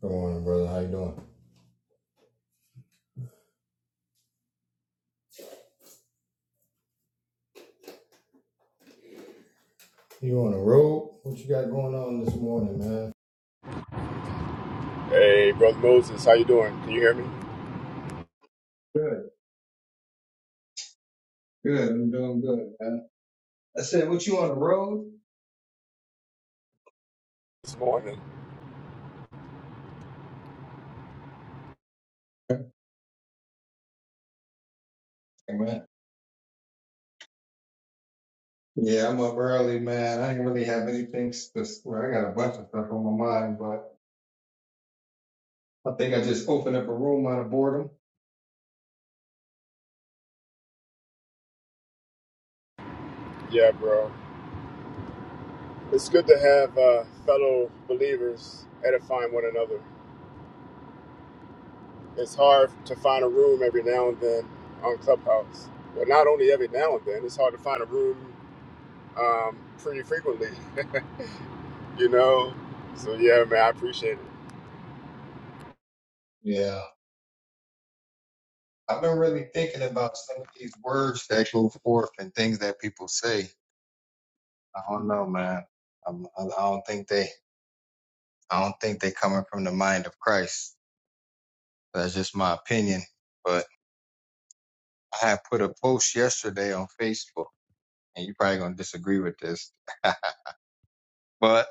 Good morning, brother. How you doing? You on the road? What you got going on this morning, man? Hey, brother Moses, how you doing? Can you hear me Good, good. I'm doing good, man. I said, what you on the road? this morning? Hey, man. Yeah, I'm up early, man. I didn't really have anything. spec- Well, I got a bunch of stuff on my mind, but I think I just opened up a room out of boredom. Yeah, bro. It's good to have uh, fellow believers edifying one another. It's hard to find a room every now and then on Clubhouse. But not only every now and then, it's hard to find a room um, pretty frequently, you know? So, yeah, man, I appreciate it. Yeah. I've been really thinking about some of these words that go forth and things that people say. I don't know, man. I'm, I I don't think they, I don't think they coming from the mind of Christ. That's just my opinion. but. I had put a post yesterday on Facebook, and you're probably gonna disagree with this, but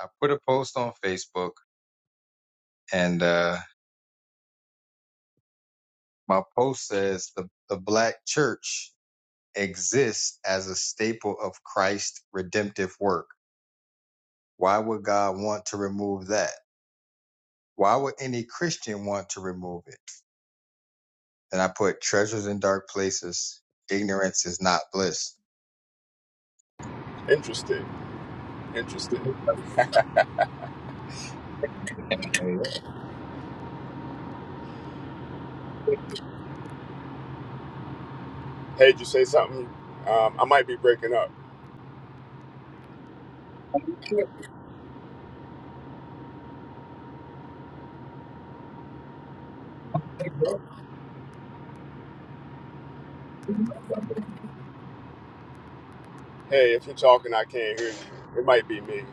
I put a post on Facebook, and uh, my post says the the black church exists as a staple of Christ's redemptive work. Why would God want to remove that? Why would any Christian want to remove it? And I put treasures in dark places. Ignorance is not bliss. Interesting. Interesting. Hey. Hey, did you say something? Um, I might be breaking up. Hey, if you're talking, I can't hear you. It might be me.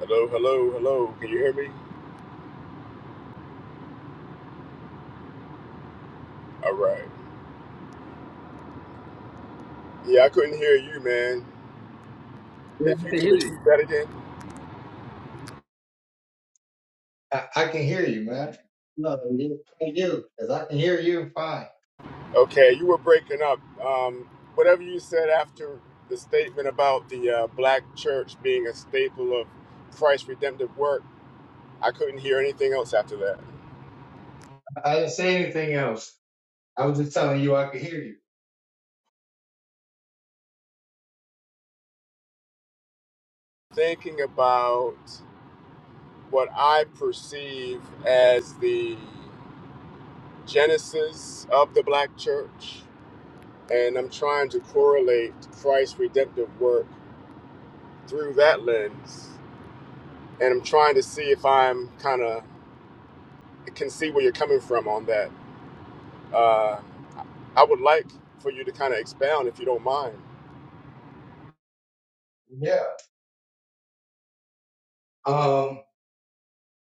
Hello, hello, hello. Can you hear me? All right. Yeah, I couldn't hear you, man. If you can repeat that again. I, I can hear you, man. No, you, you, because I can hear you fine. Okay, you were breaking up. Um, whatever you said after the statement about the uh, black church being a staple of Christ's redemptive work, I couldn't hear anything else after that. I didn't say anything else. I was just telling you I could hear you. Thinking about what I perceive as the genesis of the black church, and I'm trying to correlate Christ's redemptive work through that lens, and I'm trying to see if I'm kind of can see where you're coming from on that. Uh, I would like for you to kind of expound if you don't mind. Yeah. Um,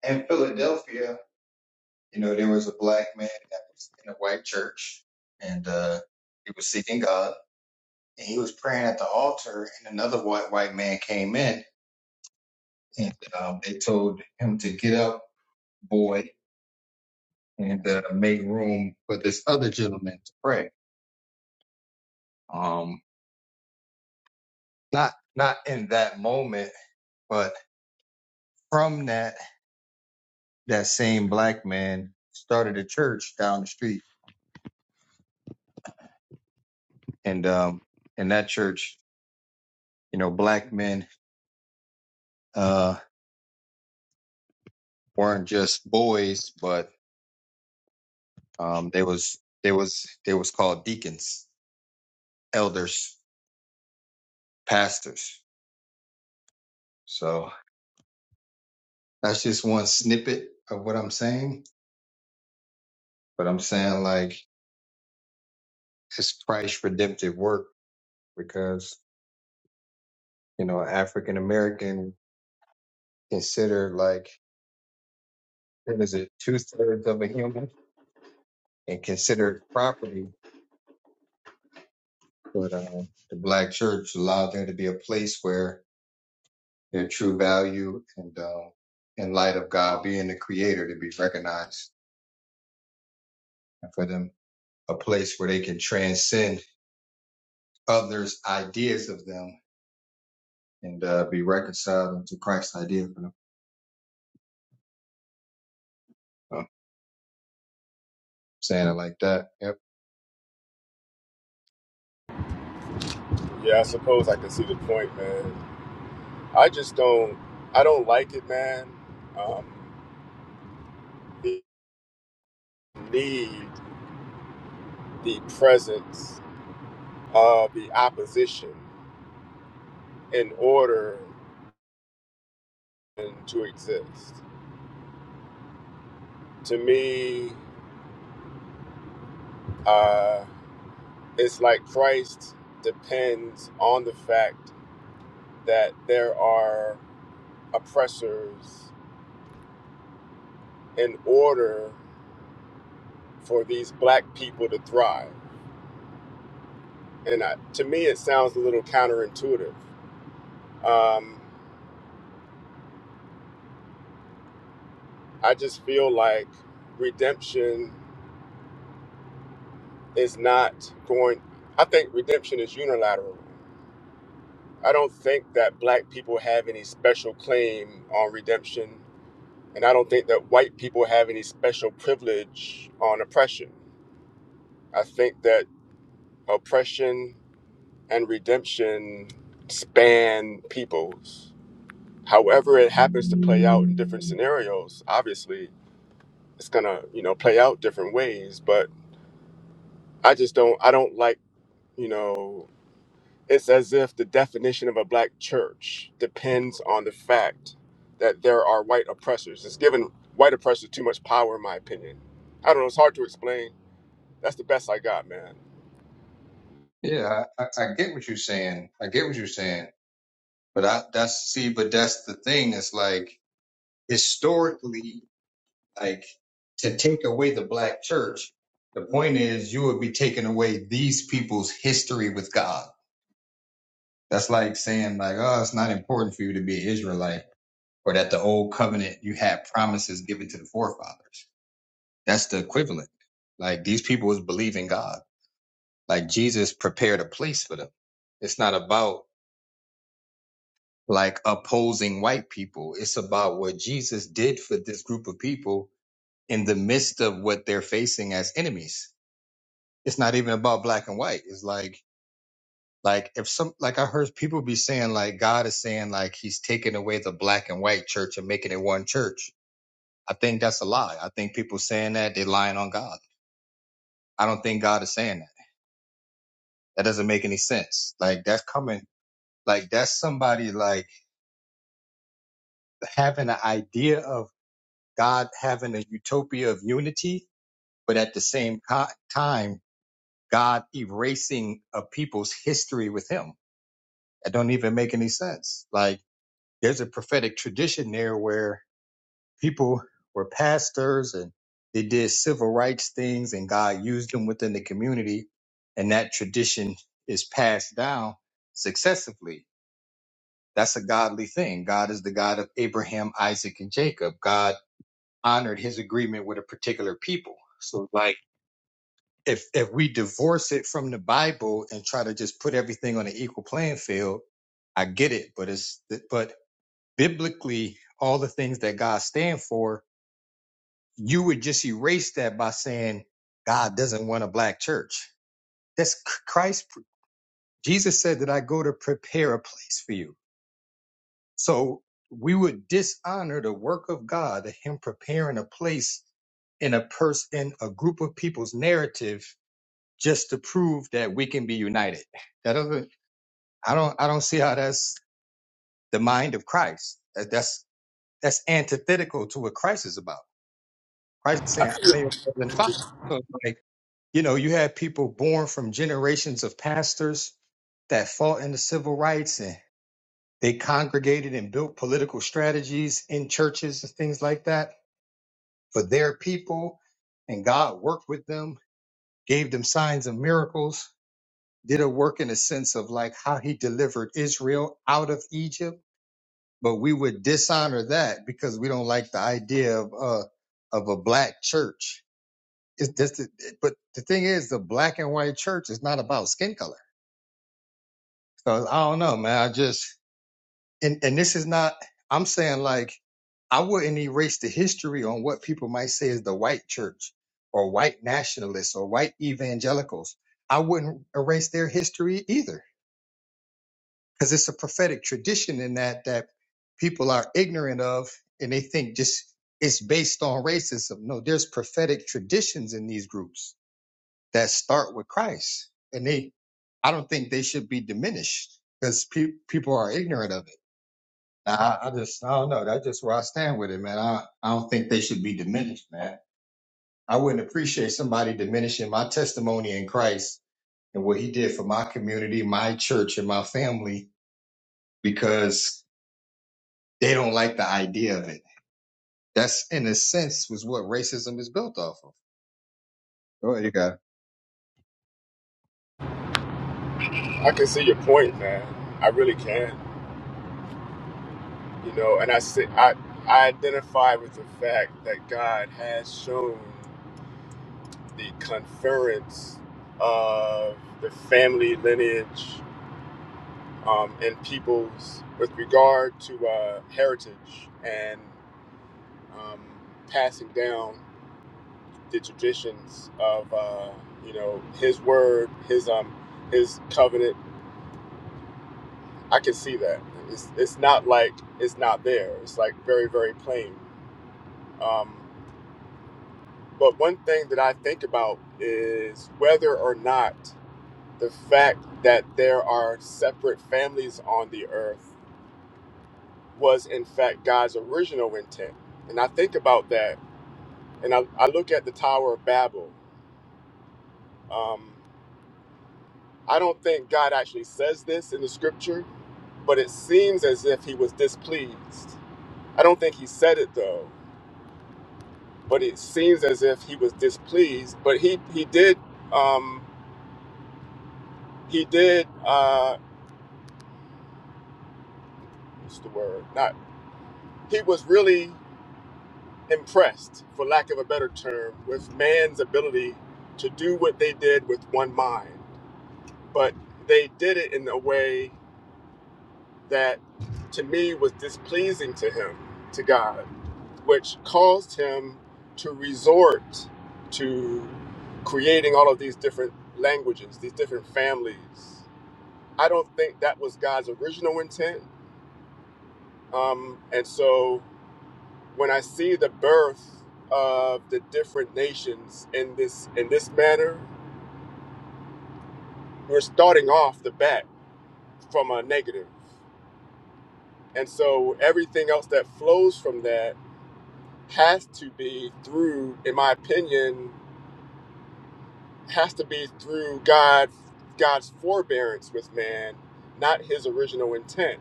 in Philadelphia, you know, there was a black man that was in a white church, and uh, he was seeking God, and he was praying at the altar, and another white white man came in, and um, they told him to get up, boy, and uh, make room for this other gentleman to pray. Um, not not in that moment, but from that, that same black man started a church down the street, and um, in that church, you know, black men uh weren't just boys, but um, they was they was they was called deacons, elders, pastors. So that's just one snippet of what I'm saying, but I'm saying like it's Christ's redemptive work because you know African American considered like what is it two thirds of a human and considered property. But uh, the black church allowed there to be a place where their true value and uh, in light of God being the creator to be recognized and for them a place where they can transcend others' ideas of them and uh, be reconciled into Christ's idea for them. So, saying it like that. Yep. Yeah, I suppose I can see the point, man. I just don't. I don't like it, man. Um, we need the presence of the opposition in order to exist. To me, uh, it's like Christ depends on the fact that there are oppressors in order for these black people to thrive. And I, to me, it sounds a little counterintuitive. Um, I just feel like redemption is not going, I think redemption is unilateral. I don't think that black people have any special claim on redemption. And I don't think that white people have any special privilege on oppression. I think that oppression and redemption span peoples however it happens to play out in different scenarios obviously it's gonna you know play out different ways but i just don't i don't like you know it's as if the definition of a black church depends on the fact that there are white oppressors it's given white oppressors too much power in my opinion i don't know it's hard to explain that's the best i got man Yeah, I, I, I get what you're saying. I get what you're saying. But I, that's see, but that's the thing. It's like historically like to take away the black church the point is you would be taking away these people's history with god that's like saying like oh it's not important for you to be an israelite or that the old covenant you had promises given to the forefathers that's the equivalent like these people was believing god like jesus prepared a place for them it's not about like opposing white people it's about what jesus did for this group of people in the midst of what they're facing as enemies it's not even about black and white. It's like like if some like I heard people be saying like God is saying like he's taking away the black and white church and making it one church. I think that's a lie. I think people saying that they're lying on God. I don't think God is saying that. That doesn't make any sense. Like that's coming like that's somebody like having an idea of God having a utopia of unity, but at the same co- time God erasing a people's history with him. That don't even make any sense. Like there's a prophetic tradition there where people were pastors and they did civil rights things and God used them within the community. And that tradition is passed down successively. That's a godly thing. God is the God of Abraham, Isaac, and Jacob. God honored his agreement with a particular people. So like if if we divorce it from the Bible and try to just put everything on an equal playing field, I get it, but it's but biblically all the things that God stands for, you would just erase that by saying God doesn't want a black church. That's Christ. Jesus said that I go to prepare a place for you. So we would dishonor the work of God, that Him preparing a place in a person, in a group of people's narrative, just to prove that we can be united. That doesn't. I don't. I don't see how that's the mind of Christ. That- That's that's antithetical to what Christ is about. Christ is i saying, I'm even better than can, five. So it's like, you know, you had people born from generations of pastors that fought in the civil rights and they congregated and built political strategies in churches and things like that for their people. And God worked with them, gave them signs and miracles, did a work in a sense of like how he delivered Israel out of Egypt. But we would dishonor that because we don't like the idea of, uh, of a black church it's just but the thing is the black and white church is not about skin color so i don't know man i just and and this is not i'm saying like i wouldn't erase the history on what people might say is the white church or white nationalists or white evangelicals i wouldn't erase their history either because it's a prophetic tradition in that that people are ignorant of and they think just it's based on racism no there's prophetic traditions in these groups that start with christ and they I don't think they should be diminished because pe- people are ignorant of it. I, I just, I don't know. That's just where I stand with it, man. I, I don't think they should be diminished, man. I wouldn't appreciate somebody diminishing my testimony in Christ and what he did for my community, my church, and my family because they don't like the idea of it. That's, in a sense, was what racism is built off of. Go ahead, you got it. I can see your point man i really can you know and i say i i identify with the fact that god has shown the conference of the family lineage um, and peoples with regard to uh, heritage and um, passing down the traditions of uh, you know his word his um his covenant i can see that it's, it's not like it's not there it's like very very plain Um, But one thing that I think about is whether or not the fact that there are separate families on the earth was in fact God's original intent. And I think about that and I, I look at the Tower of Babel. Um, I don't think God actually says this in the scripture, but it seems as if he was displeased. I don't think he said it though, but it seems as if he was displeased. But he, he did, um, he did, uh, what's the word? not. he was really impressed, for lack of a better term, with man's ability to do what they did with one mind. But they did it in a way that, to me, was displeasing to him, to God, which caused him to resort to creating all of these different languages, these different families. I don't think that was God's original intent. Um, and so when I see the birth of the different nations in this in this manner, we're starting off the bat from a negative. And so everything else that flows from that has to be through, in my opinion, has to be through God God's forbearance with man, not his original intent.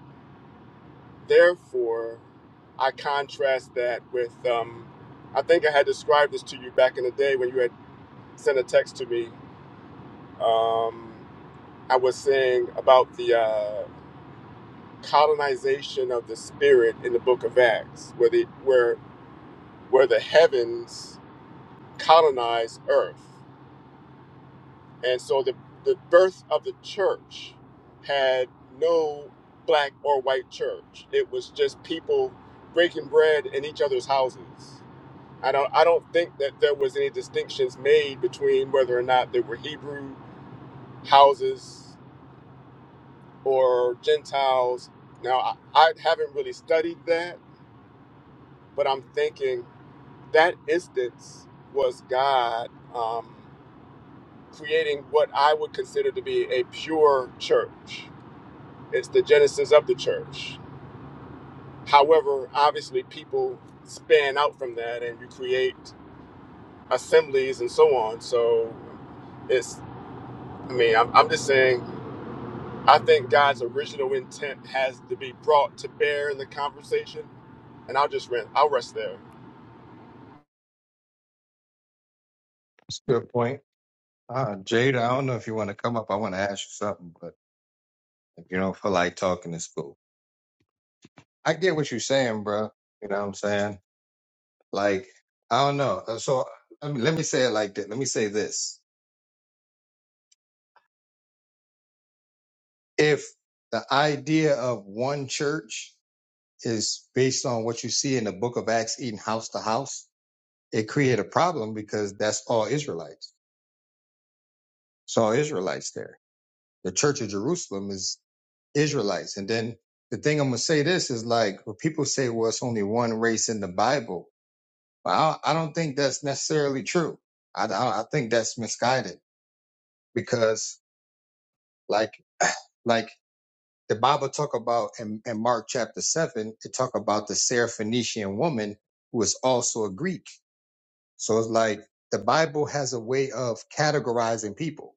Therefore, I contrast that with um, I think I had described this to you back in the day when you had sent a text to me um, I was saying about the uh, colonization of the spirit in the Book of Acts, where the where where the heavens colonize Earth, and so the the birth of the church had no black or white church. It was just people breaking bread in each other's houses. I don't I don't think that there was any distinctions made between whether or not they were Hebrew houses or Gentiles. Now, I, I haven't really studied that, but I'm thinking that instance was God um, creating what I would consider to be a pure church. It's the genesis of the church. However, obviously, people span out from that and you create assemblies and so on. So it's, I mean, I'm, I'm just saying I think God's original intent has to be brought to bear in the conversation, and I'll just rent. I'll rest there. That's a good point. Uh, Jade, I don't know if you want to come up. I want to ask you something, but if you don't feel like talking, it's cool. I get what you're saying, bro. You know what I'm saying? Like, I don't know. Uh, So I mean, let me say it like this. Let me say this. If the idea of one church is based on what you see in the book of Acts eating house to house, it create a problem because that's all Israelites. It's all Israelites there. The church of Jerusalem is Israelites. And then the thing I'm going to say this is like, when people say, well, it's only one race in the Bible. Well, I I don't think that's necessarily true. I, I I think that's misguided because like like the Bible talk about in, in Mark chapter seven, it talk about the Syrophoenician woman who is also a Greek. So it's like the Bible has a way of categorizing people.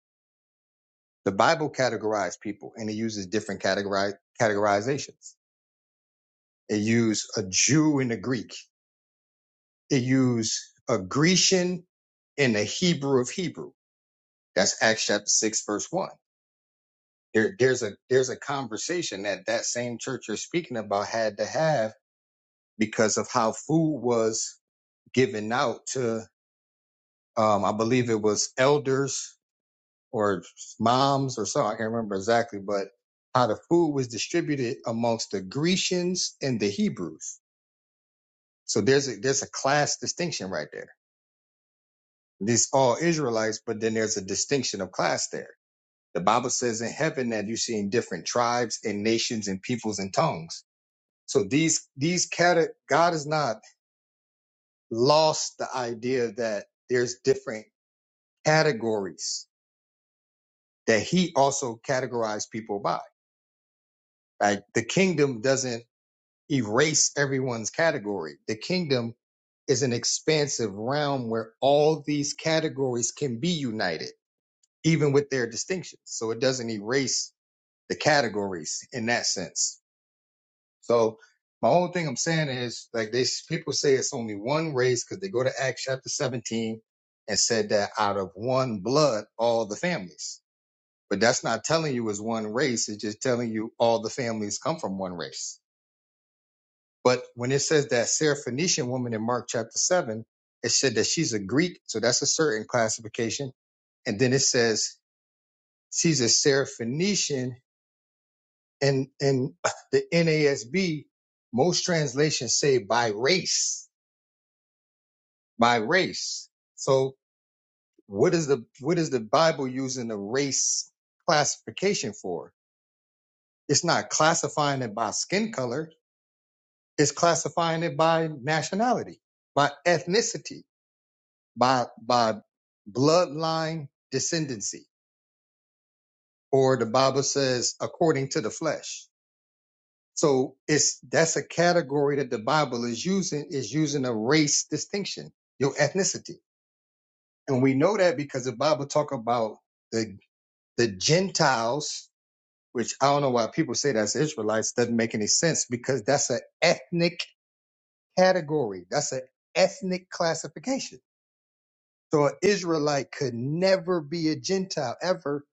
The Bible categorized people and it uses different categorize, categorizations. It used a Jew and a Greek. It used a Grecian and a Hebrew of Hebrew. That's Acts chapter six, verse one there there's a there's a conversation that that same church you're speaking about had to have because of how food was given out to um I believe it was elders or moms or so I can't remember exactly but how the food was distributed amongst the Grecians and the Hebrews so there's a there's a class distinction right there these all Israelites but then there's a distinction of class there the Bible says in heaven that you're seeing different tribes and nations and peoples and tongues So these these cate- God has not lost the idea that there's different categories that He also categorized people by. Right? The kingdom doesn't erase everyone's category. The kingdom is an expansive realm where all these categories can be united, even with their distinctions. So it doesn't erase the categories in that sense. So my whole thing I'm saying is like they people say it's only one race because they go to Acts chapter 17 and said that out of one blood all the families. But that's not telling you it's one race. It's just telling you all the families come from one race. But when it says that Syrophoenician woman in Mark chapter seven, it said that she's a Greek, so that's a certain classification. And then it says she's a Syrophoenician, and in the NASB, most translations say by race. by race. So what is the what is the Bible using the race classification for? It's not classifying it by skin color. It's classifying it by nationality, by ethnicity, by by bloodline descendancy, or the Bible says according to the flesh. So it's that's a category that the Bible is using is using a race distinction, your ethnicity, and we know that because the Bible talk about the. The Gentiles, which I don't know why people say that's Israelites, doesn't make any sense because that's an ethnic category. That's an ethnic classification. So an Israelite could never be a Gentile ever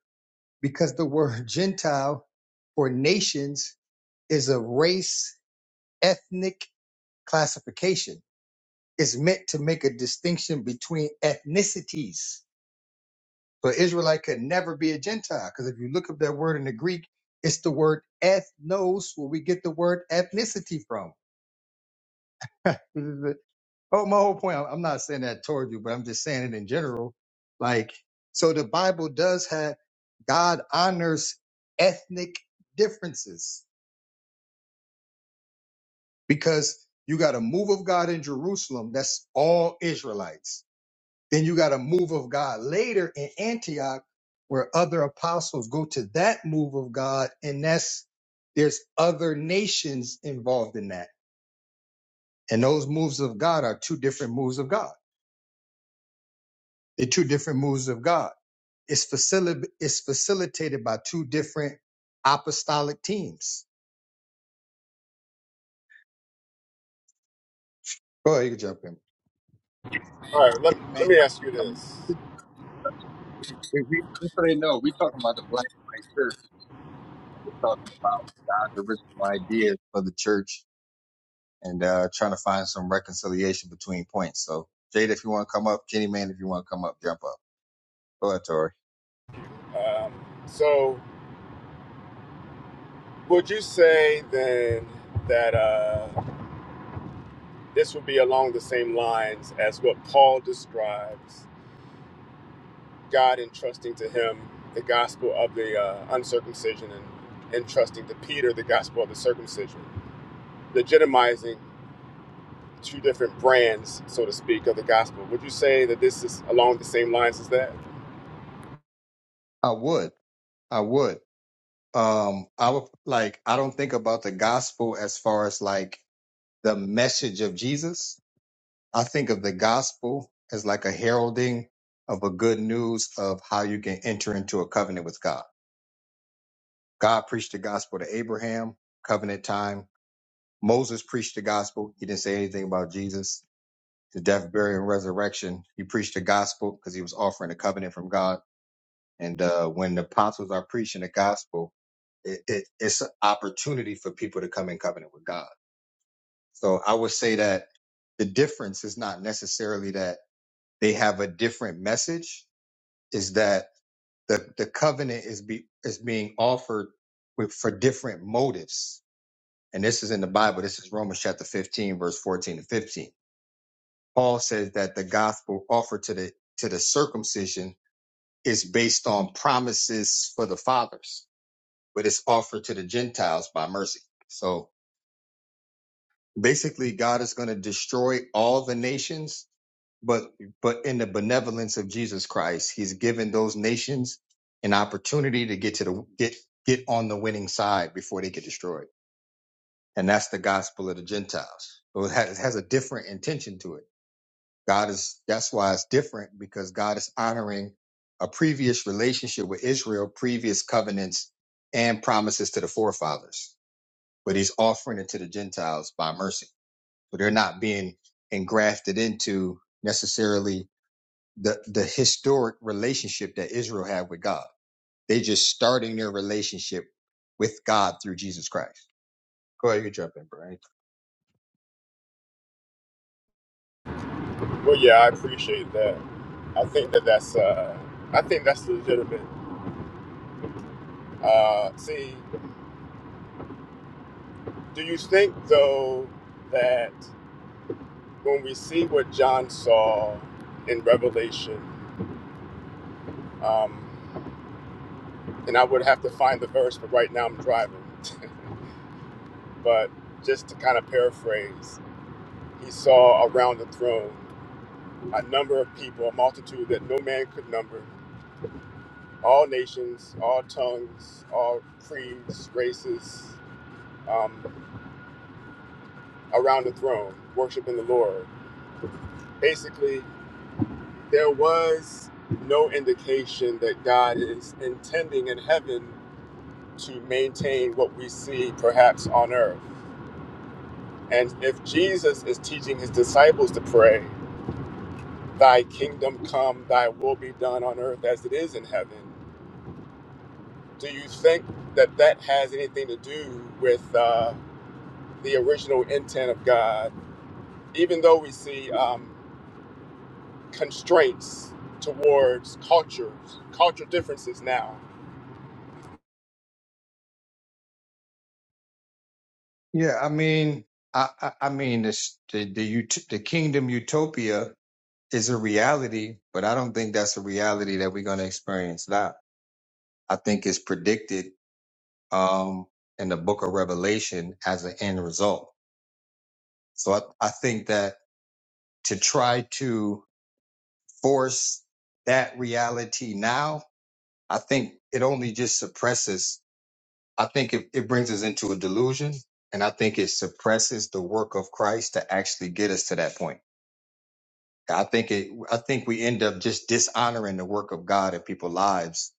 because the word Gentile for nations is a race ethnic classification. It's meant to make a distinction between ethnicities But Israelite could never be a Gentile because if you look up that word in the Greek, it's the word ethnos, where we get the word ethnicity from. This is the- oh, my whole point. I'm not saying that toward you, but I'm just saying it in general. Like, so the Bible does have God honors ethnic differences because you got a move of God in Jerusalem that's all Israelites Then you got a move of God later in Antioch where other apostles go to that move of God. And that's, there's other nations involved in that. And those moves of God are two different moves of God. They're two different moves of God. It's, facili- it's facilitated by two different apostolic teams. Go ahead, you can jump in. All right. Let Hey, man, Let me I'm ask gonna you come- this. we, we, just so they know, we talking about the black and white church. We're talking about God's original ideas for the church and uh, trying to find some reconciliation between points. So, Jada, if you want to come up, Jenny Man, if you want to come up, jump up. Go ahead, Tori. Um, so, would you say then that uh, this would be along the same lines as what Paul describes God entrusting to him the gospel of the uh, uncircumcision and entrusting to Peter the gospel of the circumcision, legitimizing two different brands, so to speak, of the gospel. Would you say that this is along the same lines as that? I would. I would. Um, I would like. I don't think about the gospel as far as like the message of Jesus. I think of the gospel as like a heralding of a good news of how you can enter into a covenant with God. God preached the gospel to Abraham, covenant time. Moses preached the gospel. He didn't say anything about Jesus the death, burial, and resurrection. He preached the gospel because he was offering a covenant from God. And uh, when the apostles are preaching the gospel, it, it, it's an opportunity for people to come in covenant with God. So I would say that the difference is not necessarily that they have a different message, is that the, the covenant is be, is being offered with, for different motives. And this is in the Bible. This is Romans chapter 15, verse 14 to 15 Paul says that the gospel offered to the to the circumcision is based on promises for the fathers, but it's offered to the Gentiles by mercy. So basically, God is going to destroy all the nations, but but in the benevolence of Jesus Christ, He's given those nations an opportunity to get to the get get on the winning side before they get destroyed, and that's the gospel of the Gentiles. So it has, it has a different intention to it. God is that's why it's different because God is honoring a previous relationship with Israel, previous covenants and promises to the forefathers, but he's offering it to the Gentiles by mercy. So they're not being engrafted into necessarily the, the historic relationship that Israel had with God. They are just starting their relationship with God through Jesus Christ. Go ahead, you jump in, Brian. Well, yeah, I appreciate that. I think that that's uh, I think that's legitimate. Uh, see, do you think though that when we see what John saw in Revelation, um, and I would have to find the verse, but right now I'm driving. but just to kind of paraphrase, he saw around the throne a number of people, a multitude that no man could number, all nations, all tongues, all creeds, races um, around the throne, worshiping the Lord. Basically, there was no indication that God is intending in heaven to maintain what we see perhaps on earth. And if Jesus is teaching his disciples to pray, Thy kingdom come, Thy will be done on earth as it is in heaven, do you think that that has anything to do with uh, the original intent of God? even though we see um, constraints towards cultures, cultural differences now. Yeah, I mean, I, I, I mean, this the the, ut- the kingdom utopia is a reality, but I don't think that's a reality that we're going to experience now. I think it's predicted um, in the book of Revelation as an end result. So I, I think that to try to force that reality now, I think it only just suppresses, I think it, it brings us into a delusion. And I think it suppresses the work of Christ to actually get us to that point. I think it, I think we end up just dishonoring the work of God in people's lives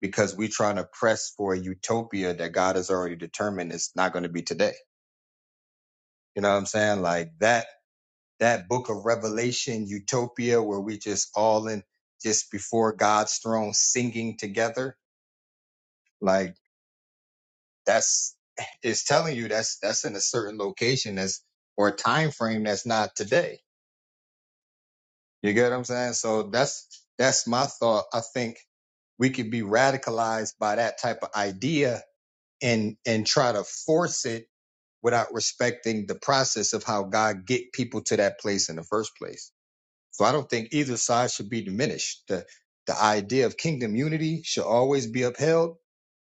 because we're trying to press for a utopia that God has already determined is not going to be today. You know what I'm saying? Like that that book of Revelation utopia where we just all in just before God's throne singing together. Like that's it's telling you that's that's in a certain location that's or a time frame that's not today. You get what I'm saying? So that's that's my thought. I think we could be radicalized by that type of idea and and try to force it without respecting the process of how God get people to that place in the first place. So I don't think either side should be diminished. The the idea of kingdom unity should always be upheld,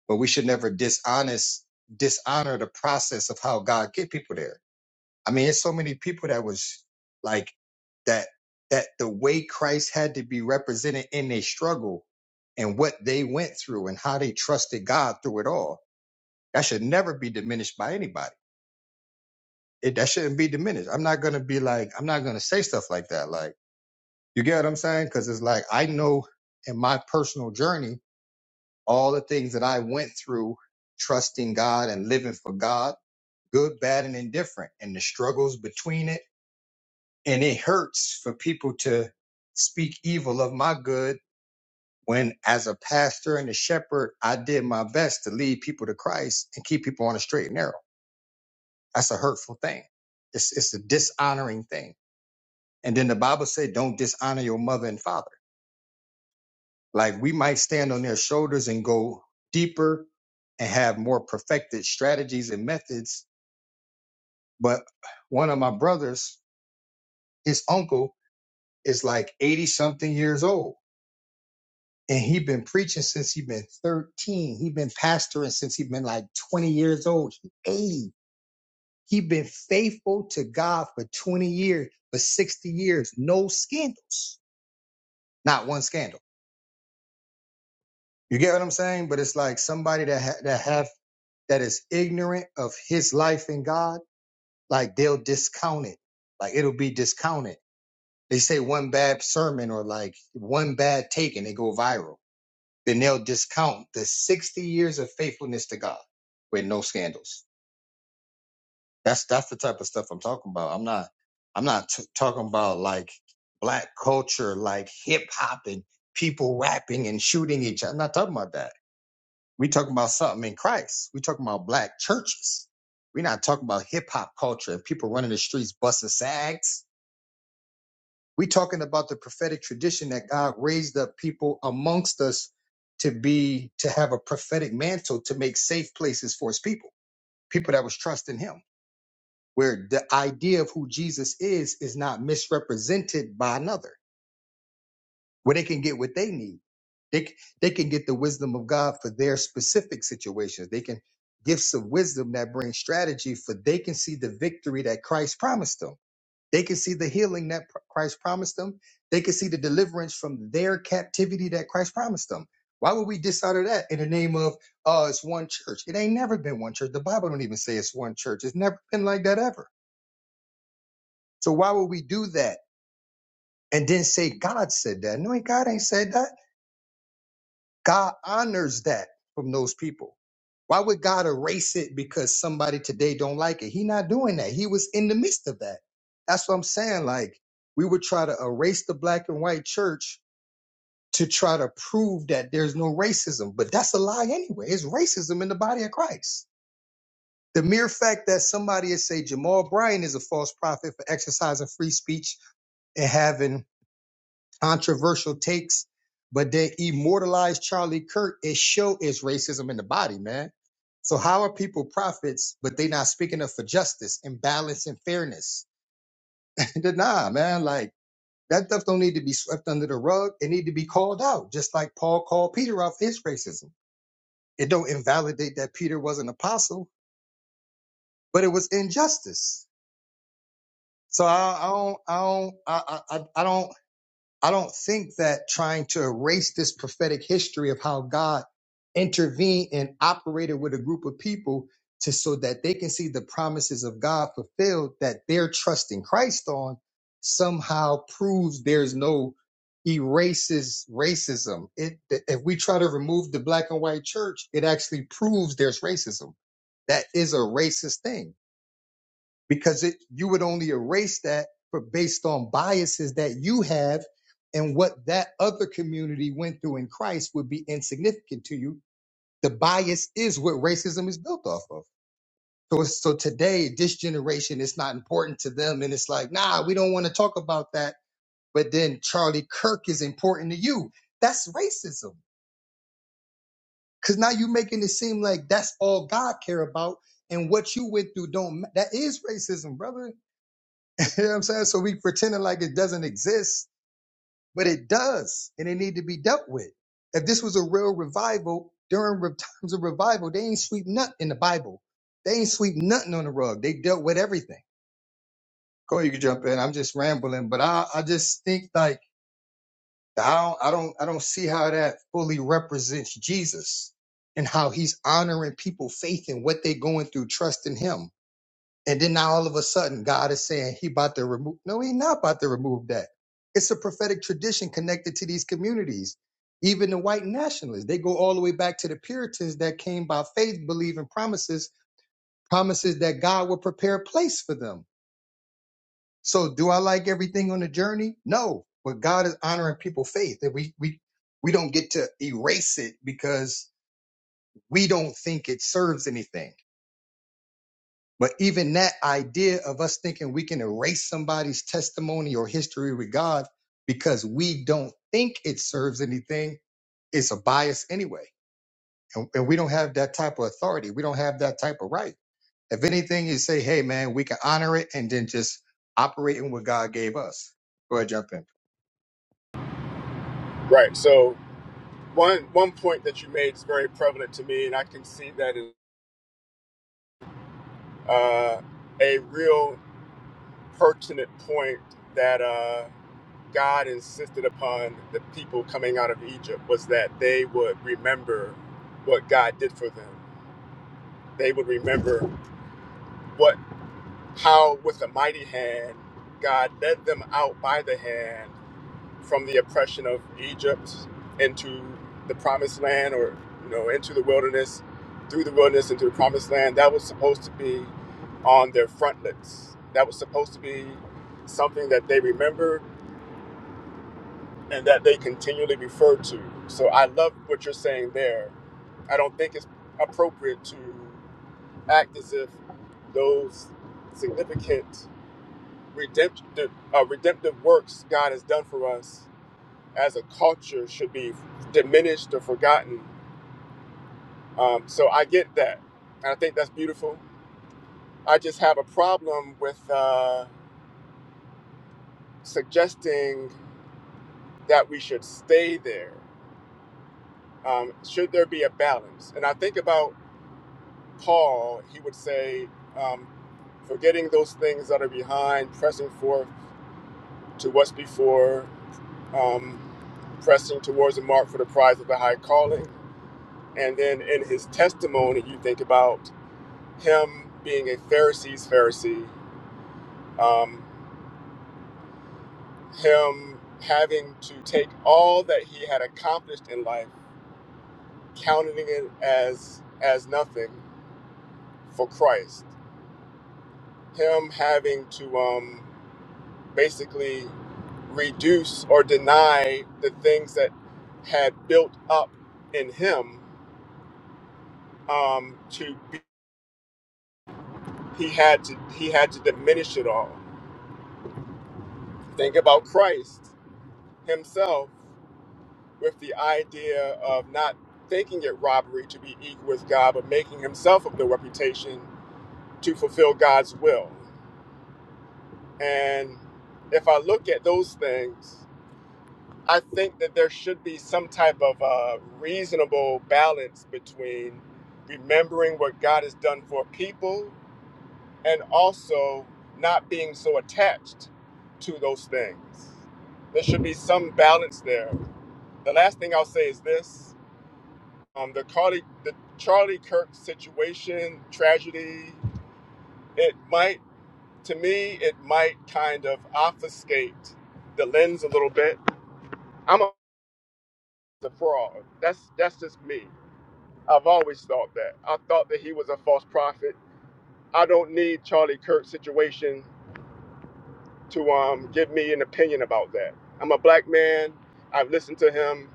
but we should never dishonest dishonor the process of how God get people there. I mean, there's so many people that was like that that the way Christ had to be represented in their struggle and what they went through and how they trusted God through it all. That should never be diminished by anybody it that shouldn't be diminished. I'm not gonna be like I'm not gonna say stuff like that. Like you get what I'm saying? Because it's like I know in my personal journey all the things that I went through, trusting God and living for God, good, bad, and indifferent, and the struggles between it. And it hurts for people to speak evil of my good when, as a pastor and a shepherd, I did my best to lead people to Christ and keep people on a straight and narrow. That's a hurtful thing. It's it's a dishonoring thing And then the Bible said, don't dishonor your mother and father. Like we might stand on their shoulders and go deeper and have more perfected strategies and methods. But one of my brothers, his uncle is like 80 something years old. And he been preaching since he been 13. he been pastoring since he been like 20 years old. He 80. he been faithful to God for 20 years, for 60 years. No scandals. Not one scandal You get what I'm saying? But it's like somebody that ha- that have that is ignorant of his life in God, like they'll discount it. Like it'll be discounted. They say one bad sermon or like one bad take and they go viral. Then they'll discount the 60 years of faithfulness to God with no scandals. That's that's the type of stuff I'm talking about. I'm not I'm not t- talking about like black culture, like hip hop and people rapping and shooting each other. I'm not talking about that. We talking about something in Christ. We talking about black churches. We're not talking about hip hop culture and people running the streets busting sags. We talking about the prophetic tradition that God raised up people amongst us to be to have a prophetic mantle to make safe places for his people, people that was trusting him, where the idea of who Jesus is is not misrepresented by another. where they can get what they need. They, c- they can get the wisdom of God for their specific situations. They can gifts of wisdom that bring strategy for they can see the victory that Christ promised them. They can see the healing that pr- Christ promised them. They can see the deliverance from their captivity that Christ promised them. Why would we dishonor that in the name of oh it's one church? It ain't never been one church. The Bible don't even say it's one church. It's never been like that ever. So why would we do that and then say God said that? No, God ain't said that. God honors that from those people. Why would God erase it because somebody today don't like it? He not doing that. He was in the midst of that. That's what I'm saying. Like we would try to erase the black and white church to try to prove that there's no racism, but that's a lie anyway. It's racism in the body of Christ. The mere fact that somebody is say Jamal Bryan is a false prophet for exercising free speech and having controversial takes, but they immortalized Charlie Kirk. It show is racism in the body, man. So how are people prophets, but they not speaking up for justice and balance and fairness? nah, man, like that stuff don't need to be swept under the rug. It need to be called out, just like Paul called Peter out for his racism. It don't invalidate that Peter was an apostle, but it was injustice. So I, I don't, I don't, I, I, I I don't. I don't think that trying to erase this prophetic history of how God intervened and operated with a group of people to so that they can see the promises of God fulfilled that they're trusting Christ on somehow proves there's no erases racism. It if we try to remove the black and white church, it actually proves there's racism. That is a racist thing because it you would only erase that for based on biases that you have and what that other community went through in Christ would be insignificant to you. The bias is what racism is built off of. So it's- so today this generation it's not important to them and it's like, "Nah, we don't want to talk about that." But then Charlie Kirk is important to you. That's racism. Cuz now you're making it seem like that's all God care about and what you went through don't ma- that is racism, brother You know what I'm saying? So we pretending like it doesn't exist, but it does, and it need to be dealt with. If this was a real revival, during re- times of revival, they ain't sweep nothing in the Bible. They ain't sweep nothing on the rug. They dealt with everything. Go, you can jump in. I'm just rambling, but I, I just think like I don't, I don't, I don't see how that fully represents Jesus and how he's honoring people faith in what they're going through, trusting him. And then now all of a sudden, God is saying he about to remove. No, he not about to remove that. It's a prophetic tradition connected to these communities. Even the white nationalists, they go all the way back to the Puritans that came by faith, believing promises, promises that God will prepare a place for them. So do I like everything on the journey? No, but God is honoring people's faith that we, we, we don't get to erase it because we don't think it serves anything. But even that idea of us thinking we can erase somebody's testimony or history with God because we don't think it serves anything is a bias anyway. And, and we don't have that type of authority. We don't have that type of right. If anything, you say, hey, man, we can honor it and then just operate in what God gave us. Go ahead, jump in. Right. So one one point that you made is very prevalent to me, and I can see that is uh, a real pertinent point that uh, God insisted upon the people coming out of Egypt was that they would remember what God did for them. They would remember what how with a mighty hand God led them out by the hand from the oppression of Egypt into the promised land or you know into the wilderness through the wilderness into the promised land that was supposed to be on their frontlets that was supposed to be something that they remembered and that they continually refer to so i love what you're saying there i don't think it's appropriate to act as if those significant redemptive, uh, redemptive works god has done for us as a culture should be diminished or forgotten. Um, so I get that. And I think that's beautiful. I just have a problem with uh, suggesting that we should stay there. Um, should there be a balance? And I think about Paul, he would say, um, forgetting those things that are behind, pressing forth to what's before, um, pressing towards the mark for the prize of the high calling. And then in his testimony, you think about him being a Pharisee's Pharisee, um, him having to take all that he had accomplished in life, counting it as as nothing for Christ, him having to um, basically reduce or deny the things that had built up in him um, to be, he had to he had to diminish it all. Think about Christ himself with the idea of not thinking it robbery to be equal with God, but making himself of no reputation to fulfill God's will. And if I look at those things, I think that there should be some type of uh, reasonable balance between remembering what God has done for people and also not being so attached to those things. There should be some balance there. The last thing I'll say is this um, the Carly, the Charlie Kirk situation, tragedy, it might, to me, it might kind of obfuscate the lens a little bit. I'm a, a fraud. That's that's just me. I've always thought that. I thought that he was a false prophet. I don't need Charlie Kirk's situation to um, give me an opinion about that. I'm a black man. I've listened to him.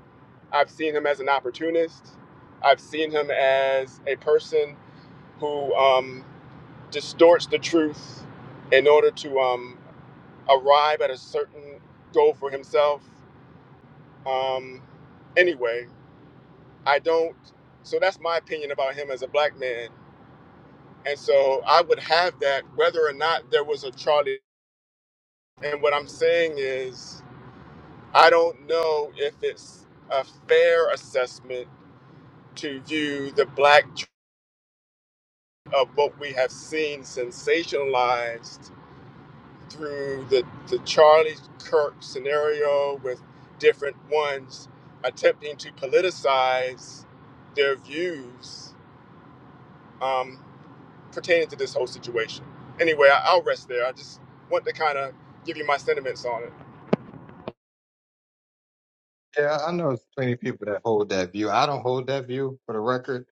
I've seen him as an opportunist. I've seen him as a person who um, distorts the truth in order to um, arrive at a certain goal for himself. Um, anyway, I don't. So that's my opinion about him as a black man. And so I would have that whether or not there was a Charlie. And what I'm saying is, I don't know if it's a fair assessment to view the black tr- of what we have seen sensationalized through the, the Charlie Kirk scenario with different ones attempting to politicize their views um, pertaining to this whole situation. Anyway, I, I'll rest there. I just want to kind of give you my sentiments on it. Yeah, I know plenty of people that hold that view. I don't hold that view for the record.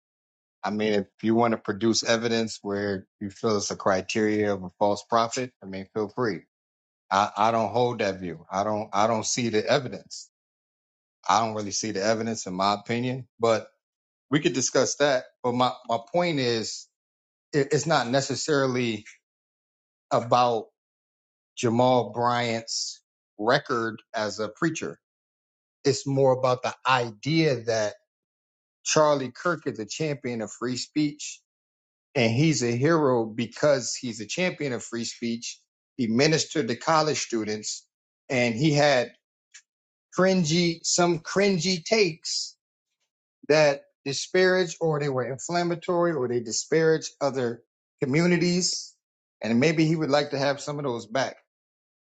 I mean, if you want to produce evidence where you feel it's a criteria of a false prophet, I mean, feel free. I, I don't hold that view. I don't I don't see the evidence. I don't really see the evidence in my opinion, but we could discuss that. But my, my point is it, it's not necessarily about Jamal Bryant's record as a preacher. It's more about the idea that Charlie Kirk is a champion of free speech and he's a hero because he's a champion of free speech. He ministered to college students and he had cringy, some cringy takes that disparage or they were inflammatory or they disparage other communities. And maybe he would like to have some of those back.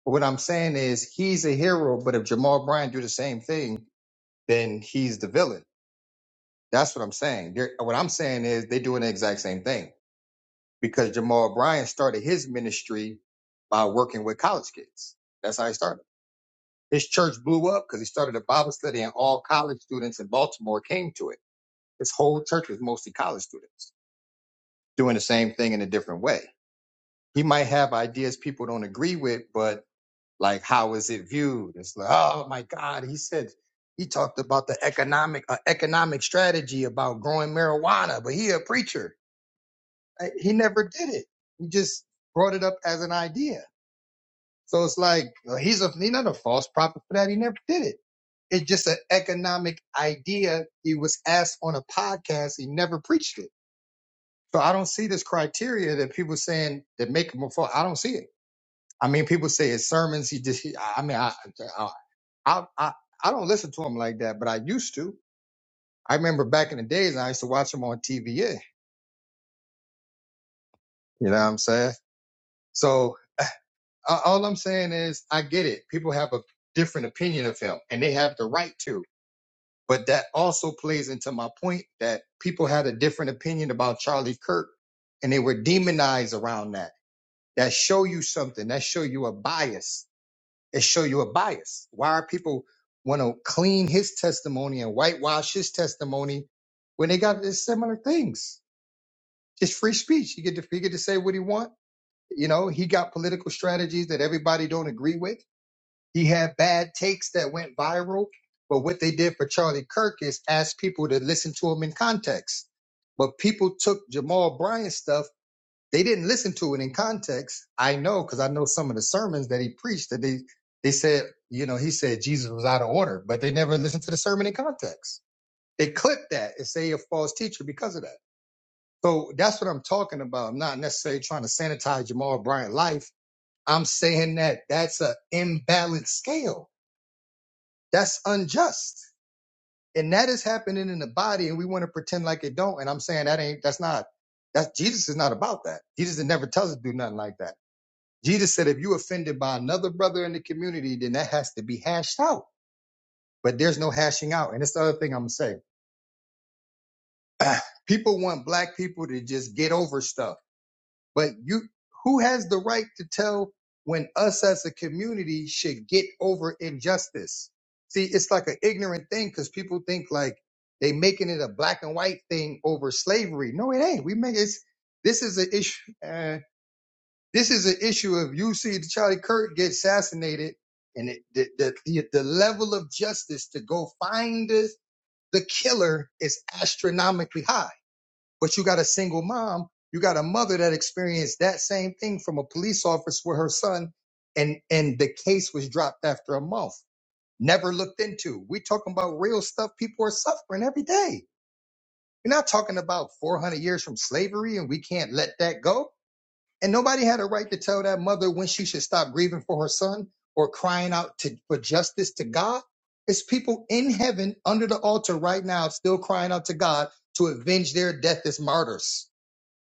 But what I'm saying is he's a hero, but if Jamal Bryant do the same thing, then he's the villain. That's what I'm saying. They're, what I'm saying is they're doing the exact same thing because Jamal Bryant started his ministry by working with college kids. That's how he started. His church blew up because he started a Bible study and all college students in Baltimore came to it His whole church was mostly college students doing the same thing in a different way. He might have ideas people don't agree with, but like, how is it viewed? It's like, oh my God, he said, he talked about the economic uh, economic strategy about growing marijuana, but he a preacher. I- He never did it. He just brought it up as an idea. So it's like well, he's a he's not a false prophet for that. He never did it. It's just an economic idea. He was asked on a podcast. He never preached it. So I don't see this criteria that people saying that make him a fall. I don't see it. I mean, people say his sermons. He just. He, I mean, I, I I I I don't listen to him like that, but I used to. I remember back in the days, I used to watch him on TVA. You know what I'm saying? So uh, all I'm saying is, I get it. People have a different opinion of him, and they have the right to. But that also plays into my point that people had a different opinion about Charlie Kirk, and they were demonized around that. That show you something. That show you a bias it show you a bias. Why are people want to clean his testimony and whitewash his testimony when they got the similar things? It's free speech. He get to he get to say what he want. You know, he got political strategies that everybody don't agree with. He had bad takes that went viral. But what they did for Charlie Kirk is ask people to listen to him in context. But people took Jamal Bryant stuff they didn't listen to it in context. I know because I know some of the sermons that he preached that they they said, you know, he said Jesus was out of order, but they never listened to the sermon in context. They clip that and say you're a false teacher because of that. So that's what I'm talking about. I'm not necessarily trying to sanitize Jamal Bryant's life. I'm saying that that's an imbalanced scale. That's unjust. And that is happening in the body, and we want to pretend like it don't. And I'm saying that ain't that's not that's Jesus is not about that. Jesus never tells us to do nothing like that. Jesus said, if you offended by another brother in the community, then that has to be hashed out. But there's no hashing out. And that's the other thing I'm gonna say. people want black people to just get over stuff. But you who has the right to tell when us as a community should get over injustice? See, it's like an ignorant thing because people think like they making it a black and white thing over slavery. No, it ain't. We make it's this is an issue. Uh, This is an issue of you see Charlie Kirk get assassinated, and it, the, the the the level of justice to go find the the killer is astronomically high. But you got a single mom, you got a mother that experienced that same thing from a police officer with her son, and and the case was dropped after a month, never looked into. We talking about real stuff. People are suffering every day. We're not talking about 400 years from slavery, and we can't let that go and nobody had a right to tell that mother when she should stop grieving for her son or crying out to, for justice to God. It's people in heaven under the altar right now still crying out to God to avenge their death as martyrs.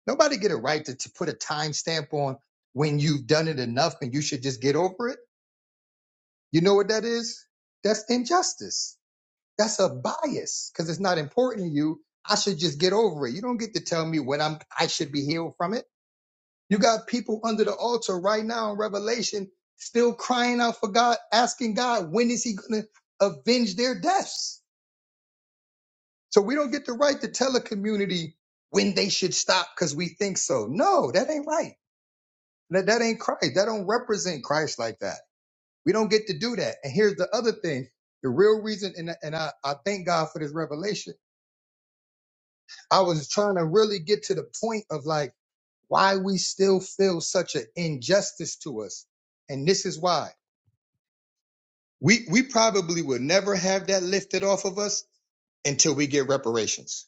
Nobody get a right to, to put a time stamp on when you've done it enough and you should just get over it. You know what that is? That's injustice. That's a bias because it's not important to you. I should just get over it. You don't get to tell me when I'm I should be healed from it. You got people under the altar right now in Revelation still crying out for God, asking God, when is he going to avenge their deaths? So we don't get the right to tell a community when they should stop because we think so. No, that ain't right. That, that ain't Christ. That don't represent Christ like that. We don't get to do that. And here's the other thing. The real reason, and, and I, I thank God for this revelation. I was trying to really get to the point of like why we still feel such an injustice to us. And this is why. We we probably will never have that lifted off of us until we get reparations.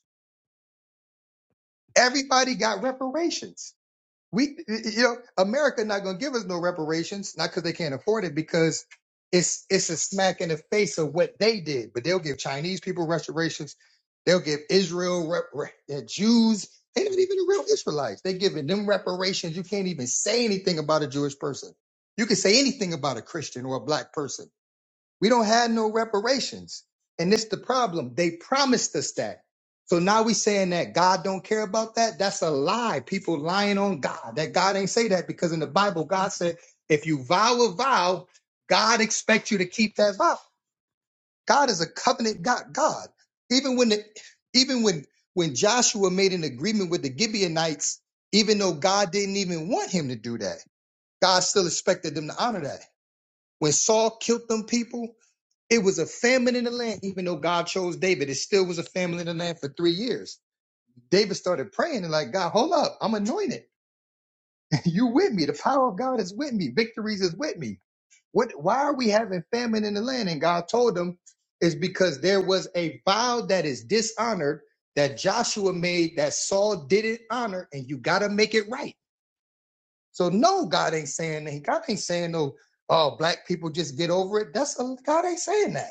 Everybody got reparations. We you know America not gonna give us no reparations, not because they can't afford it, because it's it's a smack in the face of what they did. But they'll give Chinese people reparations. They'll give Israel rep, rep, uh, Jews. They're not even the real Israelites. They're giving them reparations. You can't even say anything about a Jewish person. You can say anything about a Christian or a black person we don't have no reparations. And this the problem. They promised us that. So now we saying that God don't care about that. That's a lie. People lying on God. That God ain't say that because in the Bible, God said, if you vow a vow, God expects you to keep that vow. God is a covenant God. God. Even when the, even when when Joshua made an agreement with the Gibeonites, even though God didn't even want him to do that, God still expected them to honor that. When Saul killed them people, it was a famine in the land, even though God chose David. It still was a famine in the land for three years. David started praying and like, God, hold up, I'm anointed. you with me. The power of God is with me. Victories is with me. What? Why are we having famine in the land? And God told him, it's because there was a vow that is dishonored that Joshua made that Saul didn't honor, and you got to make it right. So no, God ain't saying that. God ain't saying no. Oh, black people just get over it. That's a, God ain't saying that.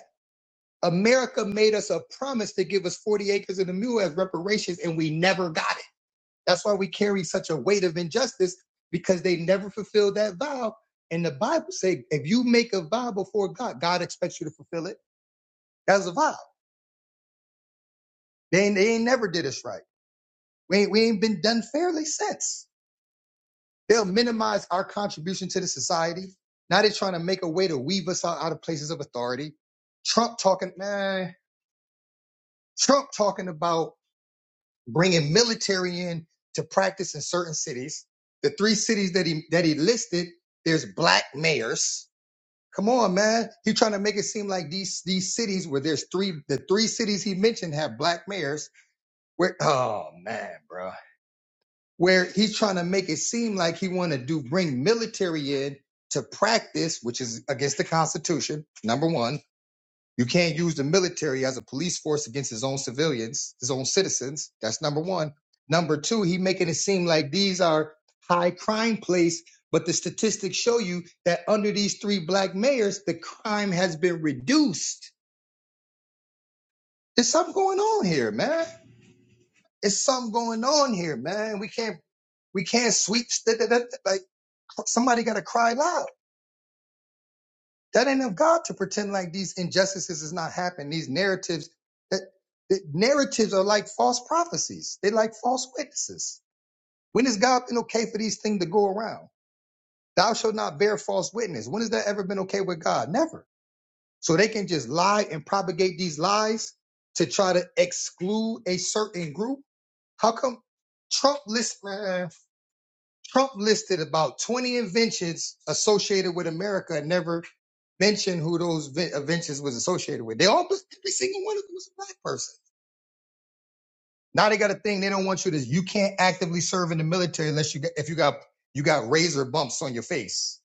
America made us a promise to give us 40 acres and a mule as reparations, and we never got it. That's why we carry such a weight of injustice because they never fulfilled that vow. And the Bible says, if you make a vow before God, God expects you to fulfill it as a vow. They ain't, they ain't never did us right. We ain't, we ain't been done fairly since. They'll minimize our contribution to the society. Now they're trying to make a way to weave us out, out of places of authority. Trump talking, man, Trump talking about bringing military in to practice in certain cities. The three cities that he that he listed, there's black mayors. Come on, man. He's trying to make it seem like these these cities where there's three the three cities he mentioned have black mayors. Where oh man, bro. Where he's trying to make it seem like he want to do bring military in to practice, which is against the Constitution. Number one. You can't use the military as a police force against his own civilians, his own citizens. That's number one. Number two, he making it seem like these are high crime place, but the statistics show you that under these three black mayors, the crime has been reduced. There's something going on here, man. There's something going on here, man. We can't we can't sweep st- th- th- th- like somebody got to cry loud. That ain't of God to pretend like these injustices is not happening. These narratives that, that narratives are like false prophecies. They like false witnesses. When has God been okay for these things to go around? Thou shalt not bear false witness. When has that ever been okay with God? Never. So they can just lie and propagate these lies to try to exclude a certain group. How come Trump list? Man, Trump listed about 20 inventions associated with America and never mentioned who those inventions was associated with. They all, every single one of them was a black person. Now they got a thing they don't want you to, you can't actively serve in the military unless you got, if you got, you got razor bumps on your face.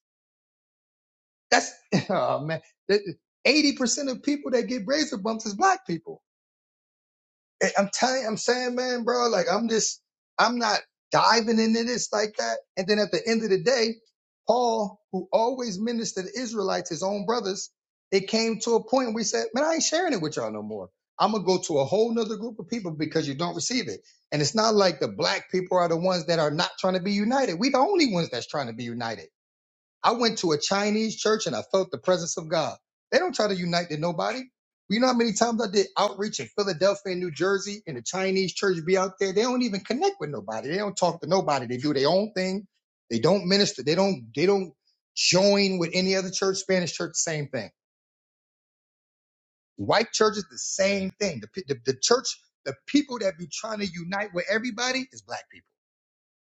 That's, oh man. 80% of people that get razor bumps is black people. I- I'm telling I'm saying, man, bro, like I'm just, I'm not diving into this like that. And then at the end of the day, Paul, who always ministered to Israelites, his own brothers, it came to a point where he said, man, I ain't sharing it with y'all no more. I'm going to go to a whole nother group of people because you don't receive it. And it's not like the black people are the ones that are not trying to be united. We the only ones that's trying to be united. I went to a Chinese church and I felt the presence of God. They don't try to unite to nobody. You know how many times I did outreach in Philadelphia and New Jersey and the Chinese church be out there? They don't even connect with nobody. They don't talk to nobody. They do their own thing. They don't minister. They don't, they don't join with any other church. Spanish church, same thing. White churches, the same thing. The, pe- the, the church, the people that be trying to unite with everybody is black people.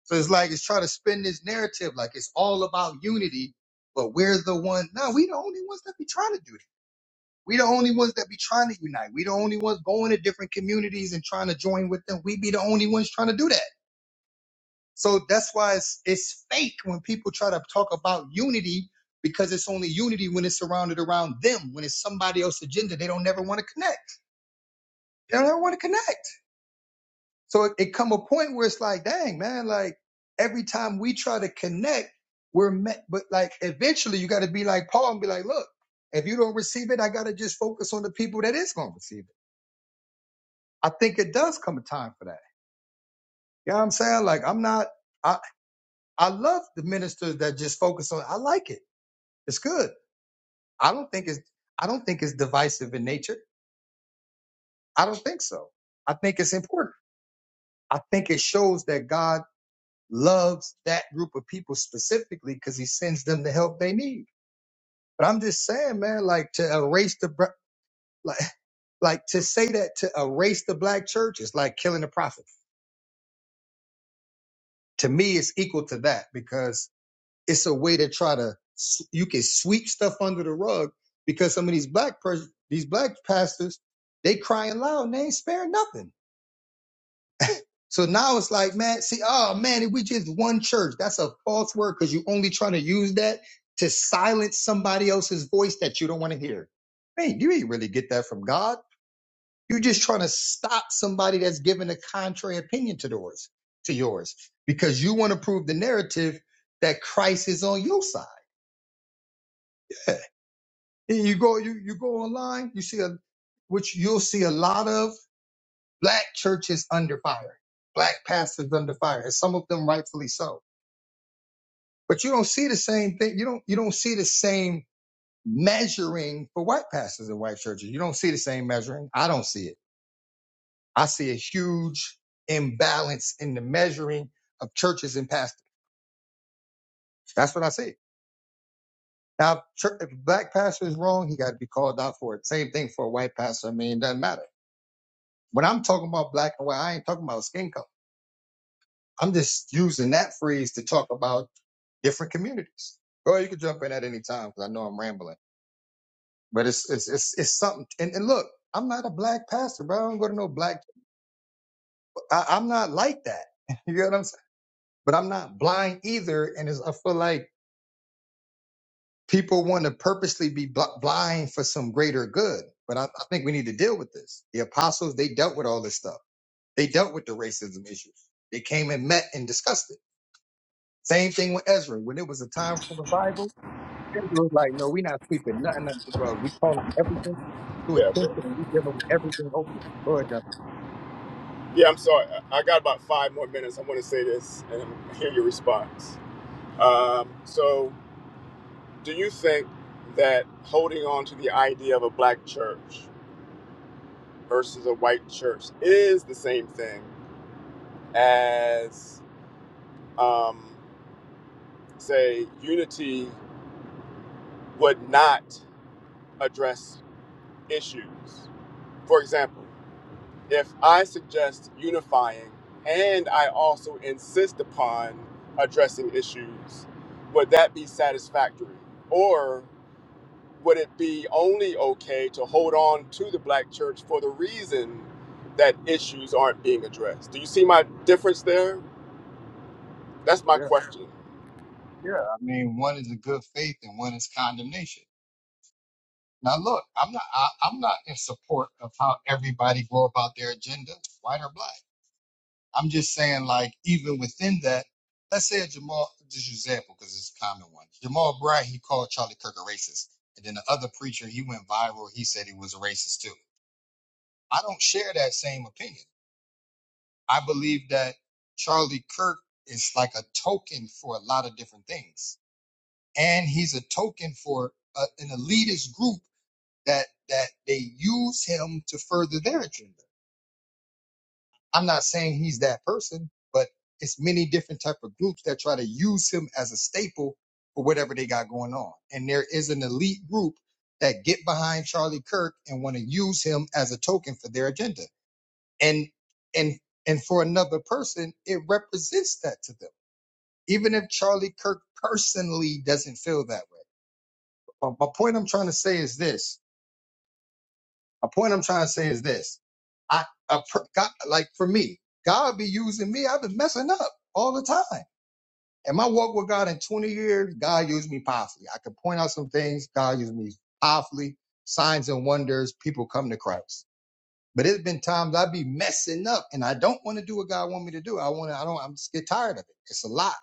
So it's like it's trying to spin this narrative like it's all about unity, but we're the one. No, we the only ones that be trying to do that. We the only ones that be trying to unite. We the only ones going to different communities and trying to join with them. We be the only ones trying to do that. So that's why it's it's fake when people try to talk about unity because it's only unity when it's surrounded around them. When it's somebody else's agenda, they don't never want to connect. They don't ever want to connect. So it, it come a point where it's like, dang, man, like every time we try to connect, we're met. But like eventually you got to be like Paul and be like, look, if you don't receive it, I got to just focus on the people that is going to receive it. I think it does come a time for that. You know what I'm saying? Like I'm not, I, I love the ministers that just focus on, I like it. It's good. I don't think it's, I don't think it's divisive in nature. I don't think so. I think it's important. I think it shows that God loves that group of people specifically because he sends them the help they need. But I'm just saying, man, like to erase the br- like, like to say that to erase the black church is like killing the prophet. To me, it's equal to that because it's a way to try to s- you can sweep stuff under the rug because some of these black pers- these black pastors they crying loud and they ain't sparing nothing So now it's like, man, see, oh man, if we just one church, that's a false word because you're only trying to use that to silence somebody else's voice that you don't want to hear. Man, you ain't really get that from God. You're just trying to stop somebody that's giving a contrary opinion to yours, to yours, because you want to prove the narrative that Christ is on your side. And you go, you, you go online, you see a, which you'll see a lot of black churches under fire, black pastors under fire, and some of them rightfully so But you don't see the same thing. You don't you don't see the same measuring for white pastors and white churches. You don't see the same measuring. I don't see it. I see a huge imbalance in the measuring of churches and pastors. That's what I see. Now, if a black pastor is wrong, he got to be called out for it. Same thing for a white pastor. I mean, it doesn't matter. When I'm talking about black and white, I ain't talking about skin color. I'm just using that phrase to talk about different communities. Girl, you can jump in at any time because I know I'm rambling. But it's it's it's, it's something. And, and look, I'm not a black pastor, bro. I don't go to no black. I, I'm not like that. You know what I'm saying? But I'm not blind either. And it's, I feel like people want to purposely be bl- blind for some greater good. But I, I think we need to deal with this. The apostles they dealt with all this stuff. They dealt with the racism issues. They came and met and discussed it. Same thing with Ezra. When it was a time for revival, Ezra was like, "No, we're not sweeping nothing under the rug. We calling everything to Yeah, okay. attention. and We giving everything open." Lord, yeah. yeah. I'm sorry. I I got about five more minutes. I want to say this and hear your response. Um, so, do you think that holding on to the idea of a black church versus a white church is the same thing as um, say unity would not address issues. For example, if I suggest unifying and I also insist upon addressing issues, would that be satisfactory? Or would it be only okay to hold on to the black church for the reason that issues aren't being addressed? Do you see my difference there? That's my question. Yeah, I mean, one is a good faith and one is condemnation. Now, look, I'm not, I, I'm not in support of how everybody go about their agenda, white or black. I'm just saying, like, even within that, let's say a Jamal, just example, because it's a common one. Jamal Bryant, he called Charlie Kirk a racist, and then the other preacher, he went viral. He said he was a racist too. I don't share that same opinion. I believe that Charlie Kirk is like a token for a lot of different things and he's a token for a, an elitist group that that they use him to further their agenda. I'm not saying he's that person, but it's many different type of groups that try to use him as a staple for whatever they got going on. And there is an elite group that get behind Charlie Kirk and want to use him as a token for their agenda. And and and for another person, it represents that to them. Even if Charlie Kirk personally doesn't feel that way But my point I'm trying to say is this. A point I'm trying to say is this. I, a, per- God, like for me, God be using me. I've been messing up all the time. And my walk with God in 20 years, God used me powerfully. I can point out some things. God used me powerfully. Signs and wonders. People come to Christ. But it's been times I be messing up and I don't want to do what God want me to do. I want to, I don't, I'm just get tired of it. It's a lot.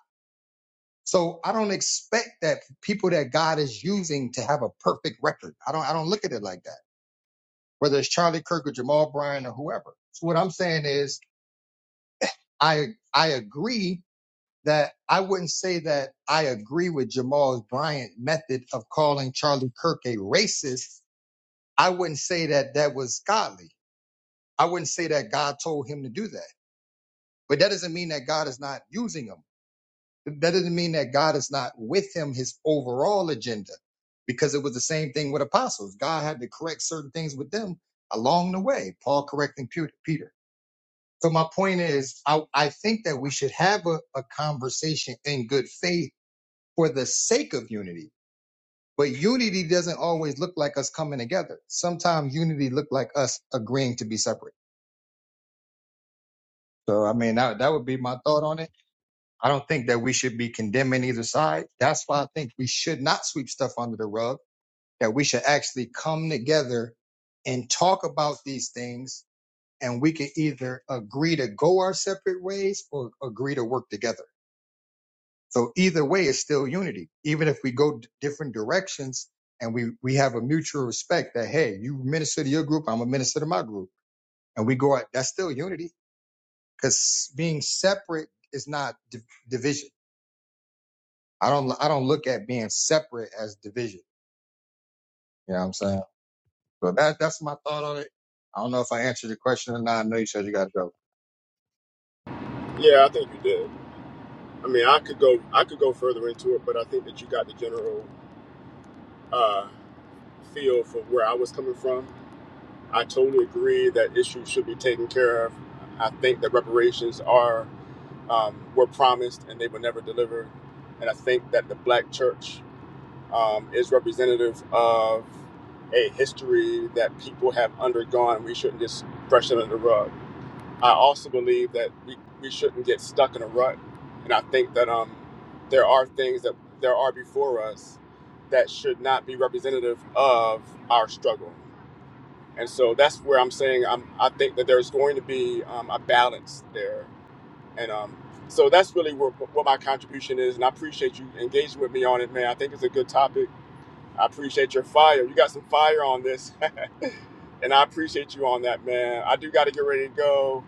So I don't expect that people that God is using to have a perfect record. I don't, I don't look at it like that. whether it's Charlie Kirk or Jamal Bryant or whoever. So what I'm saying is I I agree that I wouldn't say that I agree with Jamal Bryant's method of calling Charlie Kirk a racist. I wouldn't say that that was godly. I wouldn't say that God told him to do that. But that doesn't mean that God is not using him. That doesn't mean that God is not with him his overall agenda because it was the same thing with apostles. God had to correct certain things with them along the way. Paul correcting Peter. So my point is, I, I think that we should have a, a conversation in good faith for the sake of unity. But unity doesn't always look like us coming together. Sometimes unity look like us agreeing to be separate. So I mean, that, that would be my thought on it. I don't think that we should be condemning either side. That's why I think we should not sweep stuff under the rug. That we should actually come together and talk about these things, and we can either agree to go our separate ways or agree to work together. So either way, it's still unity. Even if we go d- different directions and we, we have a mutual respect that, hey, you minister to your group, I'm a minister to my group. And we go out, that's still unity because being separate is not di- division. I don't, I don't look at being separate as division. You know what I'm saying? So that, that's my thought on it. I don't know if I answered your question or not. I know you said you got to go. All Yeah, I think you did. I mean, I could go, I could go further into it, but I think that you got the general uh, feel for where I was coming from. I totally agree that issues should be taken care of. I think that reparations are um, were promised and they were never delivered, and I think that the Black Church um, is representative of a history that people have undergone. We shouldn't just brush it under the rug. I also believe that we, we shouldn't get stuck in a rut. And I think that um, there are things that there are before us that should not be representative of our struggle. And so that's where I'm saying I'm, I think that there's going to be um, a balance there. And um, so that's really where, what my contribution is. And I appreciate you engaging with me on it, man. I think it's a good topic. I appreciate your fire. You got some fire on this. and I appreciate you on that, man. I do got to get ready to go.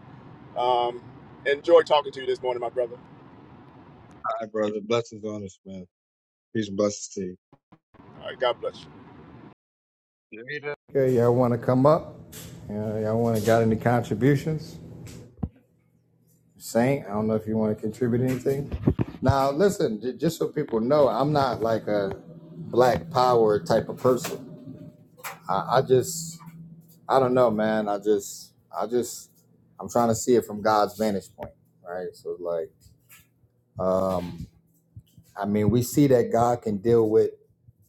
Um, enjoy talking to you this morning, my brother. right, brother. Blessings on us, man. Peace and blessings to you. All right, God bless you. Later. Yeah, y'all want to come up? Yeah, y'all want to got any contributions? Saint, I don't know if you want to contribute anything. Now, listen, just so people know, I'm not like a black power type of person. I, I just, I don't know, man. I just, I just, I'm trying to see it from God's vantage point, right? So, like, um, I mean, we see that God can deal with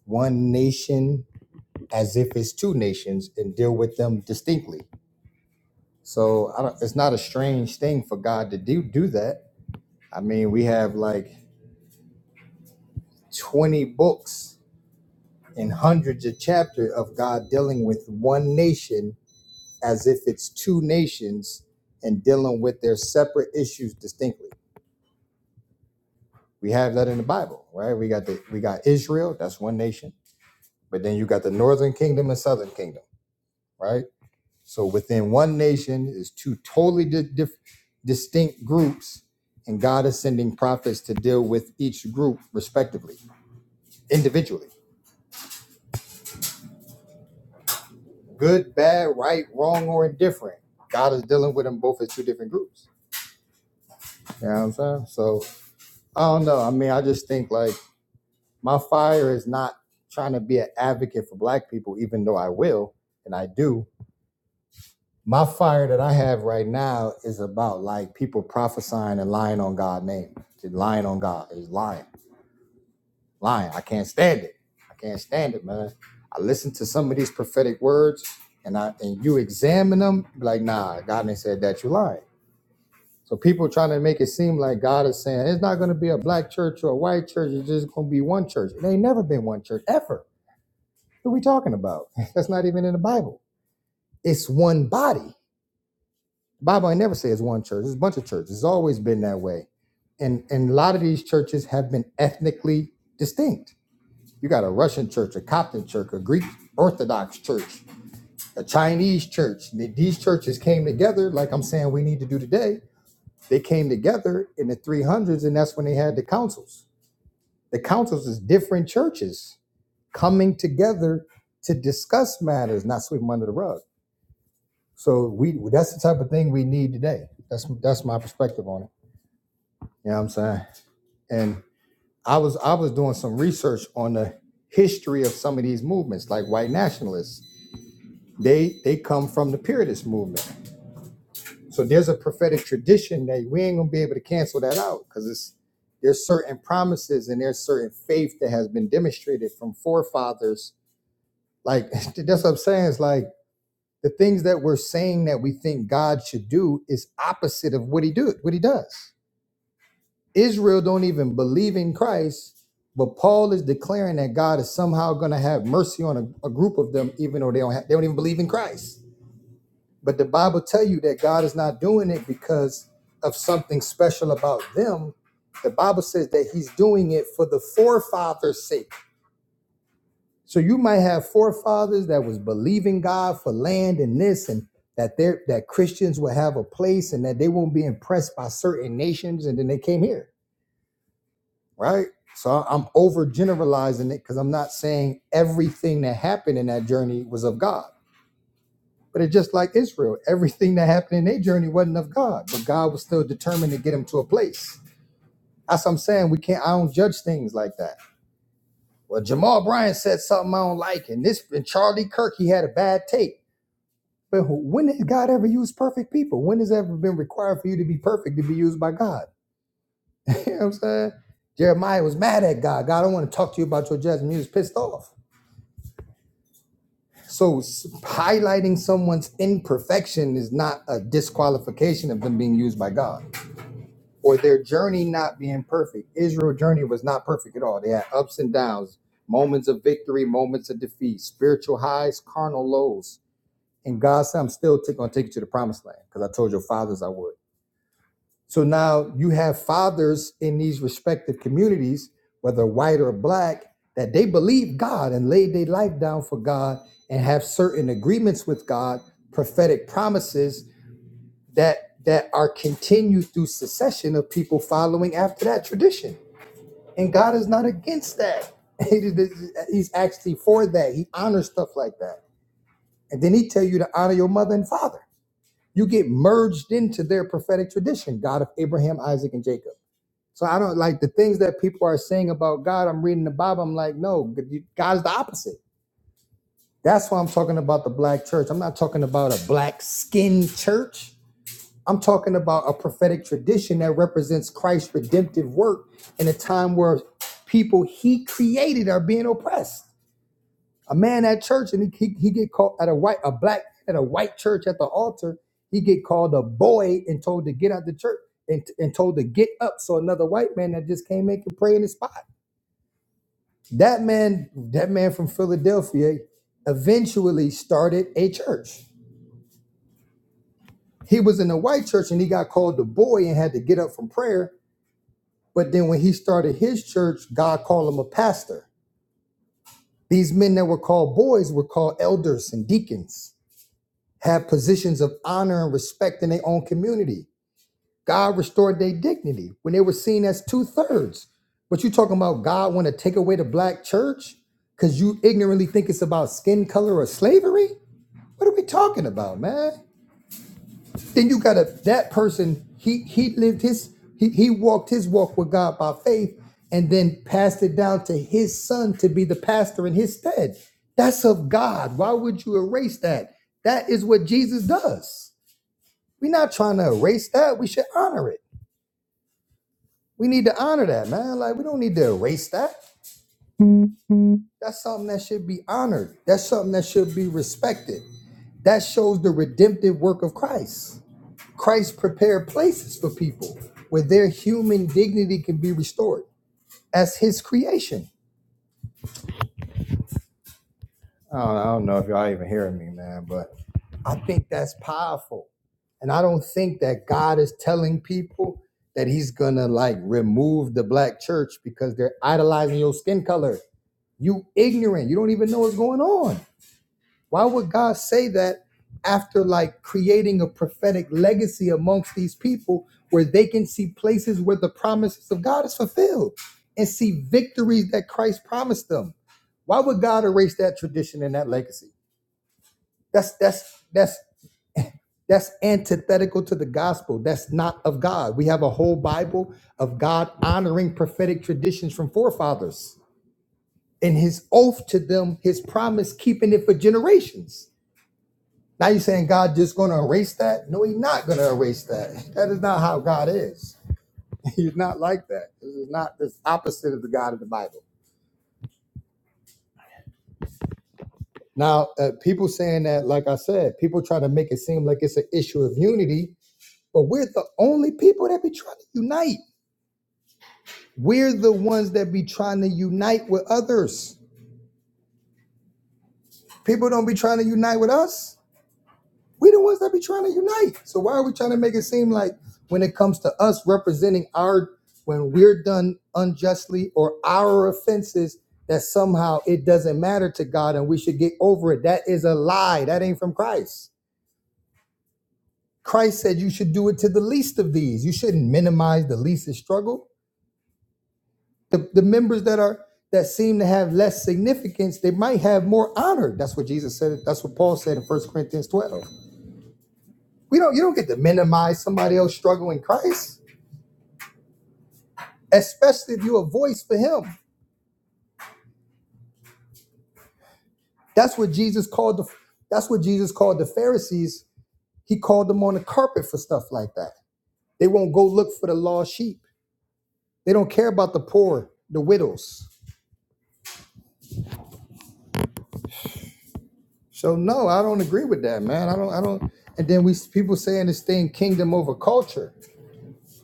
one nation as if it's two nations and deal with them distinctly. So, I don't, it's not a strange thing for God to do do that. I mean, we have like 20 books and hundreds of chapters of God dealing with one nation as if it's two nations and dealing with their separate issues distinctly. We have that in the Bible, right? We got the we got Israel, that's one nation, but then you got the northern kingdom and southern kingdom, right? So within one nation is two totally di- dif- distinct groups, and God is sending prophets to deal with each group respectively, individually. good, bad, right, wrong, or indifferent. God is dealing with them both as two different groups. You know what I'm saying? So I don't know. I mean, I just think like my fire is not trying to be an advocate for black people, even though I will and I do. My fire that I have right now is about like people prophesying and lying on God's name. Just lying on God is lying. Lying. I can't stand it. I can't stand it, man. I listen to some of these prophetic words and I and you examine them, like, nah, God ain't said that you lying So people trying to make it seem like God is saying it's not going to be a black church or a white church. It's just going to be one church. It ain't never been one church ever. Who we talking about? That's not even in the Bible. It's one body. The Bible ain't never say it's one church. It's a bunch of churches. It's always been that way. And and a lot of these churches have been ethnically distinct. You got a Russian church, a Coptic church, a Greek Orthodox church, a Chinese church. These churches came together, like I'm saying we need to do today, They came together in the 300s, and that's when they had the councils. The councils is different churches coming together to discuss matters, not sweep them under the rug. So we that's the type of thing we need today. That's that's my perspective on it. You know what I'm saying? And I was I was doing some research on the history of some of these movements, like white nationalists. They they come from the Puritan movement. So there's a prophetic tradition that we ain't gonna be able to cancel that out because it's there's certain promises and there's certain faith that has been demonstrated from forefathers. Like that's what I'm saying. It's like the things that we're saying that we think God should do is opposite of what he do what he does. Israel don't even believe in Christ, but Paul is declaring that God is somehow gonna have mercy on a, a group of them, even though they don't have, they don't even believe in Christ. But the Bible tell you that God is not doing it because of something special about them. The Bible says that he's doing it for the forefathers' sake. So you might have forefathers that was believing God for land and this and that there that Christians will have a place and that they won't be impressed by certain nations and then they came here, right? So I'm overgeneralizing it because I'm not saying everything that happened in that journey was of God. But it's just like Israel. Everything that happened in their journey wasn't of God, but God was still determined to get them to a place. That's what I'm saying. We can't. I don't judge things like that. Well, Jamal Bryant said something I don't like, and this and Charlie Kirk he had a bad take. But who- when has God ever used perfect people? When has it ever been required for you to be perfect to be used by God? you know what I'm saying? Jeremiah was mad at God. God, I don't want to talk to you about your judgment. He was pissed off. So s- highlighting someone's imperfection is not a disqualification of them being used by God. or their journey not being perfect. Israel's journey was not perfect at all. They had ups and downs, moments of victory, moments of defeat, spiritual highs, carnal lows. And God said, I'm still t- going to take you to the promised land because I told your fathers I would. So now you have fathers in these respective communities, whether white or black, that they believe God and laid their life down for God and have certain agreements with God, prophetic promises that that are continued through succession of people following after that tradition. And God is not against that. He's actually for that. He honors stuff like that. And then he tell you to honor your mother and father. You get merged into their prophetic tradition, God of Abraham, Isaac, and Jacob. So I don't like the things that people are saying about God. I'm reading the Bible. I'm like, no, God is the opposite. That's why I'm talking about the black church. I'm not talking about a black skin church. I'm talking about a prophetic tradition that represents Christ's redemptive work in a time where people he created are being oppressed. A man at church and he, he, he get called at a white a black at a white church at the altar, he get called a boy and told to get out the church and, and told to get up. So another white man that just came in could pray in his spot. That man, that man from Philadelphia eventually started a church. He was in a white church and he got called the boy and had to get up from prayer But then when he started his church, God called him a pastor. These men that were called boys were called elders and deacons, had positions of honor and respect in their own community. God restored their dignity when they were seen as two thirds. But you talking about God want to take away the black church because you ignorantly think it's about skin color or slavery? What are we talking about, man? Then you got to that person. He he lived his he he walked his walk with God by faith, and then passed it down to his son to be the pastor in his stead. That's of God. Why would you erase that? That is what Jesus does. We're not trying to erase that. We should honor it. We need to honor that, man. Like we don't need to erase that. That's something that should be honored. That's something that should be respected. That shows the redemptive work of Christ. Christ prepared places for people where their human dignity can be restored as his creation. I don't, I don't know if y'all even hearing me, man, but I think that's powerful. And I don't think that God is telling people that he's gonna like remove the black church because they're idolizing your skin color. You ignorant. You don't even know what's going on. Why would God say that after like creating a prophetic legacy amongst these people where they can see places where the promises of God is fulfilled and see victories that Christ promised them? Why would God erase that tradition and that legacy? That's that's that's that's antithetical to the gospel. That's not of God. We have a whole Bible of God honoring prophetic traditions from forefathers and his oath to them, his promise, keeping it for generations Now you're saying God just going to erase that? No, He's not going to erase that. That is not how God is. He's not like that. This is not this opposite of the God of the Bible. Now, uh, people saying that, like I said, people try to make it seem like it's an issue of unity, but we're the only people that be trying to unite. We're the ones that be trying to unite with others. People don't be trying to unite with us. We the ones that be trying to unite. So why are we trying to make it seem like when it comes to us representing our when we're done unjustly or our offenses that somehow it doesn't matter to God and we should get over it? That is a lie. That ain't from Christ. Christ said you should do it to the least of these. You shouldn't minimize the least struggle. The, the members that are that seem to have less significance, they might have more honor. That's what Jesus said. That's what Paul said in First Corinthians 12. We don't you don't get to minimize somebody else struggle in Christ, especially if you're a voice for him. That's what Jesus called the that's what Jesus called the Pharisees. He called them on the carpet for stuff like that. They won't go look for the lost sheep. They don't care about the poor, the widows. So no, I don't agree with that, man. I don't I don't and then we people saying this thing kingdom over culture.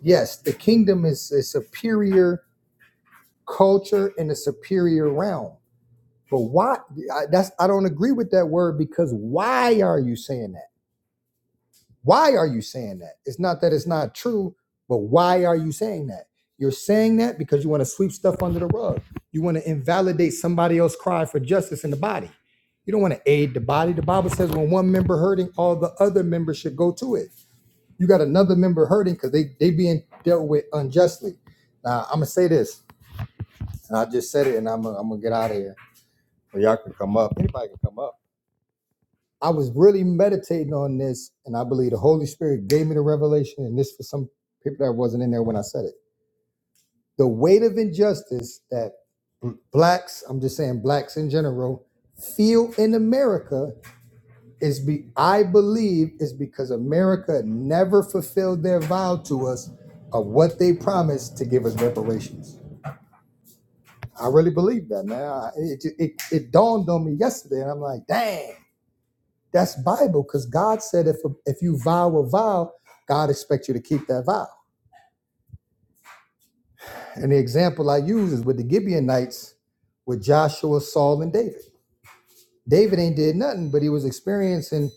Yes, the kingdom is a superior culture in a superior realm. But why? I, that's I don't agree with that word because why are you saying that? Why are you saying that? It's not that it's not true, but why are you saying that? You're saying that because you want to sweep stuff under the rug. You want to invalidate somebody else crying for justice in the body. You don't want to aid the body. The Bible says when one member hurting, all the other members should go to it. You got another member hurting because they they being dealt with unjustly. Now I'm gonna say this, and I just said it, and I'm gonna, I'm gonna get out of here. Or y'all can come up. Anybody can come up. I was really meditating on this, and I believe the Holy Spirit gave me the revelation. And this for some people that wasn't in there when I said it. The weight of injustice that bl- blacks, I'm just saying blacks in general, feel in America is be I believe is because America never fulfilled their vow to us of what they promised to give us reparations. I really believe that, man. I, it, it it dawned on me yesterday, and I'm like, dang. That's Bible because God said if if you vow a vow, God expects you to keep that vow. And the example I use is with the Gibeonites, with Joshua, Saul, and David. David ain't did nothing, but he was experiencing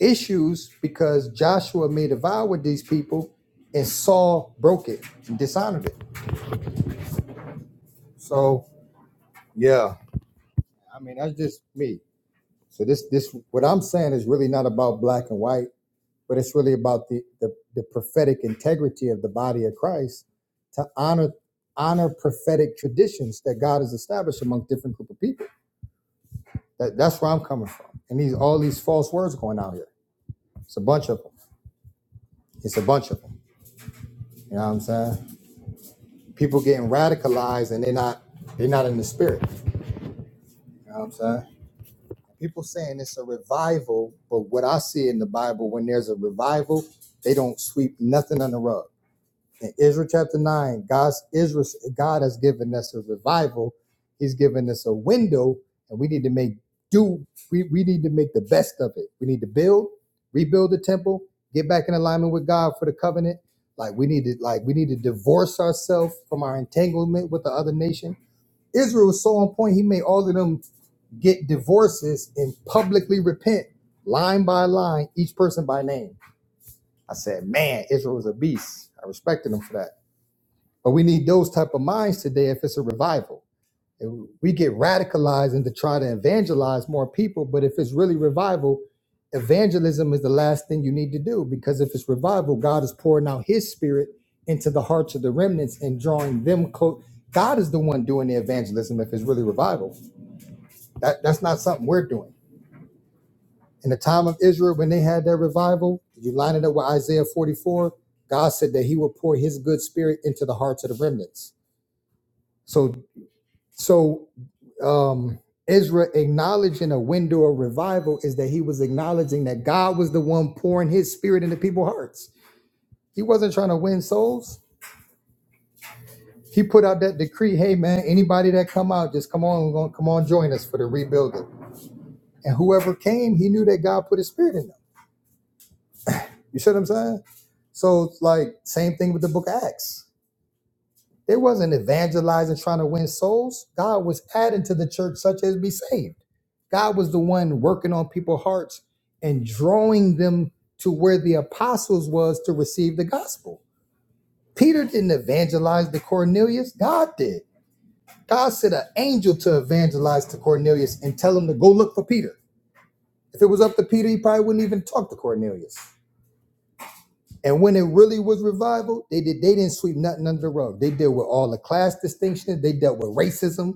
issues because Joshua made a vow with these people, and Saul broke it and dishonored it. So yeah, I mean that's just me. So this this what I'm saying is really not about black and white but it's really about the, the, the prophetic integrity of the body of Christ to honor honor prophetic traditions that God has established among different group of people. That, that's where I'm coming from. And these all these false words going out here. It's a bunch of them. It's a bunch of them. You know what I'm saying? People getting radicalized and they're not they're not in the spirit. You know what I'm saying? People saying it's a revival, but what I see in the Bible when there's a revival, they don't sweep nothing on the rug. in Israel chapter 9, God's Israel, God has given us a revival. He's given us a window, and we need to make do. We, we need to make the best of it. We need to build, rebuild the temple, get back in alignment with God for the covenant. Like we need to, like we need to divorce ourselves from our entanglement with the other nation. Israel was so on point, he made all of them get divorces and publicly repent line by line, each person by name. I said, man, Israel was a beast. I respected him for that. But we need those type of minds today if it's a revival. We get radicalized into trying to evangelize more people, but if it's really revival, evangelism is the last thing you need to do because if it's revival, God is pouring out his spirit into the hearts of the remnants and drawing them close. God is the one doing the evangelism if it's really revival. That, that's not something we're doing. In the time of Israel, when they had their revival, you line it up with Isaiah 44, God said that he would pour his good spirit into the hearts of the remnants. So So um, Ezra acknowledging a window of revival is that he was acknowledging that God was the one pouring his spirit into people's hearts. He wasn't trying to win souls. He put out that decree, hey man, anybody that come out, just come on, go- come on, join us for the rebuilding. And whoever came, he knew that God put his spirit in them. You see what I'm saying? So it's like same thing with the book of Acts. They wasn't evangelizing, trying to win souls. God was adding to the church such as be saved. God was the one working on people's hearts and drawing them to where the apostles was to receive the gospel. Peter didn't evangelize to Cornelius. God did. God sent an angel to evangelize to Cornelius and tell him to go look for Peter. If it was up to Peter, he probably wouldn't even talk to Cornelius. And when it really was revival, they did they didn't sweep nothing under the rug. They dealt with all the class distinctions. They dealt with racism.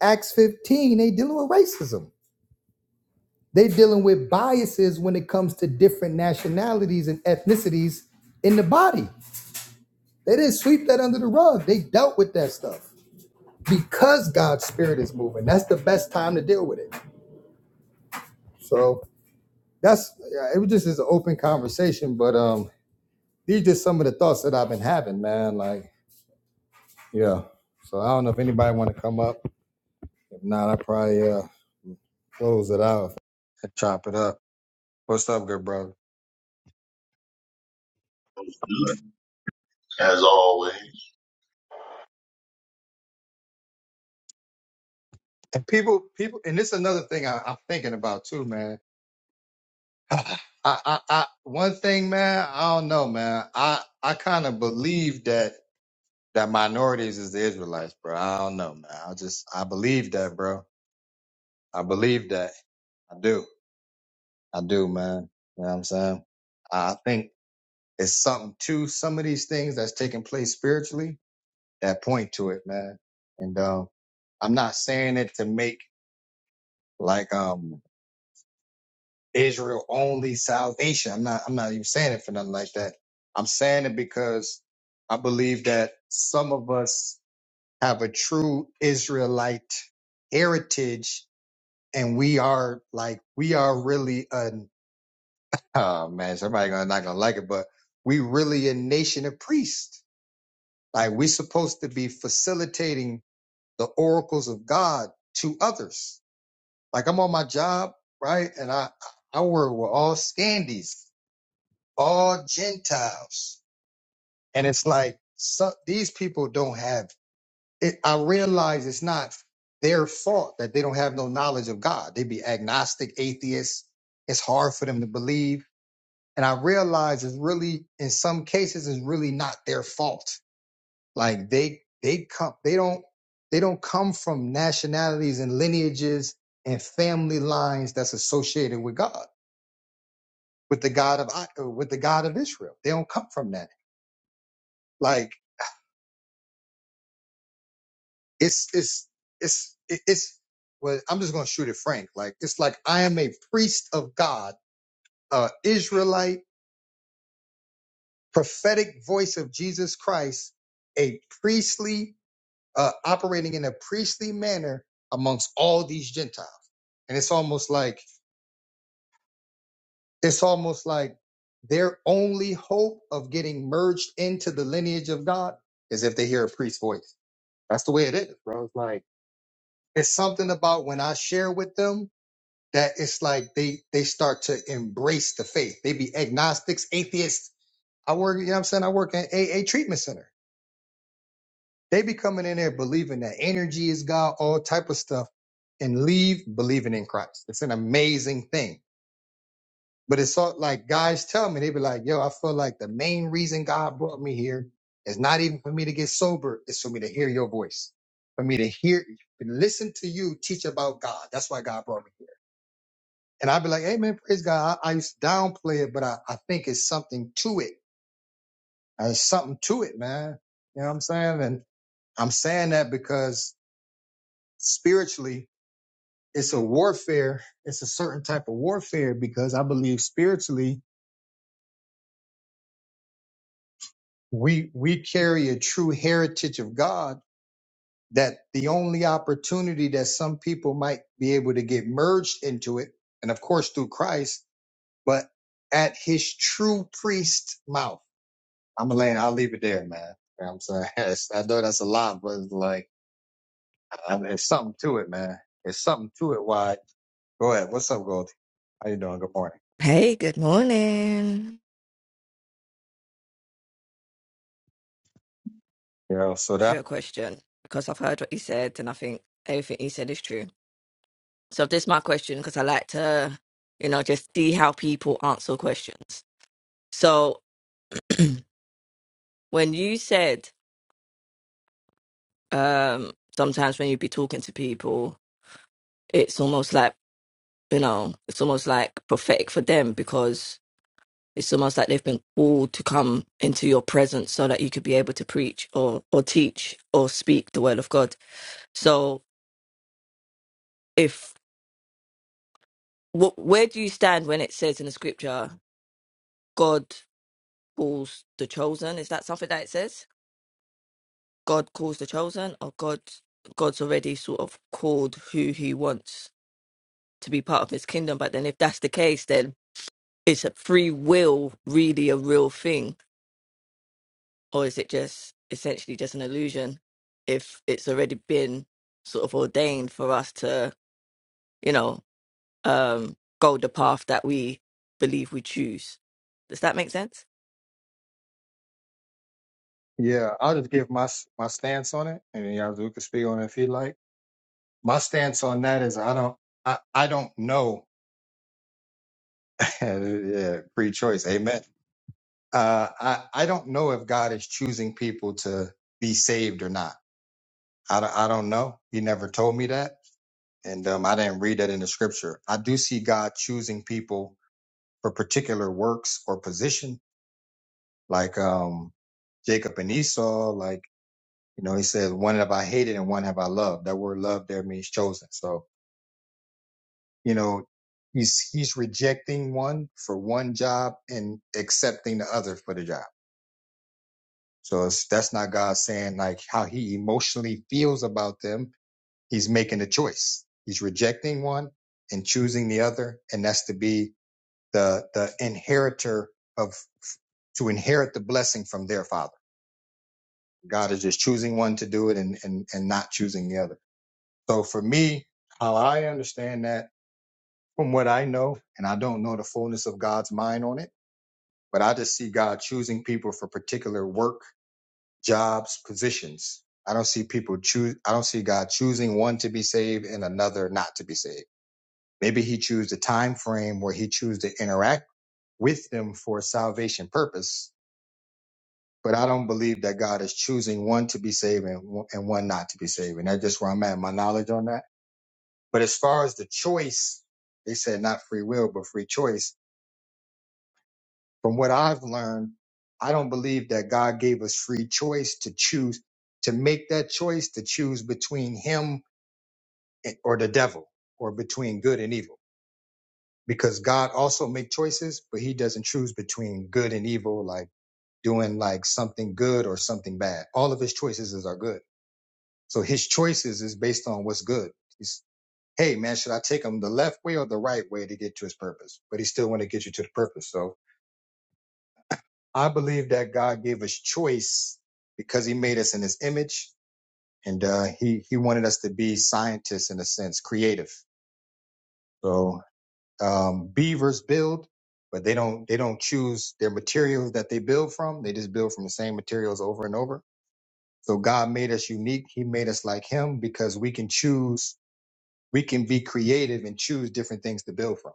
Acts 15, they dealing with racism. They dealing with biases when it comes to different nationalities and ethnicities in the body. They didn't sweep that under the rug. They dealt with that stuff because God's spirit is moving. That's the best time to deal with it. So that's yeah, it was just is an open conversation, but um these are just some of the thoughts that I've been having, man. Like, yeah. So I don't know if anybody wanna come up. If not, I probably uh close it out and chop it up. What's up, good brother? As always. And people, people, and this is another thing I, I'm thinking about too, man. I, I, I, one thing, man, I don't know, man. I, I kind of believe that that minorities is the Israelites, bro. I don't know, man. I just, I believe that, bro. I believe that. I do. I do, man. You know what I'm saying? I think it's something to some of these things that's taking place spiritually that point to it, man. And um, I'm not saying it to make like um Israel only salvation. I'm not I'm not even saying it for nothing like that. I'm saying it because I believe that some of us have a true Israelite heritage and we are like we are really an oh man, somebody gonna not gonna like it, but we really a nation of priests. Like we're supposed to be facilitating the oracles of God to others. Like I'm on my job, right? And I I work with all scandies all Gentiles. And it's like so, these people don't have it. I realize it's not their fault that they don't have no knowledge of God. They be agnostic, atheists. It's hard for them to believe. And I realize it's really, in some cases, it's really not their fault. Like they, they come, they don't, they don't come from nationalities and lineages and family lines that's associated with God, with the God of, I- uh, with the God of Israel. They don't come from that. Like it's it's it's it's well i'm just gonna shoot it frank like it's like i am a priest of god a israelite prophetic voice of jesus christ a priestly uh operating in a priestly manner amongst all these gentiles and it's almost like it's almost like their only hope of getting merged into the lineage of god is if they hear a priest's voice that's the way it is bro it's like it's something about when i share with them that it's like they they start to embrace the faith. They be agnostics, atheists. I work, you know what I'm saying? I work at AA treatment center. They be coming in there believing that energy is God, all type of stuff, and leave believing in Christ. It's an amazing thing. But it's all like guys tell me, they be like, yo, I feel like the main reason God brought me here is not even for me to get sober, it's for me to hear your voice. For me to hear, listen to you teach about God. That's why God brought me here. And I'd be like, hey man, praise God. I, I used to downplay it, but I, I think it's something to it. There's something to it, man. You know what I'm saying? And I'm saying that because spiritually, it's a warfare. It's a certain type of warfare because I believe spiritually, we, we carry a true heritage of God that the only opportunity that some people might be able to get merged into it. And of course, through Christ, but at his true priest mouth. I'm gonna land. I'll leave it there, man. You know what I'm saying It's- I know that's a lot, but it's like I- I- there's something to it, man. There's something to it. Why? Go ahead. What's up, Goldie? How you doing? Good morning. Hey, good morning. Yeah. So To that. your question, because I've heard what you said, and I think everything you said is true. So this is my question because I like to, you know, just see how people answer questions. So when you said um, sometimes when you be talking to people, it's almost like you know, it's almost like prophetic for them because it's almost like they've been called to come into your presence so that you could be able to preach or or teach or speak the word of God. So if Wh- where do you stand when it says in the scripture god calls the chosen is that something that it says god calls the chosen or god god's already sort of called who he wants to be part of his kingdom but then if that's the case then is a free will really a real thing or is it just essentially just an illusion if it's already been sort of ordained for us to you know um go the path that we believe we choose does that make sense Yeah, I'll just give my s- my stance on it, and then y'all do can speak on it if you like. My stance on that is I don't I I don't know. yeah, free choice. Amen. Uh, I I don't know if God is choosing people to be saved or not. I don't, I don't know. He never told me that. and um, I didn't read that in the scripture. I do see God choosing people for particular works or position, like um, Jacob and Esau. Like you know, he says, "One have I hated, and one have I loved." That word "love" there means chosen. So you know, he's he's rejecting one for one job and accepting the other for the job. So it's, that's not God saying like how he emotionally feels about them. He's making a choice. He's rejecting one and choosing the other, and that's to be the the inheritor of to inherit the blessing from their father. God is just choosing one to do it and and and not choosing the other. So for me, how I understand that from what I know, and I don't know the fullness of God's mind on it, but I just see God choosing people for particular work, jobs, positions. I don't see people choose I don't see God choosing one to be saved and another not to be saved. Maybe he choose a time frame where he choose to interact with them for salvation purpose but I don't believe that God is choosing one to be saved and, one- and one not to be saved. And that's just where I'm at, my knowledge on that. But as far as the choice, they said not free will, but free choice. From what I've learned, I don't believe that God gave us free choice to choose, to make that choice, to choose between him and- or the devil or between good and evil. Because God also make choices, but he doesn't choose between good and evil, like doing like something good or something bad. All of his choices is are good So his choices is based on what's good. He's, hey man, should I take him the left way or the right way to get to his purpose? But he still want to get you to the purpose. So I believe that God gave us choice because he made us in his image and uh, he, he wanted us to be scientists in a sense, creative. So um, beavers build, but they don't, they don't choose their materials that they build from. They just build from the same materials over and over. So God made us unique. He made us like him because we can choose we can be creative and choose different things to build from.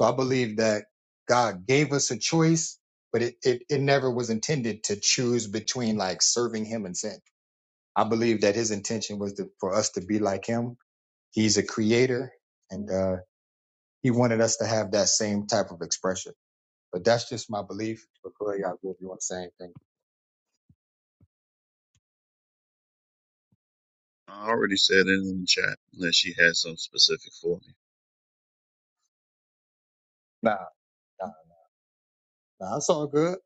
So I believe that God gave us a choice, but it, it, it never was intended to choose between like serving him and sin. I believe that his intention was to, for us to be like him. He's a creator and, uh, he wanted us to have that same type of expression. But that's just my belief. Before y'all I if you want to say anything. I already said it in the chat, unless she had something specific for me. Nah, nah, nah, it's all good.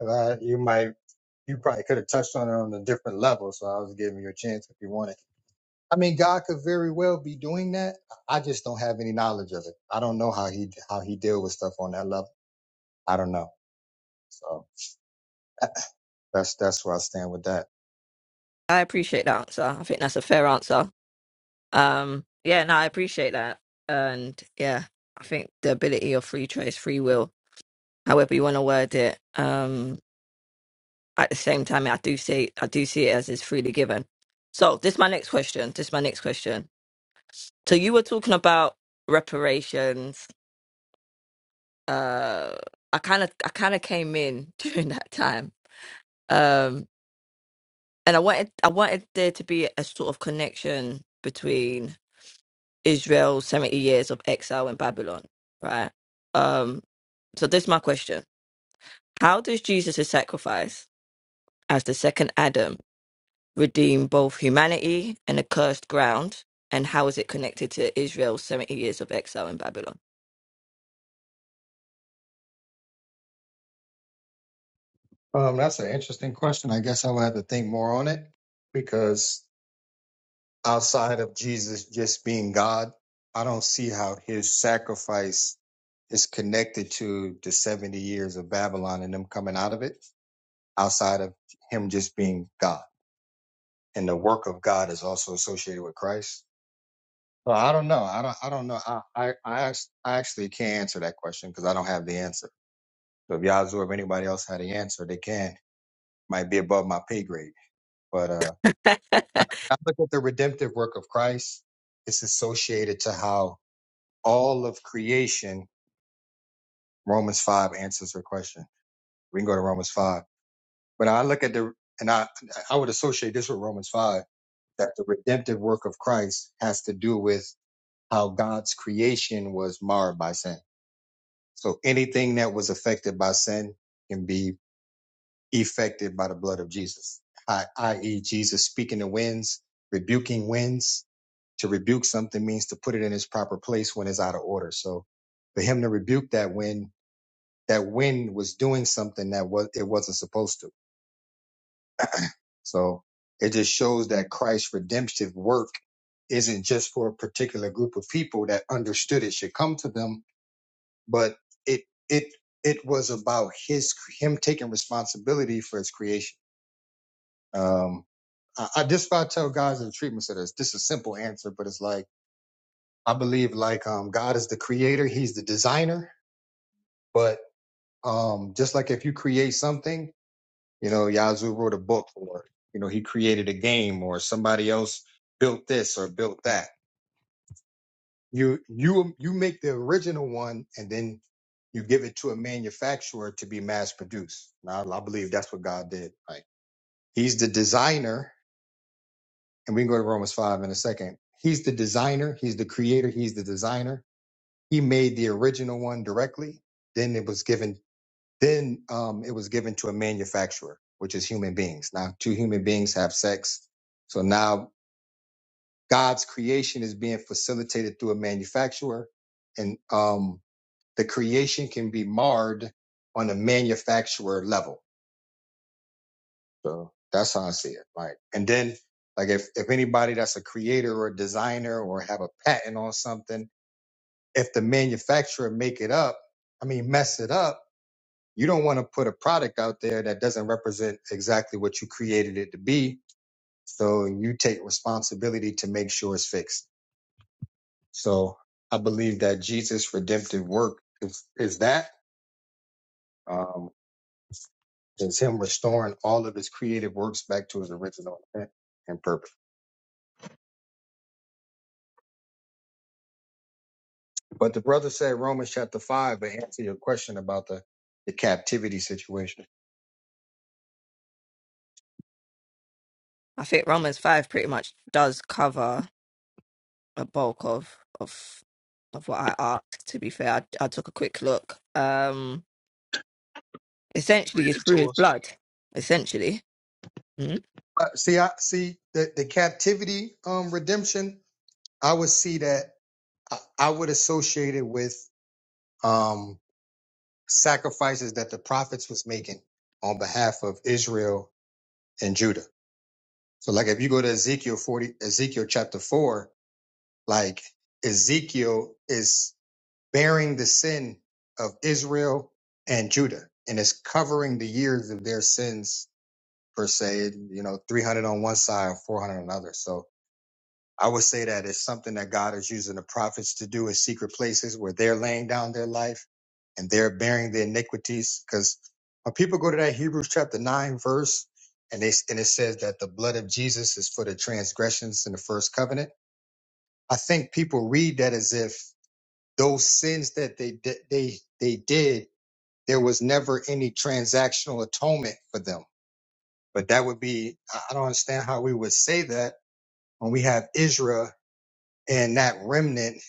Uh, you might, you probably could have touched on it on a different level. So I was giving you a chance if you wanted. I mean, God could very well be doing that. I just don't have any knowledge of it. I don't know how he how he deal with stuff on that level. I don't know. So that's that's where I stand with that. I appreciate that answer. I think that's a fair answer. Um, yeah, no, I appreciate that. And yeah, I think the ability of free choice, free will, however you want to word it. Um, at the same time, I do see, I do see it as it's freely given. So this is my next question. This is my next question. So you were talking about reparations. Uh, I kind of, I kind of came in during that time. Um, and I wanted, I wanted there to be a sort of connection between Israel's 70 years of exile in Babylon, right? Um, so this is my question. How does Jesus' sacrifice as the second Adam redeem both humanity and the cursed ground? And how is it connected to Israel's 70 years of exile in Babylon? Um, that's an interesting question. I guess I would have to think more on it because outside of Jesus just being God, I don't see how his sacrifice is connected to the seventy years of Babylon and them coming out of it. Outside of him just being God, and the work of God is also associated with Christ. Well, I don't know. I don't. I don't know. I I I, act- I actually can't answer that question because I don't have the answer. So if Yazoo or anybody else had the answer, they can. Might be above my pay grade. But uh, I I look at the redemptive work of Christ. It's associated to how all of creation. Romans five answers her question. We can go to Romans five. But I look at the and I I would associate this with Romans five that the redemptive work of Christ has to do with how God's creation was marred by sin So anything that was affected by sin can be affected by the blood of Jesus, I- i.e., Jesus speaking to winds, rebuking winds. To rebuke something means to put it in its proper place when it's out of order. So for him to rebuke that wind, that wind was doing something that was it wasn't supposed to. So it just shows that Christ's redemptive work isn't just for a particular group of people that understood it should come to them but it it it was about his him taking responsibility for his creation. Um, I, I just about tell guys in the treatment centers this is a simple answer, but it's like I believe like um God is the creator, He's the designer, but um just like if you create something, you know, Yazoo wrote a book or you know he created a game or somebody else built this or built that You you you make the original one and then you give it to a manufacturer to be mass produced. Now I believe that's what God did. Like He's the designer, and we can go to Romans five in a second. He's the designer, he's the creator, he's the designer. He made the original one directly, then it was given then um it was given to a manufacturer, which is human beings. Now two human beings have sex. So now God's creation is being facilitated through a manufacturer. And um the creation can be marred on a manufacturer level. So that's how I see it. Like, and then like if, if anybody that's a creator or a designer or have a patent on something, if the manufacturer make it up, I mean, mess it up, you don't want to put a product out there that doesn't represent exactly what you created it to be. So you take responsibility to make sure it's fixed. So I believe that Jesus redemptive work is, is that. Um, It's him restoring all of his creative works back to his original intent and purpose. But the brother said Romans chapter five, but answer your question about the, the captivity situation. think Romans 5 pretty much does cover a bulk of of of what I asked, to be fair. I, I took a quick look. Um, essentially Read it's it through to his us. blood essentially Mhm. Uh, see, I see the, the captivity um redemption. I would see that I, I would associate it with um sacrifices that the prophets was making on behalf of Israel and Judah. So, like if you go to Ezekiel forty, Ezekiel chapter four, like Ezekiel is bearing the sin of Israel and Judah, and it's covering the years of their sins per se. You know, 300 on one side, 400 on another. So I would say that it's something that God is using the prophets to do in secret places where they're laying down their life and they're bearing the iniquities. Because when people go to that Hebrews chapter nine verse, and they and it says that the blood of Jesus is for the transgressions in the first covenant. I think people read that as if those sins that they did, they they did, there was never any transactional atonement for them. But that would be I I don't understand how we would say that when we have Israel and that remnant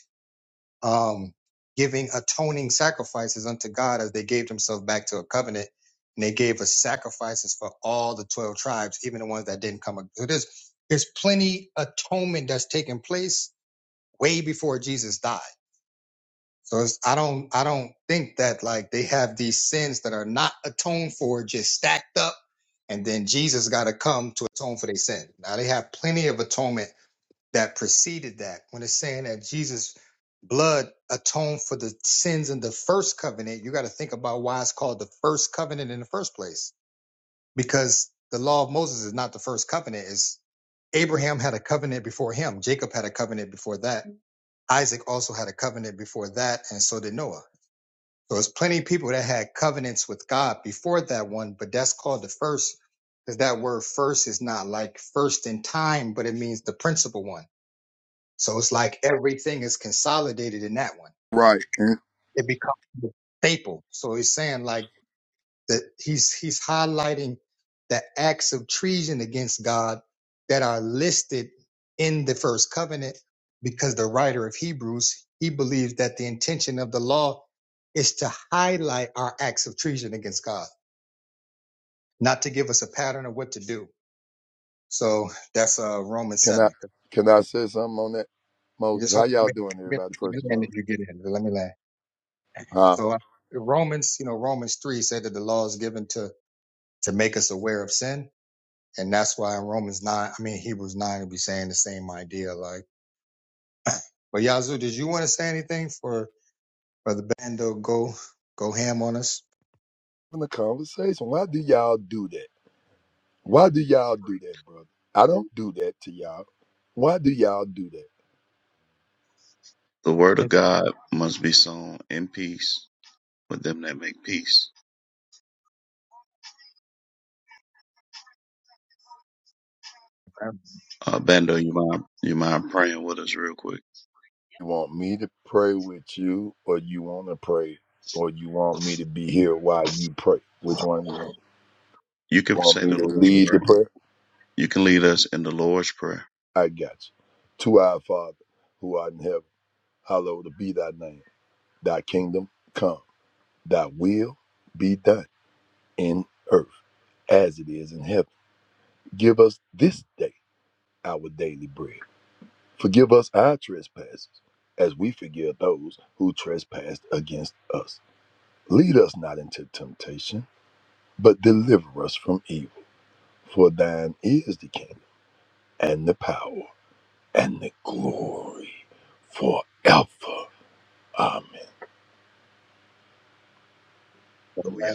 um, giving atoning sacrifices unto God as they gave themselves back to a covenant. And they gave us sacrifices for all the 12 tribes, even the ones that didn't come. So there's, there's plenty atonement that's taking place way before Jesus died. So it's, I don't I don't think that like they have these sins that are not atoned for just stacked up, and then Jesus got to come to atone for their sin. Now they have plenty of atonement that preceded that. When it's saying that Jesus' blood atoned for the sins in the first covenant, you got to think about why it's called the first covenant in the first place, because the law of Moses is not the first covenant. Is Abraham had a covenant before him. Jacob had a covenant before that. Isaac also had a covenant before that, and so did Noah. So it's plenty of people that had covenants with God before that one, but that's called the first because that word first is not like first in time, but it means the principal one. So it's like everything is consolidated in that one. Right. And It becomes the staple. So he's saying like that he's he's highlighting the acts of treason against God that are listed in the first covenant because the writer of Hebrews he believes that the intention of the law is to highlight our acts of treason against God, not to give us a pattern of what to do. So that's uh Romans can I seven. can I say something on that? Moses, Just how let me y'all doing, let everybody? me First of land all, if you get in. Let me land. huh? So uh, Romans, you know, Romans three said that the law is given to to make us aware of sin And that's why in Romans 9, I mean, Hebrews 9 will be saying the same idea. Like, but Yazoo, did you want to say anything for Brother Bando? Go, go ham on us. In the conversation, why do y'all do that? Why do y'all do that, brother? I don't do that to y'all. Why do y'all do that? The word of God must be sown in peace with them that make peace. I Uh, Bando, you mind you mind praying with us real quick? You want me to pray with you, or you want to pray, or you want me to be here while you pray? Which one you want? You You can want say me the to Lord's lead the prayer. prayer? You can lead us in the Lord's prayer. I got you. To our Father, who art in heaven, hallowed be thy name. Thy kingdom come. Thy will be done in earth as it is in heaven. Give us this day our daily bread. Forgive us our trespasses as we forgive those who trespass against us. Lead us not into temptation, but deliver us from evil. For thine is the kingdom and the power and the glory forever. Amen. Oh yeah.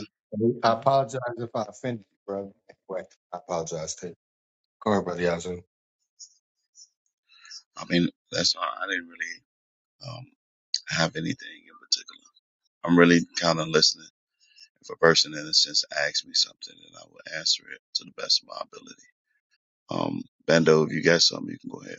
apologize if I offended you, brother. Anyway, I apologize to you. Go ahead, Brother Yazoo. I mean, that's all. right. I didn't really um, have anything in particular. I'm really kind of listening. If a person, in a sense, asks me something, then I will answer it to the best of my ability. Um, Bando, if you got something, you can go ahead.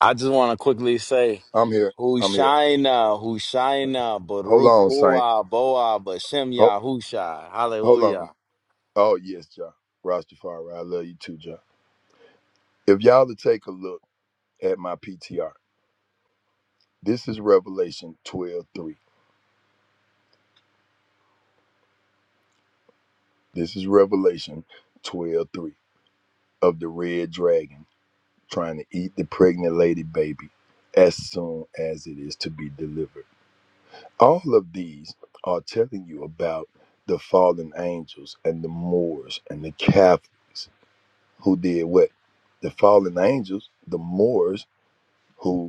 I just want to quickly say, I'm here. I'm here. Hushaina, Hushaina, Hold Baruch on, Saint. Ua, Boa, Bashem Hold, Yahusha. hold Hallelujah. on. Oh, yes, John. Rastafari, I love you too, John. If y'all to take a look, at my PTR. This is Revelation 12 3. This is Revelation 12 3 of the red dragon trying to eat the pregnant lady baby as soon as it is to be delivered. All of these are telling you about the fallen angels and the Moors and the Catholics who did what? The fallen angels, the Moors who.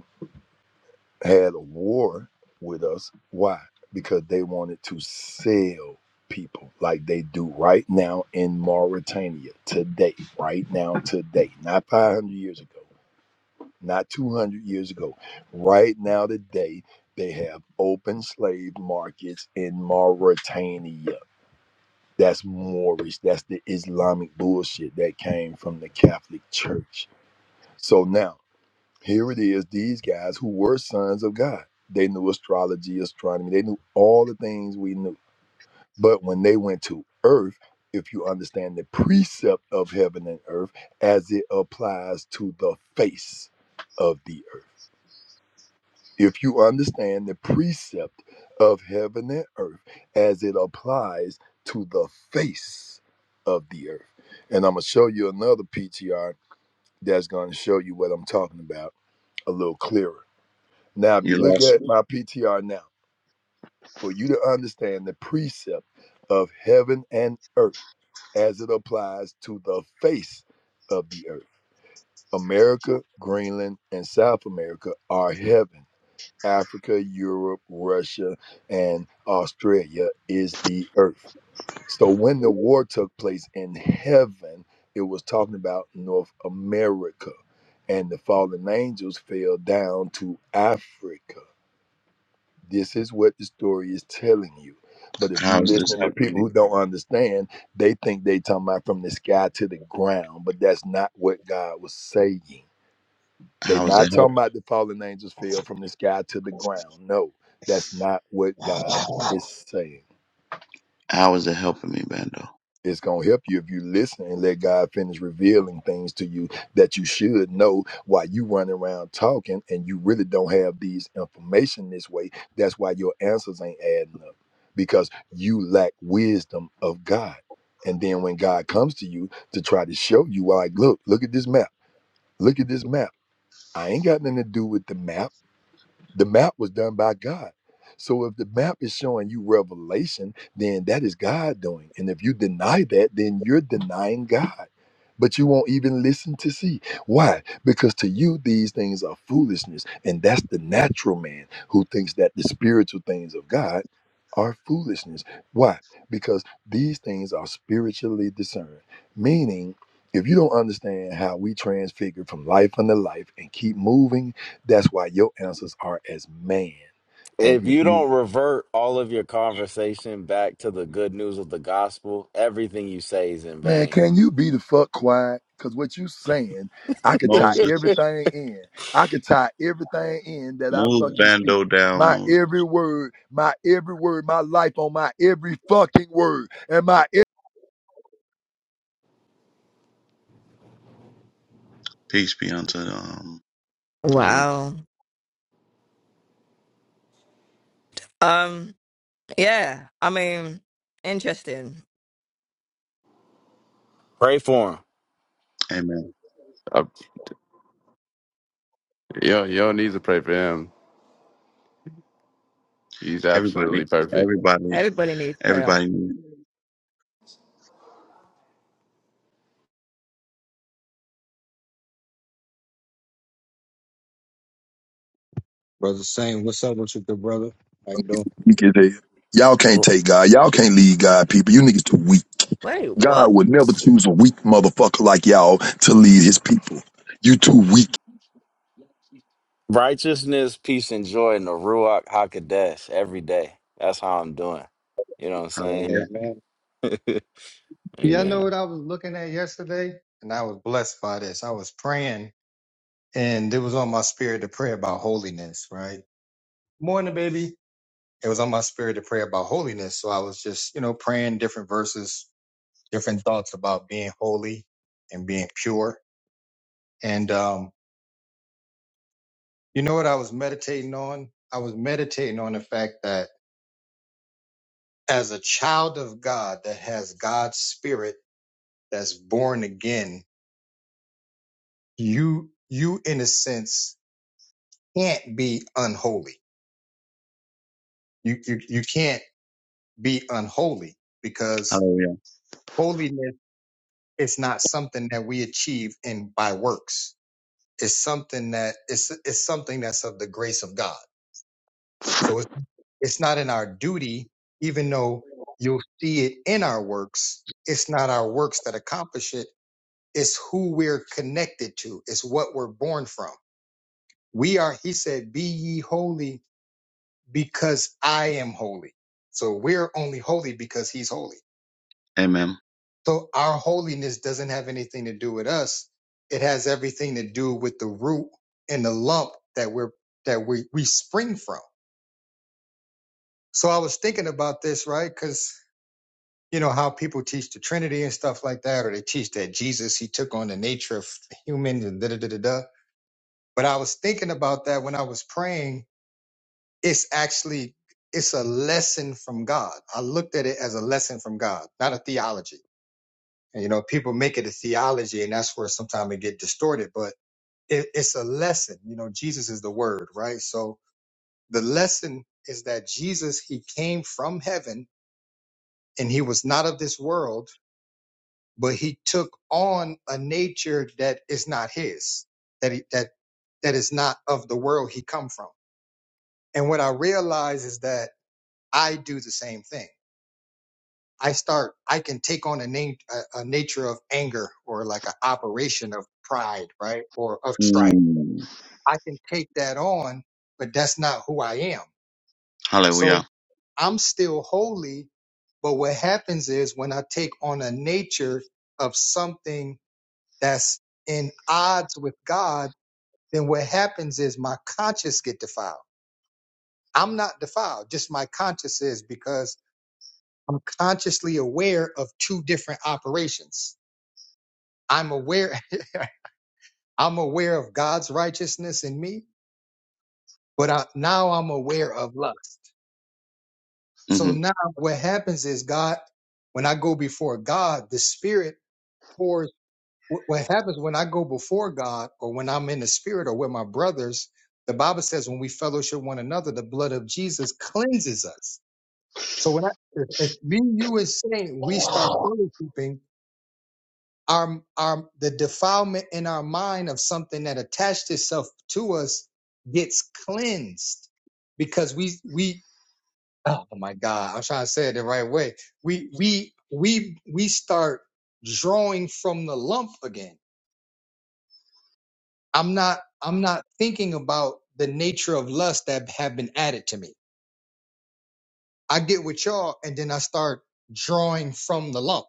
had a war with us. Why? Because they wanted to sell people like they do right now in Mauritania today, right now today, not 500 years ago, not 200 years ago. Right now today, they have open slave markets in Mauritania. That's Moorish. That's the Islamic bullshit that came from the Catholic Church. So now here it is, these guys who were sons of God. They knew astrology, astronomy, they knew all the things we knew. But when they went to earth, if you understand the precept of heaven and earth as it applies to the face of the earth, if you understand the precept of heaven and earth as it applies to the face of the earth. And I'm going to show you another PTR that's going to show you what I'm talking about a little clearer Now, if You you look lost at me. my PTR now, for you to understand the precept of heaven and earth as it applies to the face of the earth, America, Greenland, and South America are heaven. Africa, Europe, Russia, and Australia is the earth. So when the war took place in heaven, it was talking about North America. And the fallen angels fell down to Africa This is what the story is telling you. But if How you is this listening to helping people who me? don't understand, they think they talking about from the sky to the ground, but that's not what God was saying. They How is not it help? talking about the fallen angels fell from the sky to the ground. No, that's not what God is saying. How is it helping me, Bando? It's going to help you if you listen and let God finish revealing things to you that you should know while you run around talking and you really don't have these information this way. That's why your answers ain't adding up because you lack wisdom of God. And then when God comes to you to try to show you, like, look, look at this map. Look at this map. I ain't got nothing to do with the map. The map was done by God. So if the map is showing you revelation, then that is God doing. And if you deny that, then you're denying God. But you won't even listen to see. Why? Because to you, these things are foolishness. And that's the natural man who thinks that the spiritual things of God are foolishness. Why? Because these things are spiritually discerned. Meaning, if you don't understand how we transfigure from life unto life and keep moving that's why your answers are as man. And If you if you don't revert all of your conversation back to the good news of the gospel, everything you say is in man, vain. can you be the fuck quiet? Cause what you saying, I could tie Moses, everything in. I could tie everything in that I move fucking speak. Bando down, My Moses. every word, my every word, my life on my every fucking word, and my Peace be unto um, the room. wow um yeah i mean interesting Pray for Amen. Uh, Yo, yo needs to pray for him. He's Everybody, absolutely perfect. everybody, everybody needs prayer everybody. Brother Saint, what's up with you, good brother? How you doing? You get it? Y'all can't him. take God. Y'all can't lead God, people. You niggas too weak. wait what God would never choose a weak motherfucker like y'all to lead his people. You too weak. Righteousness, peace, and joy in the Ruach HaKodesh every day. That's how I'm doing. You know what I'm saying? Hallelujah. Amen. Yeah, I know Amen. what I was looking at yesterday, and I was blessed by this. I was praying, and it was on my spirit to pray about holiness, right? Morning, baby it was on my spirit to pray about holiness. So I was just, you know, praying different verses, different thoughts about being holy and being pure. And um, you know what I was meditating on? I was meditating on the fact that as a child of God that has God's spirit that's born again, you you in a sense can't be unholy. You you you can't be unholy because Hallelujah. holiness is not something that we achieve in by works is something that it's it's something that's of the grace of God. So it's it's not in our duty, even though you'll see it in our works. It's not our works that accomplish it. It's who we're connected to. It's what we're born from. We are. He said, "Be ye holy, because I am holy." So we're only holy because He's holy. Amen. So our holiness doesn't have anything to do with us. It has everything to do with the root and the lump that we're that we, we spring from. So I was thinking about this, right? Because you know how people teach the Trinity and stuff like that, or they teach that Jesus he took on the nature of humans and da da da da da. But I was thinking about that when I was praying. It's actually it's a lesson from God. I looked at it as a lesson from God, not a theology. And you know, people make it a theology, and that's where sometimes it get distorted. But it, it's a lesson. You know, Jesus is the Word, right? So the lesson is that Jesus he came from heaven and he was not of this world but he took on a nature that is not his, that he, that that is not of the world he come from. And what I realize is that I do the same thing. I start, I can take on a name, a, a nature of anger or like an operation of pride, right? Or of strife. Mm. I can take that on, but that's not who I am. So Hallelujah. I'm still holy, but what happens is when I take on a nature of something that's in odds with God, then what happens is my conscience get defiled. I'm not defiled, just my conscience is because I'm consciously aware of two different operations. I'm aware I'm aware of God's righteousness in me, but I, now I'm aware of lust. So hmm now what happens is God when I go before God, the spirit pours. What what happens when I go before God or when I'm in the spirit or with my brothers, the Bible says when we fellowship one another, the blood of Jesus cleanses us. So when I, if if me, you, and Saint, we start fellowshipping, our, our, the defilement in our mind of something that attached itself to us gets cleansed because we, we, oh my God, I'm trying to say it the right way. We, we, we, we start drawing from the lump again I'm not I'm not thinking about the nature of lust that have been added to me. I get with y'all and then I start drawing from the lump.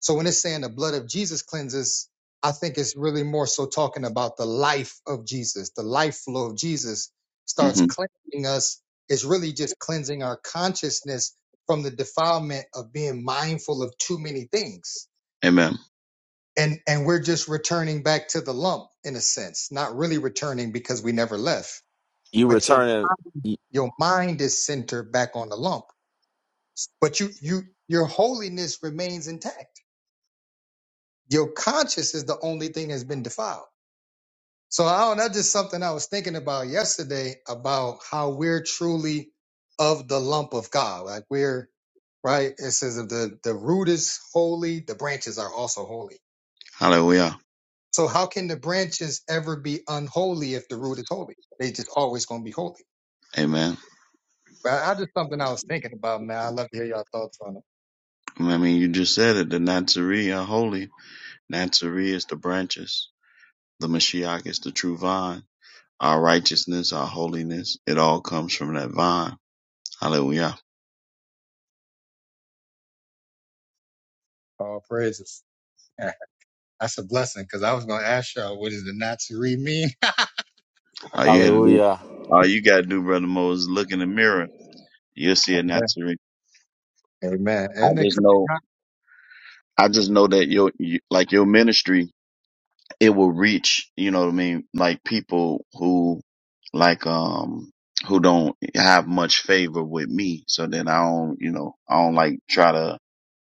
So when it's saying the blood of Jesus cleanses, I think it's really more so talking about the life of Jesus. The life flow of Jesus starts hmm cleansing us. It's really just cleansing our consciousness from the defilement of being mindful of too many things. Amen. And and we're just returning back to the lump in a sense, not really returning because we never left You but your returning. Your mind is centered back on the lump, but you you your holiness remains intact. Your conscience is the only thing that's been defiled. So I don't, that's just something I was thinking about yesterday about how we're truly of the lump of God. Like we're right? It says if the, the root is holy, the branches are also holy. Hallelujah. So how can the branches ever be unholy if the root is holy? They just always gonna be holy. Amen. But I I just something I was thinking about, man. I love to hear y'all thoughts on it. I mean, you just said it. The Nazarene are holy. Nazarene is the branches. The Mashiach is the true vine. Our righteousness, our holiness, it all comes from that vine. Hallelujah. All praises. That's a blessing because I was going to ask y'all, what does the Natsuri mean? All you had to do, Hallelujah. all you got to do, brother Mo, is look in the mirror. You'll see a Nazarene. Amen. I Isn't it just crazy? know, how- I just know that your, you, like your ministry, it will reach. You know what I mean? Like people who, like um, who don't have much favor with me. So then I don't, you know, I don't like try to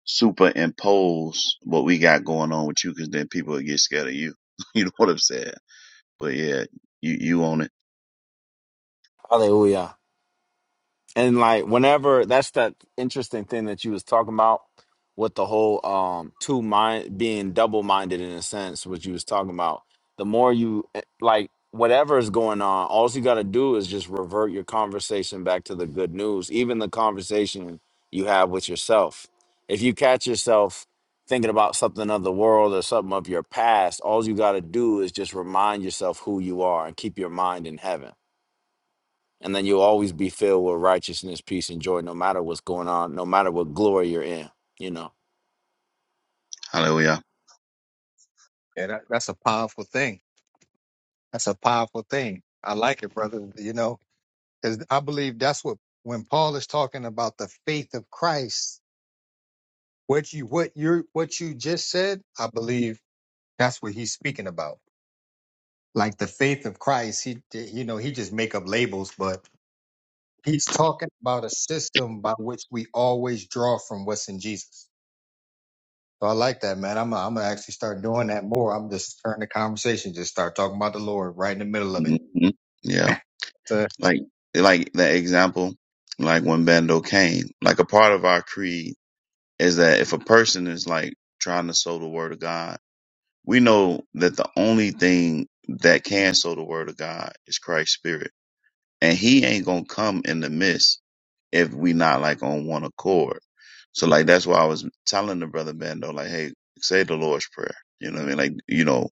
superimpose what we got going on with you because then people would get scared of you. you know what I'm saying? But yeah, you, you own it. Hallelujah. and like whenever that's that interesting thing that you was talking about with the whole um two mind being double minded in a sense what you was talking about the more you eh, like whatever is going on all you got to do is just revert your conversation back to the good news even the conversation you have with yourself if you catch yourself thinking about something of the world or something of your past all you got to do is just remind yourself who you are and keep your mind in heaven and then you'll always be filled with righteousness, peace, and joy, no matter what's going on, no matter what glory you're in, you know. Hallelujah. Yeah, that, that's a powerful thing. That's a powerful thing. I like it, brother. You know, because I believe that's what when Paul is talking about the faith of Christ, what you what you what you just said, I believe that's what he's speaking about. Like the faith of Christ, he you know he just make up labels, but he's talking about a system by which we always draw from what's in Jesus. So I like that, man. I'm I'm gonna actually start doing that more. I'm just turning the conversation, just start talking about the Lord right in the middle of it. hmm Yeah. So, Like, like that example, like when Bando came, like a part of our creed is that if a person is like trying to sow the word of God, we know that the only thing that can sow the word of God is Christ's spirit. And he ain't going to come in the midst if we not like on one accord. So like that's why I was telling the brother Bando like, hey, say the Lord's prayer. You know what I mean? Like you know,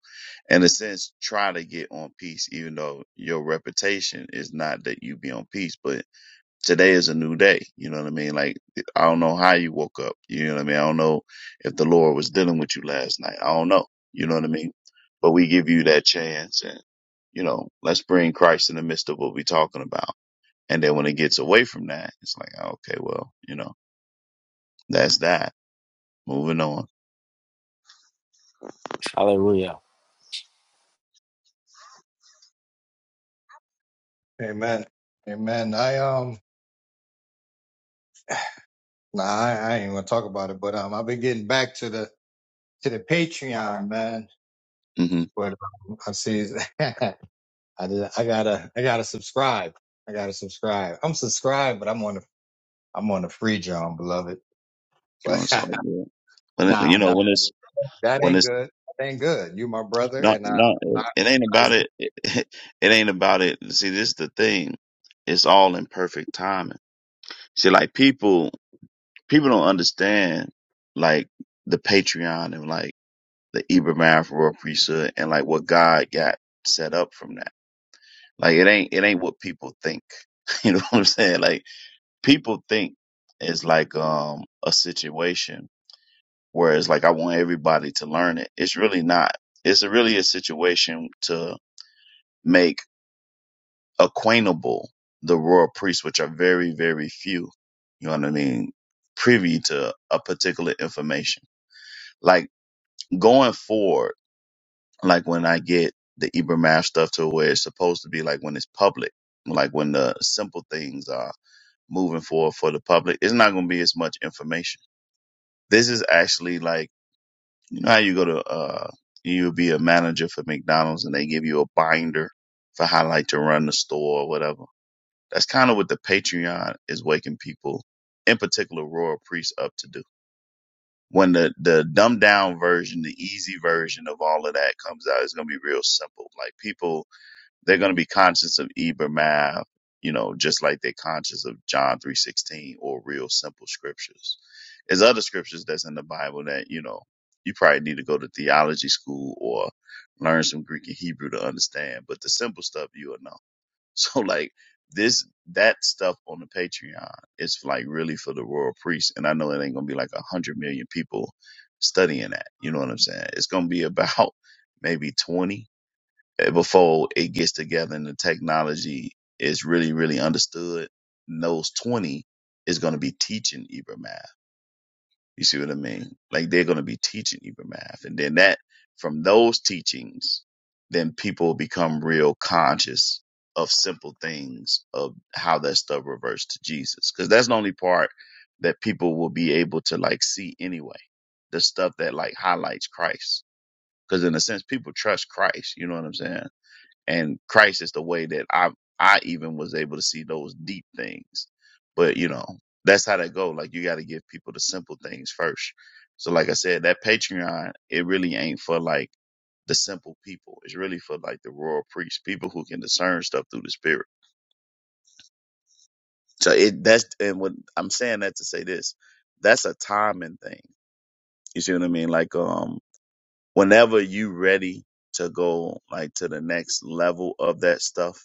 in a sense, try to get on peace, even though your reputation is not that you be on peace. But today is a new day. You know what I mean? Like I don't know how you woke up. You know what I mean? I don't know if the Lord was dealing with you last night. I don't know. You know what I mean? But we give you that chance, and you know, let's bring Christ in the midst of what we're talking about and then when it gets away from that, it's like, oh, okay, well, you know, that's that. Moving on. Hallelujah. amen, amen. I um, nah, I, I ain't gonna talk about it, but um, I've been getting back to the to the Patreon, man. hmm But um, I see, I did, I gotta I gotta subscribe. I gotta subscribe. I'm subscribed, but I'm on the I'm on the free John, beloved. But Oh, so yeah. when it, nah, you know nah, when it's that when ain't it's good. That ain't good. You my brother, not and I. not I it ain't I about just- it. It, ain't about it. See, this is the thing. It's all in perfect timing. See, like people people don't understand like the Patreon and like the Ibrahim for Royal Priesthood and like what God got set up from that. Like it ain't it ain't what people think. You know what I'm saying? Like people think it's like um a situation where it's like I want everybody to learn it. It's really not. It's really a situation to make acquaintable the royal priests, which are very, very few, you know what I mean, privy to a particular information. Like going forward, like when I get the Ibrahim stuff to where it's supposed to be like when it's public, like when the simple things are moving forward for the public, it's not going to be as much information This is actually like, you know how you go to, uh, you'll be a manager for McDonald's and they give you a binder for how like to run the store or whatever. That's kind of what the Patreon is waking people, in particular royal priests up to do. When the, the dumbed down version, the easy version of all of that comes out, it's going to be real simple. Like people they're going to be conscious of Eber Math, you know, just like they're conscious of John 3.16 or real simple scriptures. There's other scriptures that's in the Bible that, you know, you probably need to go to theology school or learn some Greek and Hebrew to understand. But the simple stuff you will know. So like this, that stuff on the Patreon is like really for the royal priest. And I know it ain't going to be like a hundred million people studying that. You know what I'm saying? It's going to be about maybe 20 eh, before it gets together and the technology is really, really understood, and those 20 is going to be teaching Ibra math. You see what I mean? Like they're going to be teaching Ibra math. And then that, from those teachings, then people become real conscious of simple things of how that stuff reverts to Jesus. Cause that's the only part that people will be able to like see anyway. The stuff that like highlights Christ. Cause in a sense, people trust Christ. You know what I'm saying? and Christ is the way that I I even was able to see those deep things. But you know, that's how that go. Like you got to give people the simple things first. So like I said, that Patreon it really ain't for like the simple people. It's really for like the royal priests, people who can discern stuff through the spirit. So it that's and what I'm saying that to say this, that's a timing thing. You see what I mean? Like um, whenever you ready to go like to the next level of that stuff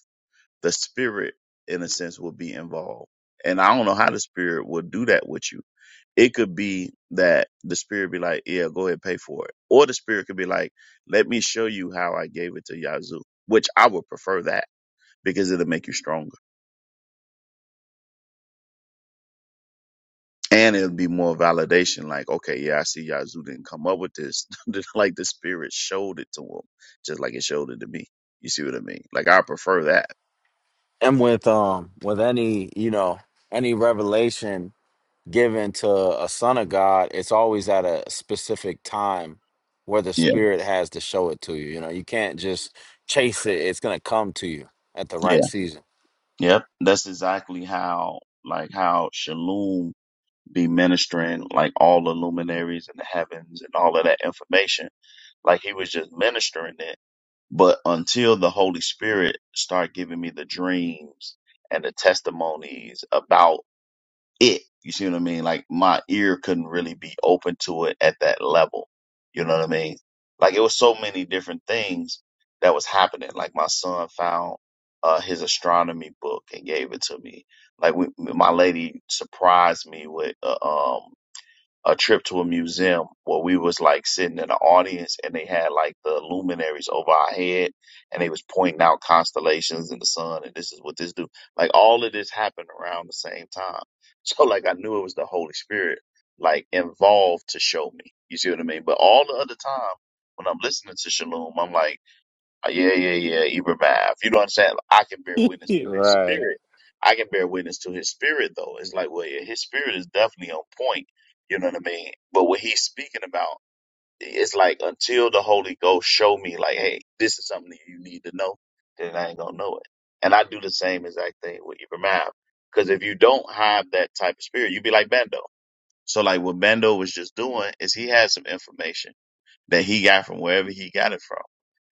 the spirit in a sense will be involved and i don't know how the spirit will do that with you it could be that the spirit be like yeah go ahead pay for it or the spirit could be like let me show you how i gave it to yazoo which i would prefer that because it'll make you stronger and it'll be more validation like okay yeah i see yazoo didn't come up with this Just like the spirit showed it to him just like it showed it to me you see what i mean like i prefer that And with um with any, you know, any revelation given to a son of God, it's always at a specific time where the yeah spirit has to show it to you. You know, you can't just chase it. It's gonna come to you at the yeah right season. yep that's exactly how like how shalom be ministering like all the luminaries in the heavens and all of that information. Like he was just ministering it. But until the Holy Spirit start giving me the dreams and the testimonies about it, you see what I mean? Like my ear couldn't really be open to it at that level. You know what I mean? Like it was so many different things that was happening. Like my son found uh, his astronomy book and gave it to me like we, my lady surprised me with uh, um a trip to a museum where we was like sitting in the audience and they had like the luminaries over our head and they was pointing out constellations and the sun and this is what this do. Like all of this happened around the same time. So like I knew it was the Holy Spirit like involved to show me. You see what I mean? But all the other time when I'm listening to Shalom, I'm like uh, Yeah, yeah, yeah. Even You know what I'm saying? Like, I can bear witness to you his right. spirit. I can bear witness to his spirit, though. It's like, well, yeah, his spirit is definitely on point. You know what I mean? But what he's speaking about, it's like until the Holy Ghost show me, like, hey, this is something that you need to know, then I ain't gonna know it. And I do the same exact thing with even Because if you don't have that type of spirit, you'd be like Bando. So, like, what Bando was just doing is he had some information that he got from wherever he got it from.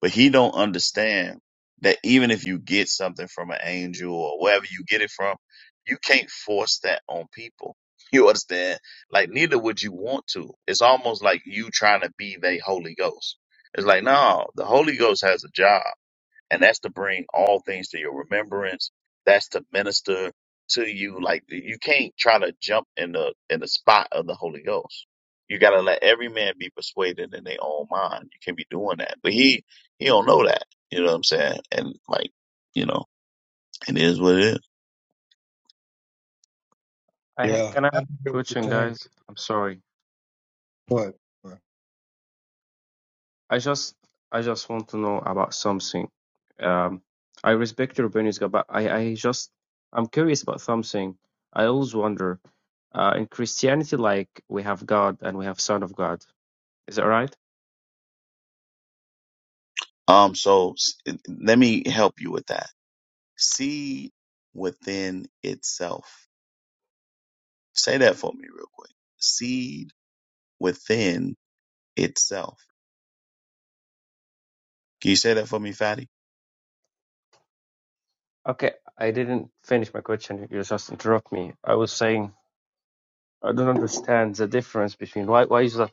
But he don't understand that even if you get something from an angel or wherever you get it from, you can't force that on people. You understand? Like neither would you want to. It's almost like you trying to be the Holy Ghost. It's like, no, the Holy Ghost has a job and that's to bring all things to your remembrance. That's to minister to you. Like you can't try to jump in the in the spot of the Holy Ghost. You gotta let every man be persuaded in their own mind. You can't be doing that. But he he don't know that. You know what I'm saying? And like, you know, it is what it is. I ha- yeah, can I I have do a get what you're question, saying. guys? I'm sorry. What? what- I just I just want to know about something. Um, I respect your opinions, gu- but I I just I'm curious about something. I always wonder. Uh, in Christianity, like we have God and we have Son of God. Is that right? Um, so s- let me help you with that. Seed within itself. Say that for me real quick. Seed within itself. Can you say that for me, Fatty? Okay, I didn't finish my question. You just interrupt me. I was saying I don't understand the difference between why why is that?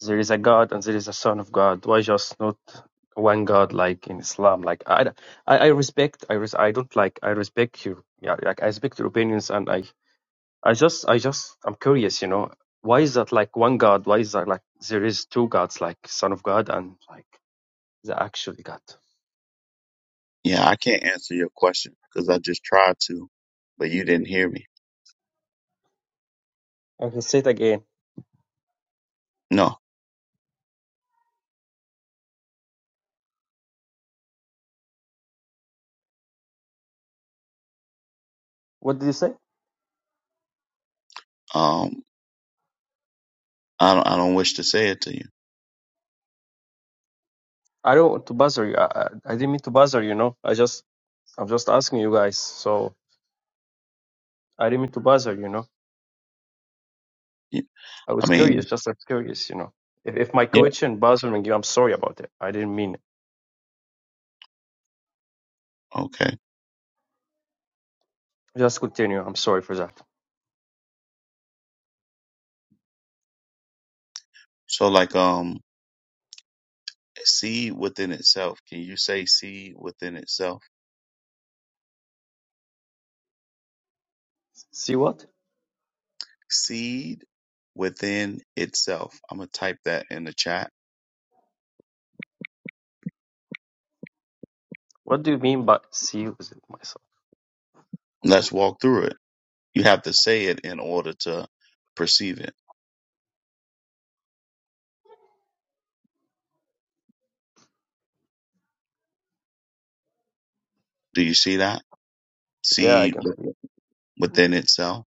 there is a God and there is a Son of God. Why just not one God like in Islam? Like I, d- I, I respect. I res, I don't like. I respect your yeah. Like I respect your opinions, and I, I just, I just, I'm curious. You know, why is that like one God? Why is that like there is two gods, like Son of God and like the actual God? Yeah, I can't answer your question because I just tried to, but you didn't hear me. I can say it again. No, What did you say? um, I don't. I don't wish to say it to you. I don't want to buzzer you. I, I, I didn't mean to buzzer. You know, I just, I'm just asking you guys. So I didn't mean to buzzer. You know. You- I I was mean, curious, just as curious, you know. If, if my yeah, question bothering you, I'm sorry about it. I didn't mean it. okay. Just continue. I'm sorry for that. So like, um, seed within itself. Can you say seed within itself? See what? seed within itself. I'm going to type that in the chat. What do you mean by see with it myself? Let's walk through it. You have to say it in order to perceive it. Do you see that? Yeah, I Seed can. within itself.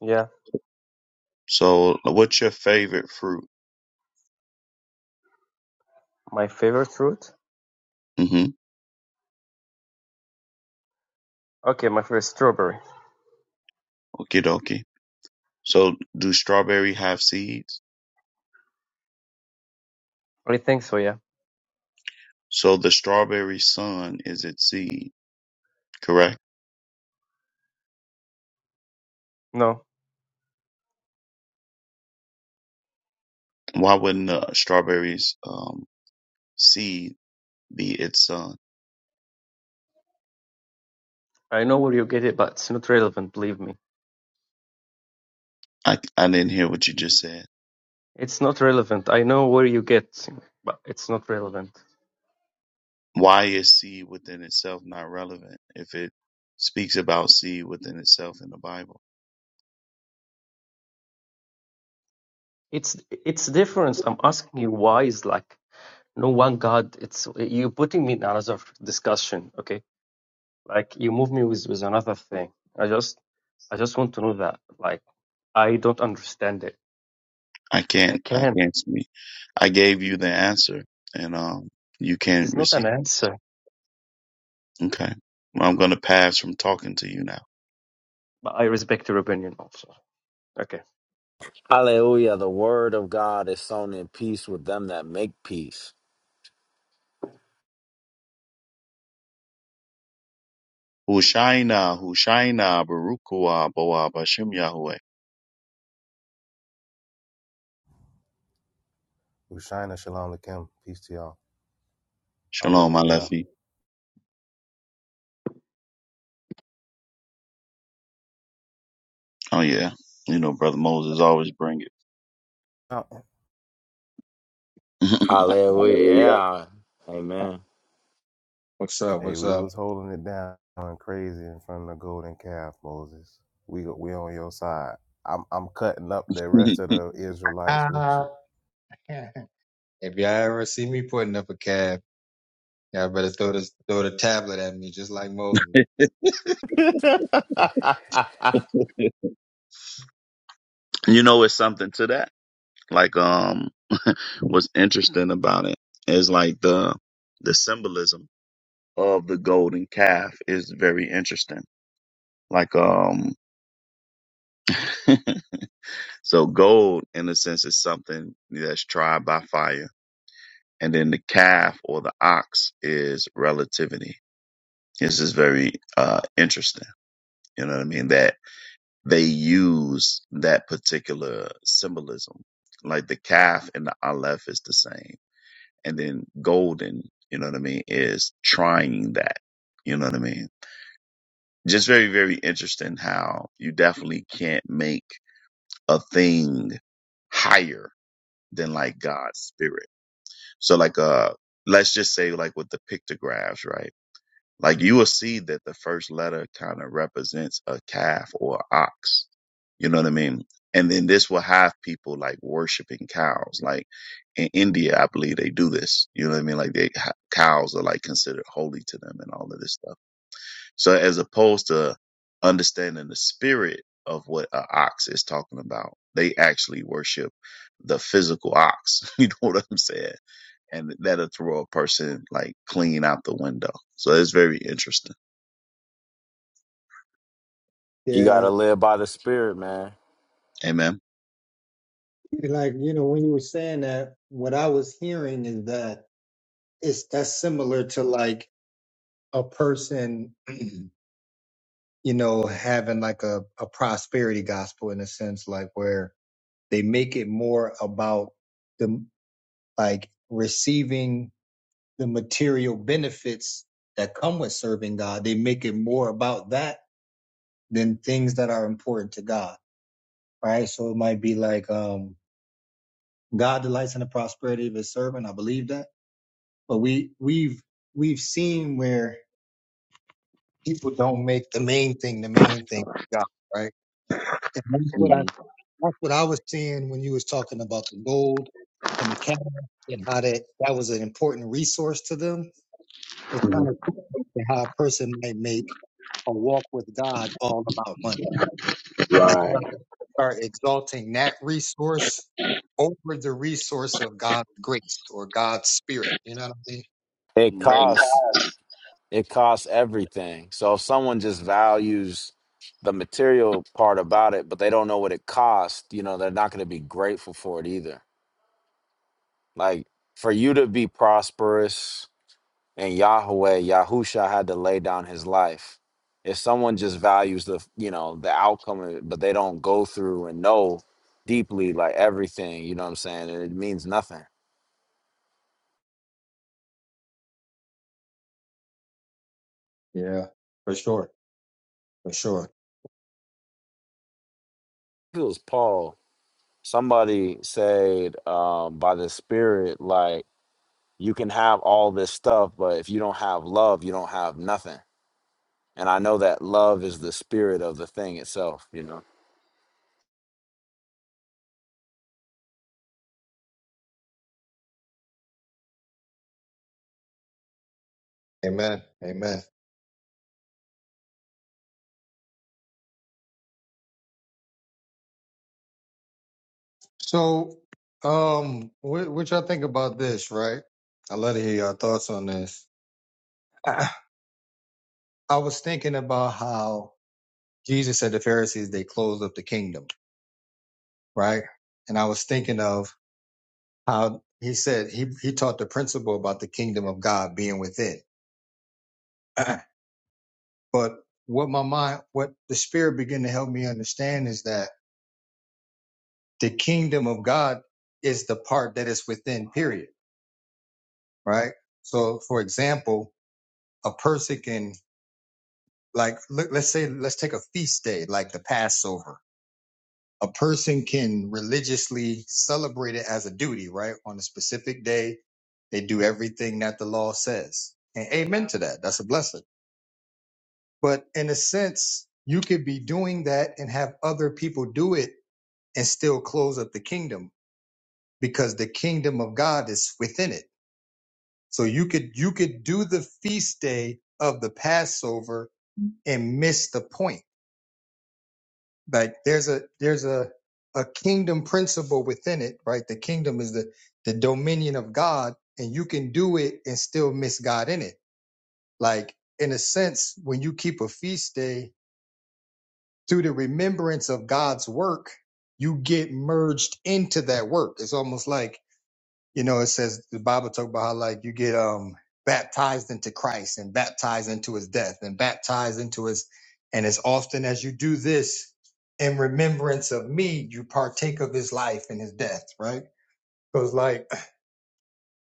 Yeah, So, what's your favorite fruit? my favorite fruit. Mm-hmm. Okay, my favorite strawberry. Okie dokie. So, do strawberry have seeds? I think so. Yeah. So, the strawberry sun is its seed, correct? No, Why wouldn't the strawberry's um, seed be its sun? I know where you get it, but it's not relevant. Believe me, I, I didn't hear what you just said. it's not relevant. I know where you get, but it's not relevant. Why is seed within itself not relevant if it speaks about seed within itself in the Bible? It's it's difference. I'm asking you why is like no one god. It's you putting me in another discussion. Okay Like you move me with, with another thing. I just I just want to know that. Like I don't understand it. I I can't, I can't. can't speak. I gave you the answer and, um, you It can't is not an receive it. answer. Okay. Well, I'm going to pass from talking to you now. But I respect your opinion also. Okay. Hallelujah. The word of God is sown in peace with them that make peace. Hushaina, Hushaina, Barukua, Boa, Bashem Yahweh. Ushina Shalom Lakim. Peace to y'all. Shalom, my Hallelujah. lefty. Oh yeah. You know, brother Moses always bring it. Hallelujah. Hallelujah. Yeah. Amen. What's up? Hey, What's we up? was holding it down and crazy in front of the golden calf, Moses. We we on your side. I'm I'm cutting up the rest of the Israelites with Uh, you. If y'all ever see me putting up a cab, y'all better throw this throw the tablet at me, just like Moses. you know, it's something to that. Like um what's interesting about it is like the the symbolism of the golden calf is very interesting. Like um so gold in a sense is something that's tried by fire. And then the calf or the ox is relativity. This is very uh interesting. You know what I mean? That they use that particular symbolism. Like the calf and the aleph is the same And then golden, you know what I mean, is trying that. You know what I mean? Just very, very interesting how you definitely can't make a thing higher than like God's spirit. So like uh let's just say like with the pictographs, right? Like you will see that the first letter kind of represents a calf or a ox. You know what I mean? And then this will have people like worshiping cows. Like in India, I believe they do this. You know what I mean? Like they, cows are like considered holy to them and all of this stuff. So as opposed to understanding the spirit of what an ox is talking about, they actually worship the physical ox. You know what I'm saying? And that'll throw a person like clean out the window. So it's very interesting. you yeah, gotta live by the spirit, man. Amen. like you know, when you were saying that, what I was hearing is that it's that's similar to like a person, you know, having like a a prosperity gospel in a sense, like where they make it more about the like receiving the material benefits that come with serving God. They make it more about that than things that are important to God. Right. So it might be like, um, God delights in the prosperity of his servant. I believe that. But we, we've, we've seen where people don't make the main thing the main thing, God. Right. And that's what I, Mhm. that's what I was seeing when you was talking about the gold and the camel and how that, that was an important resource to them It's kind of interesting how a person might make a walk with God all about money. Like some Right. start exalting that resource over the resource of God's grace or God's spirit. You know what I mean? It hmm costs it costs everything. So if someone just values the material part about it, but they don't know what it costs, you know, they're not gonna be grateful for it either. Like for you to be prosperous in Yahweh, Yahusha had to lay down his life. If someone just values the you know, the outcome of it, but they don't go through and know deeply like everything, you know what I'm saying? It means nothing. Yeah, for sure, for sure. it was Paul. Somebody said um, by the Spirit, like you can have all this stuff, but if you don't have love, you don't have nothing. And I know that love is the spirit of the thing itself. You know. Amen. Amen. So, um, what, what y'all think about this, right? I'd love to hear your thoughts on this. I, I was thinking about how Jesus said the Pharisees, they closed up the kingdom, right? And I was thinking of How he said he, he taught the principle about the kingdom of God being within. but what my mind, what the spirit began to help me understand is that the kingdom of God is the part that is within, period. Right. So for example, a person can like, look, let's say, let's take a feast day, like the Passover. A person can religiously celebrate it as a duty, right? On a specific day, they do everything that the law says. And amen to that. That's a blessing. But in a sense, you could be doing that and have other people do it and still close up the kingdom because the kingdom of God is within it. So you could you could do the feast day of the Passover and miss the point. Like there's a there's a a kingdom principle within it, right? The kingdom is the the dominion of God and you can do it and still miss God in it. Like in a sense, when you keep a feast day through the remembrance of God's work, you get merged into that work. It's almost like, you know, it says the Bible talk about how like you get um baptized into Christ and baptized into his death and baptized into his and as often as you do this in remembrance of me, you partake of his life and his death, right? Because like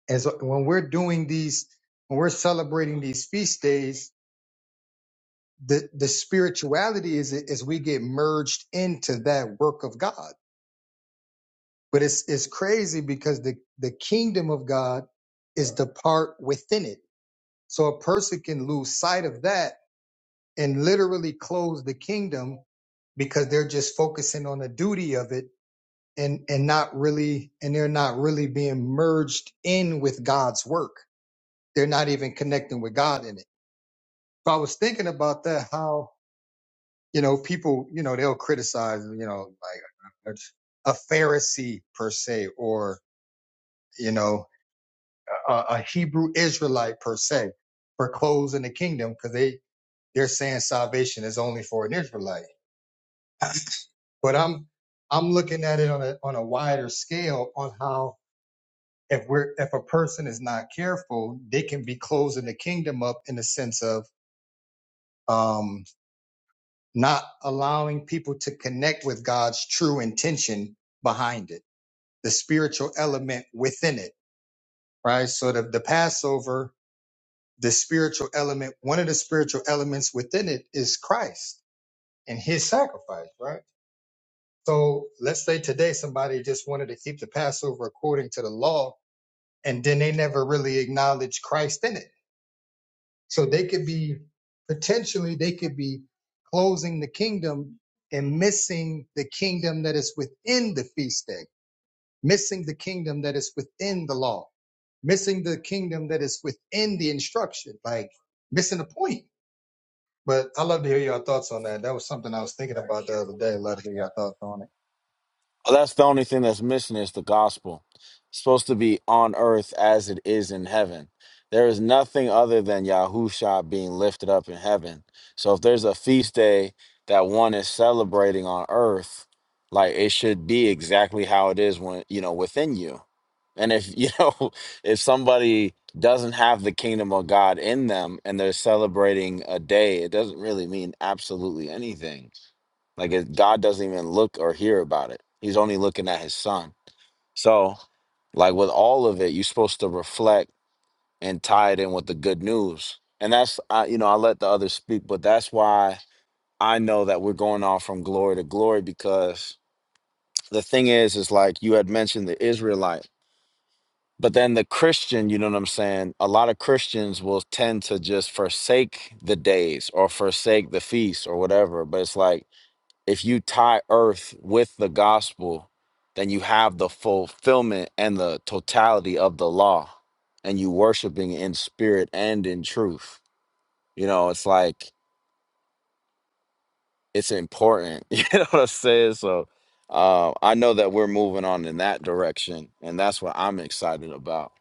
as when we're doing these when we're celebrating these feast days, the, the spirituality is as we get merged into that work of God But it's it's crazy because the the kingdom of God is the part within it. So a person can lose sight of that and literally close the kingdom because they're just focusing on the duty of it and and not really and they're not really being merged in with God's work. They're not even connecting with God in it. But I was thinking about that how you know people you know they'll criticize you know like a Pharisee per se or you know uh, a Hebrew Israelite per se for clothes in the kingdom because they they're saying salvation is only for an Israelite. But I'm I'm looking at it on a on a wider scale on how if we're if a person is not careful, they can be closing the kingdom up in the sense of um, not allowing people to connect with God's true intention behind it, the spiritual element within it, right? So the, the Passover the spiritual element, one of the spiritual elements within it is Christ and his sacrifice, right? So let's say today somebody just wanted to keep the Passover according to the law, and then they never really acknowledge Christ in it. So they could be potentially, they could be closing the kingdom and missing the kingdom that is within the feast day, missing the kingdom that is within the law, missing the kingdom that is within the instruction, like missing the point But I love to hear your thoughts on that. That was something I was thinking about the other day. Love to hear your thoughts on it. Oh, That's the only thing that's missing is the gospel. It's supposed to be on earth as it is in heaven. There is nothing other than Yahusha being lifted up in heaven. So if there's a feast day that one is celebrating on earth, like it should be exactly how it is when you know within you. And if you know if somebody doesn't have the kingdom of God in them and they're celebrating a day, it doesn't really mean absolutely anything like it, God doesn't even look or hear about it. He's only looking at his son. So, like with all of it, you're supposed to reflect and tie it in with the good news. And that's I, you know, I let the others speak, but that's why I know that we're going off from glory to glory because the thing is, is like you had mentioned the Israelite, but then the Christian, you know what I'm saying? A lot of Christians will tend to just forsake the days or forsake the feast or whatever. But it's like if you tie earth with the gospel, then you have the fulfillment and the totality of the law, and you worshiping in spirit and in truth. You know, it's like it's important. You know what I'm saying? So uh, I know that we're moving on in that direction, and that's what I'm excited about.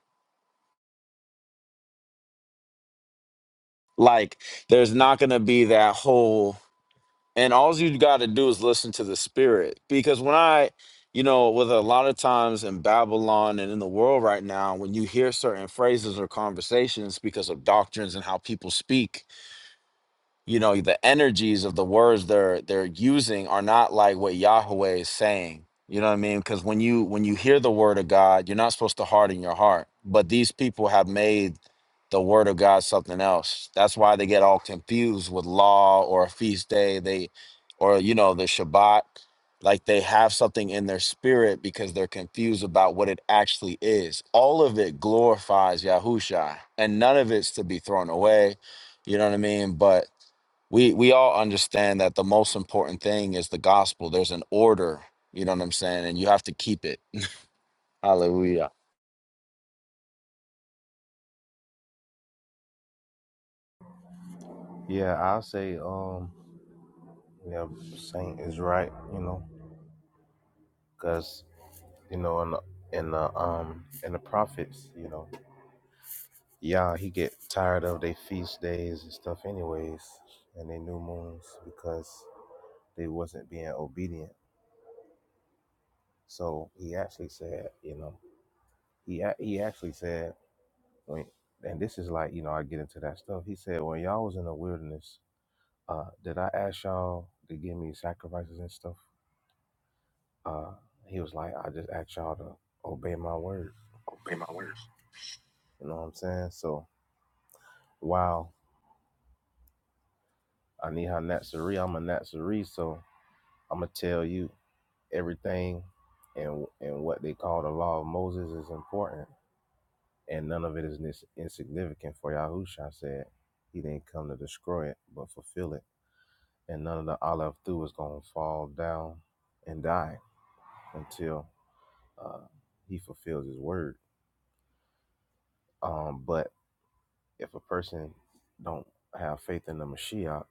Like, there's not going to be that whole and all you got to do is listen to the spirit because when i you know with a lot of times in babylon and in the world right now when you hear certain phrases or conversations because of doctrines and how people speak you know the energies of the words they're they're using are not like what Yahweh is saying. You know what I mean? Because when you when you hear the word of God, you're not supposed to harden your heart. But these people have made the word of God something else. That's why they get all confused with law or a feast day. They or you know the Shabbat. Like they have something in their spirit because they're confused about what it actually is. All of it glorifies Yahusha, and none of it's to be thrown away. You know what I mean? But we we all understand that the most important thing is the gospel there's an order you know what i'm saying and you have to keep it hallelujah Yeah, I'll say um yeah, Saint is right, you know, because you know in the in the um in the prophets, you know, yeah, he get tired of their feast days and stuff anyways, and their new moons because they wasn't being obedient. So he actually said, you know, he ac- he actually said when, and this is like, you know, I get into that stuff. He said when y'all was in the wilderness, uh, did I ask y'all to give me sacrifices and stuff? Uh, he was like, I just asked y'all to obey my word. Obey my word. You know what I'm saying? So wow, I need her Natsari. I'm a Natsari, so I'm gonna tell you everything, and and what they call the law of Moses is important and none of it is nis- insignificant. For Yahusha said, He didn't come to destroy it, but fulfill it. And none of the olive through is going to fall down and die until uh, He fulfills His word. Um, but if a person don't have faith in the Mashiach,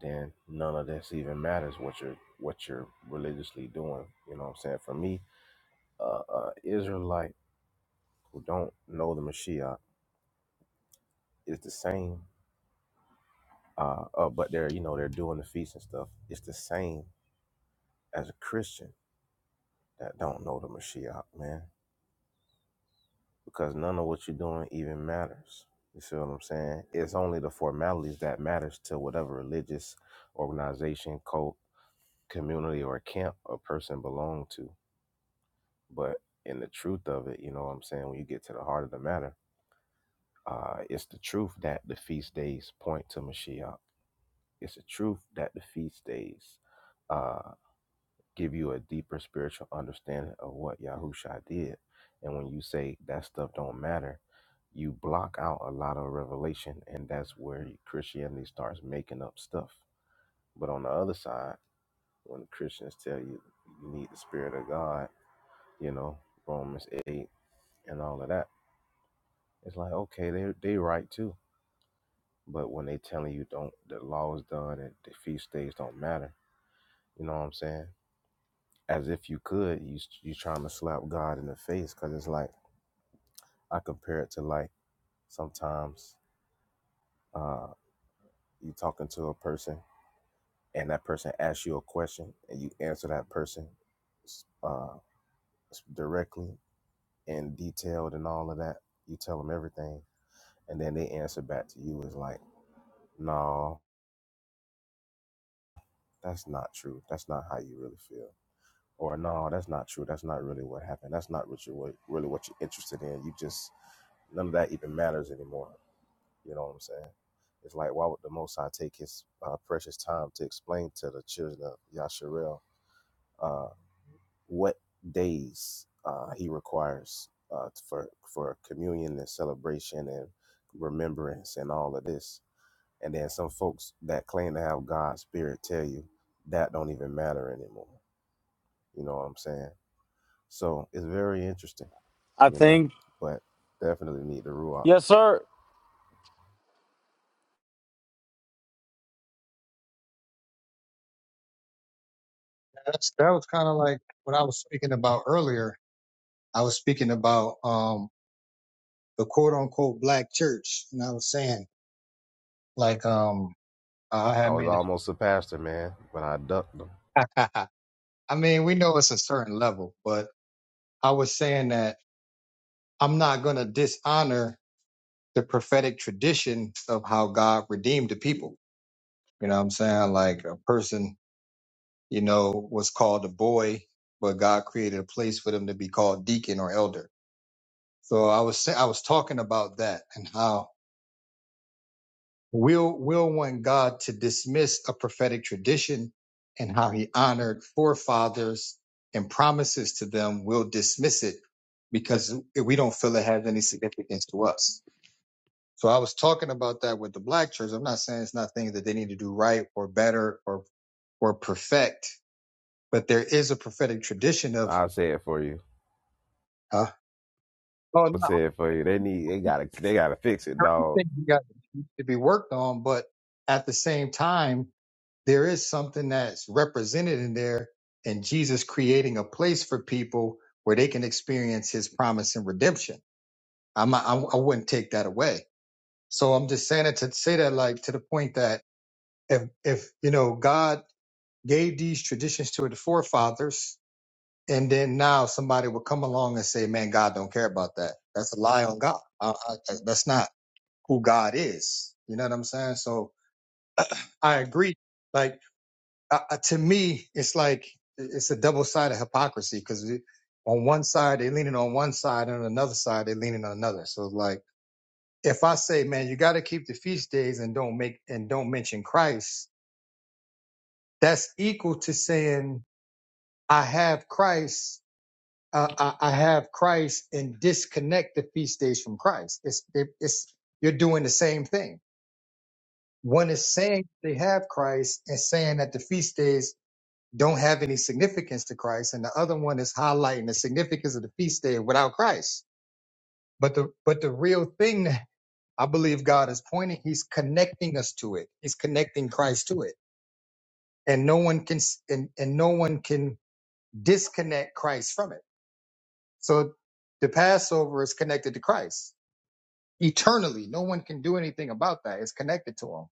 then none of this even matters. What you're what you're religiously doing, you know what I'm saying? For me, uh, uh, Israelite who don't know the Mashiach is the same uh, uh, but they're you know they're doing the feast and stuff. It's the same as a Christian that don't know the Mashiach, man, because none of what you're doing even matters. You see what I'm saying? It's only the formalities that matters to whatever religious organization, cult, community, or camp a person belong to. But in the truth of it, you know what I'm saying? When you get to the heart of the matter, uh, it's the truth that the feast days point to Mashiach. It's the truth that the feast days uh. give you a deeper spiritual understanding of what Yahusha did. And when you say that stuff don't matter, you block out a lot of revelation, and that's where Christianity starts making up stuff. But on the other side, when Christians tell you you need the Spirit of God, you know Romans eight and all of that, it's like okay, they they right too. But when they telling you don't, the law is done and the feast days don't matter. You know what I'm saying? As if you could, you you trying to slap God in the face because it's like I compare it to like sometimes uh, you talking to a person and that person asks you a question and you answer that person uh, directly and detailed and all of that. You tell them everything and then they answer back to you is like, no, that's not true. That's not how you really feel. Or no, that's not true. That's not really what happened. That's not what you what, really what you're interested in. You just none of that even matters anymore. You know what I'm saying? It's like, why would the Most High take his uh, precious time to explain to the children of Yasharel uh, what days uh, he requires uh, for, for communion and celebration and remembrance and all of this? And then some folks that claim to have God's spirit tell you that don't even matter anymore. You know what I'm saying? So it's very interesting i you know, think but definitely need the Ruach. yes sir That's, that was kind of like what I was speaking about earlier. I was speaking about um the quote unquote black church, and I was saying like um I I had was made almost a pastor, man, but I ducked them. it. I mean, we know it's a certain level, but I was saying that I'm not going to dishonor the prophetic tradition of how God redeemed the people. You know what I'm saying? Like a person you know, was called a boy, but God created a place for them to be called deacon or elder. So I was sa- I was talking about that and how we'll we'll want God to dismiss a prophetic tradition and how He honored forefathers and promises to them. We'll dismiss it because we don't feel it has any significance to us. So I was talking about that with the black church. I'm not saying it's not things that they need to do right or better or or perfect, but there is a prophetic tradition of I say it for you. huh? Oh, I no, say it for you. They need. They gotta. They gotta fix it, I dog. think you got to be worked on, but at the same time, there is something that's represented in there, and Jesus creating a place for people where they can experience His promise and redemption. I'm not, I, I wouldn't take that away. So I'm just saying it to say that, like to the point that if if you know God gave these traditions to the forefathers, and then now somebody will come along and say, "Man, God don't care about that. That's a lie on God. I, I, that's not." who God is. You know what I'm saying? So I agree. Like uh, uh, to me, it's like it's a double sided hypocrisy because on one side they're leaning on one side, and on another side they're leaning on another. So like if I say, man, you got to keep the feast days and don't make and don't mention Christ, that's equal to saying I have Christ. Uh, I, I have Christ and disconnect the feast days from Christ. It's it, it's you're doing the same thing One is saying they have Christ and saying that the feast days don't have any significance to Christ, and the other one is highlighting the significance of the feast day without Christ. But the but the real thing that I believe God is pointing, He's connecting us to it. He's connecting Christ to it, and no one can s- and, and no one can disconnect Christ from it. So the Passover is connected to Christ eternally. No one can do anything about that. It's connected to Him.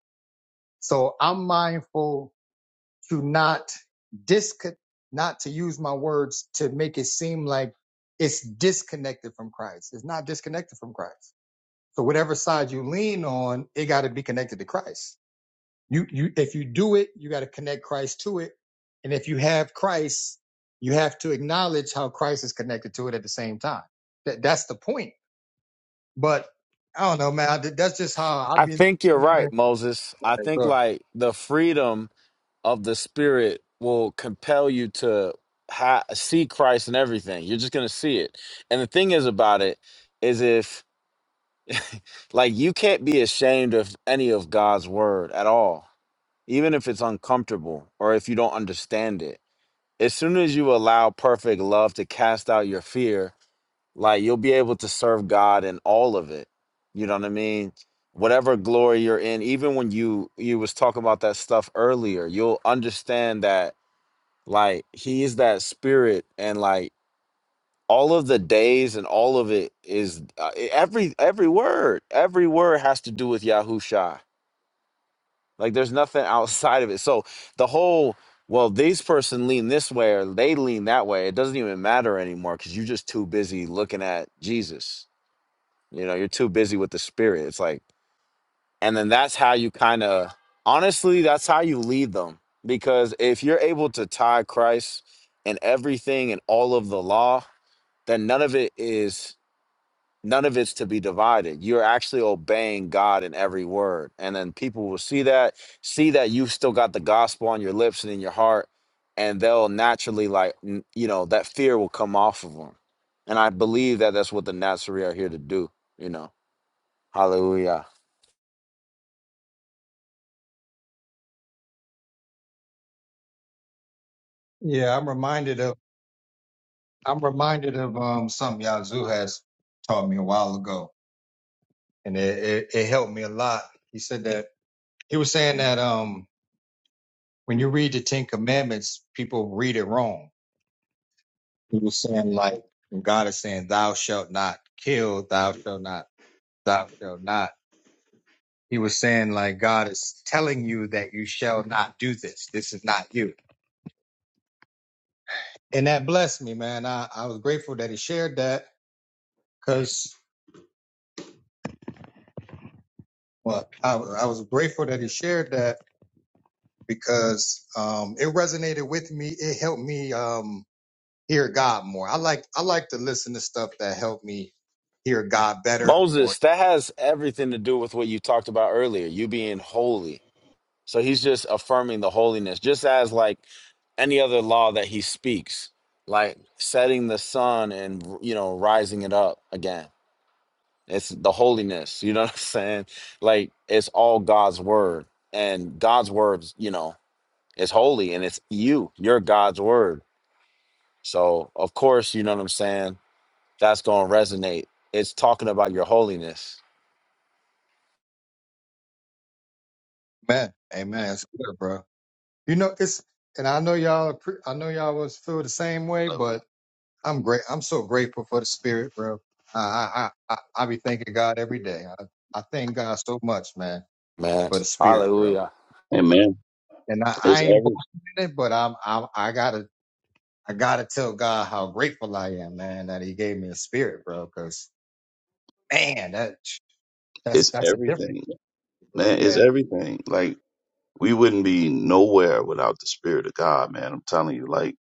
So I'm mindful to not disconnect, not to use my words to make it seem like it's disconnected from Christ. It's not disconnected from Christ. So whatever side you lean on, it got to be connected to Christ. You you if you do it, you got to connect Christ to it. And if you have Christ, you have to acknowledge how Christ is connected to it at the same time. That that's the point. But I don't know, man. That's just how I've i been. think you're right moses i think like the freedom of the spirit will compel you to ha- see christ in everything you're just gonna see it and the thing is about it is if like you can't be ashamed of any of god's word at all even if it's uncomfortable or if you don't understand it as soon as you allow perfect love to cast out your fear, like you'll be able to serve God in all of it. You know what I mean? Whatever glory you're in, even when you you was talking about that stuff earlier, you'll understand that like he is that spirit and like all of the days and all of it is uh, every every word, every word has to do with Yahusha like there's nothing outside of it. So the whole, well, these person lean this way or they lean that way, it doesn't even matter anymore because you're just too busy looking at Jesus. You know, you're too busy with the spirit. It's like, and then that's how you kind of honestly, that's how you lead them. Because if you're able to tie Christ in everything and all of the law, then none of it is None of it's to be divided. You're actually obeying God in every word. And then people will see that, see that you've still got the gospel on your lips and in your heart, and they'll naturally, like, n- you know, that fear will come off of them. And I believe that that's what the Nazarene are here to do, you know. Hallelujah. Yeah, I'm reminded of. I'm reminded of um something Yazoo has taught me a while ago, and it, it, it helped me a lot. He said that he was saying that um when you read the Ten Commandments, people read it wrong. He was saying like when God is saying, "Thou shalt not kill," "Thou shalt not," "Thou shalt not." He was saying like God is telling you that you shall not do this. This is not you, and that blessed me, man. I I was grateful that he shared that because well, I I was grateful that he shared that because um, it resonated with me. It helped me um, hear God more. I like I like to listen to stuff that help me hear God better. Or Moses, that has everything to do with what you talked about earlier, you being holy. So he's just affirming the holiness, just as like any other law that he speaks, like setting the sun and you know rising it up again. It's the holiness, you know what I'm saying? Like it's all God's word, and God's words, you know, is holy, and it's you, you're God's word. So of course, you know what I'm saying. That's gonna resonate. It's talking about your holiness, amen, amen. That's good, bro. You know it's, and I know y'all. appre- I know y'all was feel the same way, Hallelujah. but I'm great. I'm so grateful for the Spirit, bro. I I I, I be thanking God every day. I, I thank God so much, man, man. for the Spirit, bro. Hallelujah, And man, And I, I it's ain't every boasting in it, but I'm, I'm I gotta I gotta tell God how grateful I am, man, that He gave me a spirit, bro. Cause man, that that's it's that's a difference, everything. bro. Man, it's Yeah. everything. Like we wouldn't be nowhere without the spirit of God, man. I'm telling you, like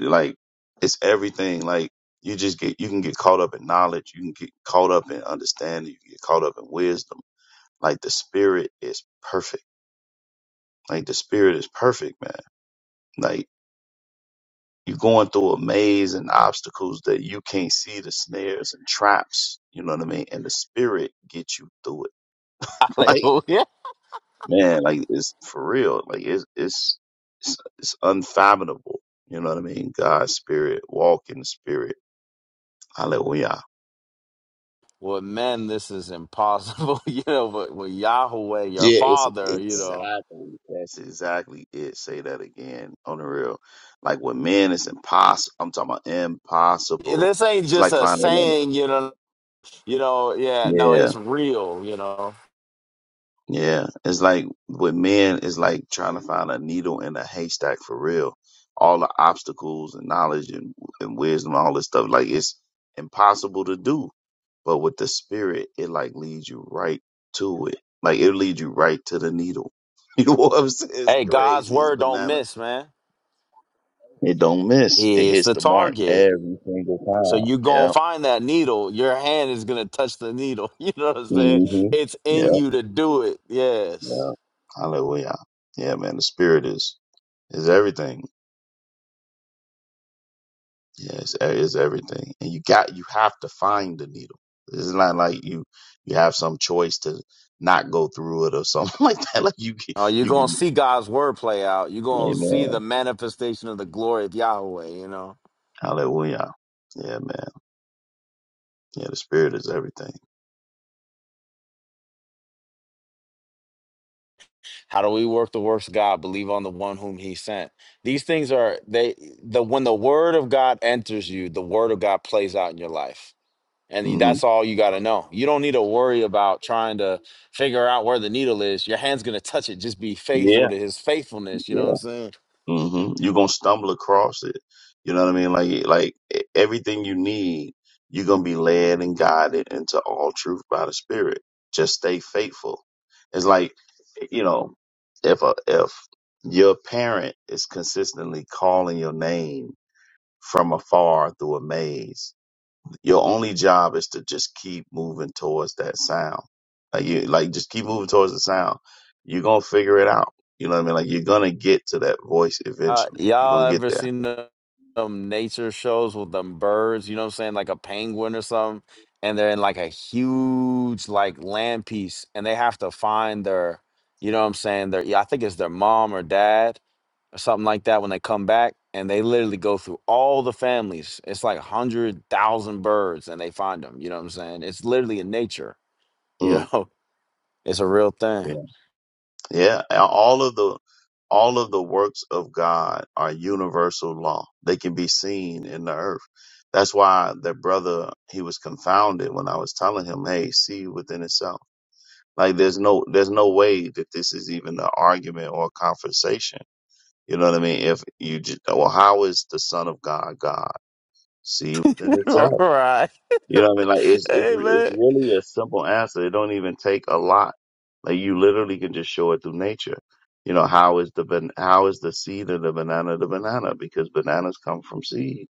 like it's everything. Like you just get you can get caught up in knowledge, you can get caught up in understanding, you can get caught up in wisdom. Like the spirit is perfect. Like the spirit is perfect, man. Like, You're going through a maze and obstacles that you can't see the snares and traps. You know what I mean? And the spirit gets you through it. Like, hallelujah. man, like it's for real. Like it's it's it's, it's unfathomable. You know what I mean? God's spirit, walk in the spirit. Hallelujah. With men, this is impossible, you know, but with Yahweh, your Yeah, it's father, you know. exactly that's exactly it. Say that again on the real. Like with men, it's impossible. I'm talking about impossible. This ain't It's just like a finding saying, you know, you know, yeah, no, that. it's real, you know. Yeah, it's like with men, it's like trying to find a needle in a haystack for real. All the obstacles and knowledge and, and wisdom, all this stuff, like it's impossible to do. But with the spirit, it like leads you right to it. Like it leads you right to the needle. You know what I'm saying? It's Hey, God's crazy. It's word don't banana. miss, man. It don't miss. It He is hits the the mark target. every So single you time. gonna Yeah. find that needle. Your hand is gonna touch the needle. You know what I'm saying? hmm It's in Yeah. you to do it. Yes. Yeah. Hallelujah. Yeah, man. The spirit is is everything. Yeah, it's, e- it's everything, and you got you have to find the needle. It's not like you you have some choice to not go through it or something like that. Like you can- Oh, you're you gonna can- see God's word play out. You're gonna see the Amen. manifestation of the glory of Yahweh, you know. Hallelujah. Yeah, man. Yeah, the spirit is everything. How do we work the works of God? Believe on the one whom he sent. These things are they the when the word of God enters you, the word of God plays out in your life. And hmm that's all you got to know. You don't need to worry about trying to figure out where the needle is. Your hand's going to touch it. Just be faithful Yeah. to his faithfulness. You know what I'm saying? hmm You're gonna stumble across it. You know what I mean? Like like e- everything you need, you're gonna be led and guided into all truth by the Spirit. Just stay faithful. It's like you know, if a if your parent is consistently calling your name from afar through a maze, your only job is to just keep moving towards that sound. Like you, like just keep moving towards the sound. You're gonna figure it out. You know what I mean? Like you're gonna get to that voice Uh, eventually. You're y'all gonna get ever there. seen the- them nature shows with them birds? You know what I'm saying? Like a penguin or something, and they're in like a huge like land piece, and they have to find their, you know what I'm saying? Their yeah, I think it's their mom or dad or something like that when they come back, and they literally go through all the families. It's like a hundred thousand birds, and they find them. You know what I'm saying? It's literally in nature. You Mm. know, it's a real thing. Yeah. Yeah. And All of the all of the works of God are universal law. They can be seen in the earth. That's why the brother he was confounded when I was telling him, Hey, see within itself. Like there's no there's no way that this is even an argument or a conversation. You know what I mean? If you just, well, how is the Son of God God? See within itself. right? You know what I mean? Like it's it's, Hey re- it's man. really a simple answer. It don't even take a lot. Like you literally can just show it through nature. You know how is the ban- how is the seed of the banana the banana because bananas come from seed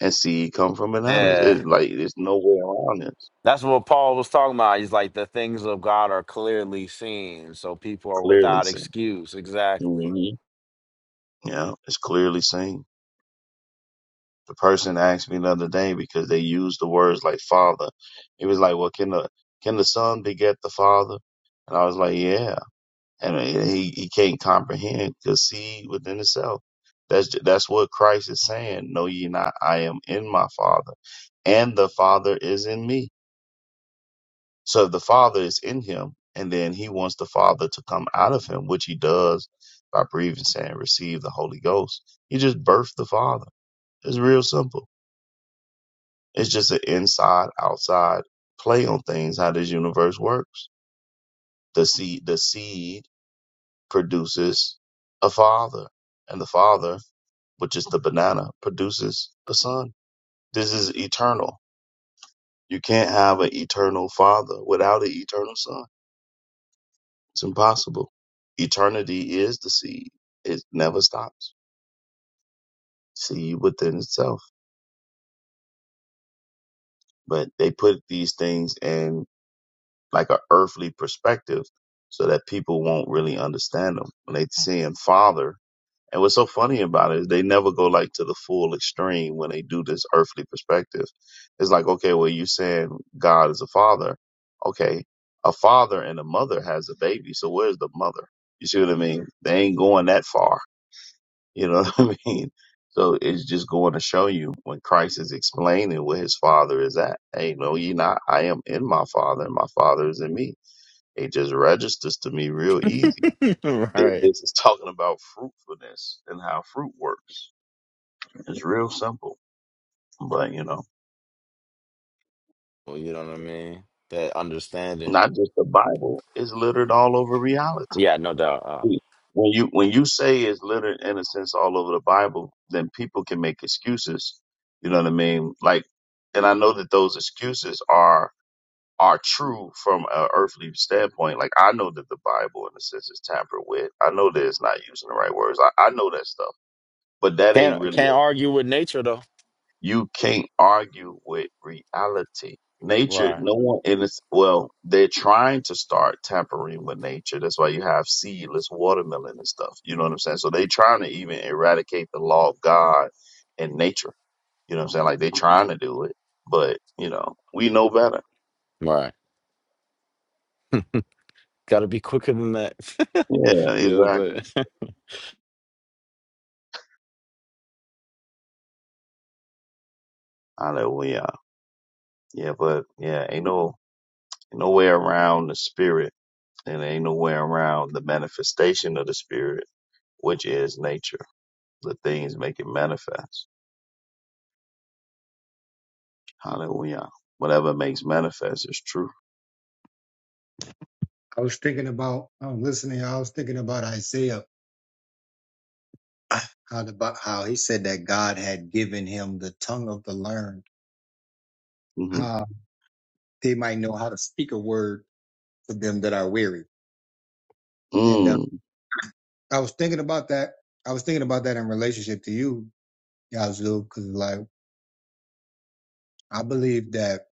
and seed come from bananas. Yeah. It's like there's no way around this. That's what Paul was talking about. He's like, the things of God are clearly seen, so people are Clearly without seen. excuse. Exactly. hmm Yeah, it's clearly seen. The person asked me the other day because they used the words like father. He was like, "Well, can the can the son beget the father?" And I was like, "Yeah," and he he can't comprehend because seed within itself. That's ju- that's what Christ is saying. Know ye not, I am in my Father, and the Father is in me. So if the Father is in him, and then he wants the Father to come out of him, which he does by breathing, saying, "Receive the Holy Ghost." He just birthed the Father. It's real simple. It's just an inside outside play on things, how this universe works. The seed the seed produces a father, and the father, which is the banana, produces a son. This is eternal. You can't have an eternal father without an eternal son. It's impossible. Eternity is the seed. It never stops. Seed within itself. But they put these things in. like a earthly perspective so that people won't really understand them when they see him father. And what's so funny about it is they never go like to the full extreme when they do this earthly perspective. It's like, okay, well, you saying God is a father. Okay. A father and a mother has a baby. So where's the mother? You see what I mean? They ain't going that far. You know what I mean? So it's just going to show you when Christ is explaining where his father is at. Hey, no, ye not. I am in my father and my father is in me it just registers to me real easy. that right. This is talking about fruitfulness and how fruit works. It's real simple, but you know, Well, you know what I mean? That understanding. not just the Bible. It's littered all over reality. Yeah, no doubt. Uh, When you when you say it's littered in a sense all over the Bible, then people can make excuses. You know what I mean? Like, and I know that those excuses are are true from an earthly standpoint. Like I know that the Bible, in a sense, is tampered with. I know that it's not using the right words. I, I know that stuff, but that ain't can't really can't argue with nature though. You can't argue with reality. Nature, Right. no one in this, well, they're trying to start tampering with nature. That's why you have seedless watermelon and stuff. You know what I'm saying? So they're trying to even eradicate the law of God and nature. You know what I'm saying? Like they're trying to do it, but you know, we know better. Right. Got to be quicker than that. Yeah, yes, exactly. sir. Hallelujah. Yeah, but yeah, ain't no, no way around the spirit and ain't no way around the manifestation of the spirit, which is nature. The things make it manifest. Hallelujah. Whatever makes manifest is true. I was thinking about. I'm listening. I was thinking about Isaiah. How about how he said that God had given him the tongue of the learned, hmm how they might know how to speak a word for them that are weary. And uh, Mm. I was thinking about that. I was thinking about that in relationship to you, Yazoo, because like I believe that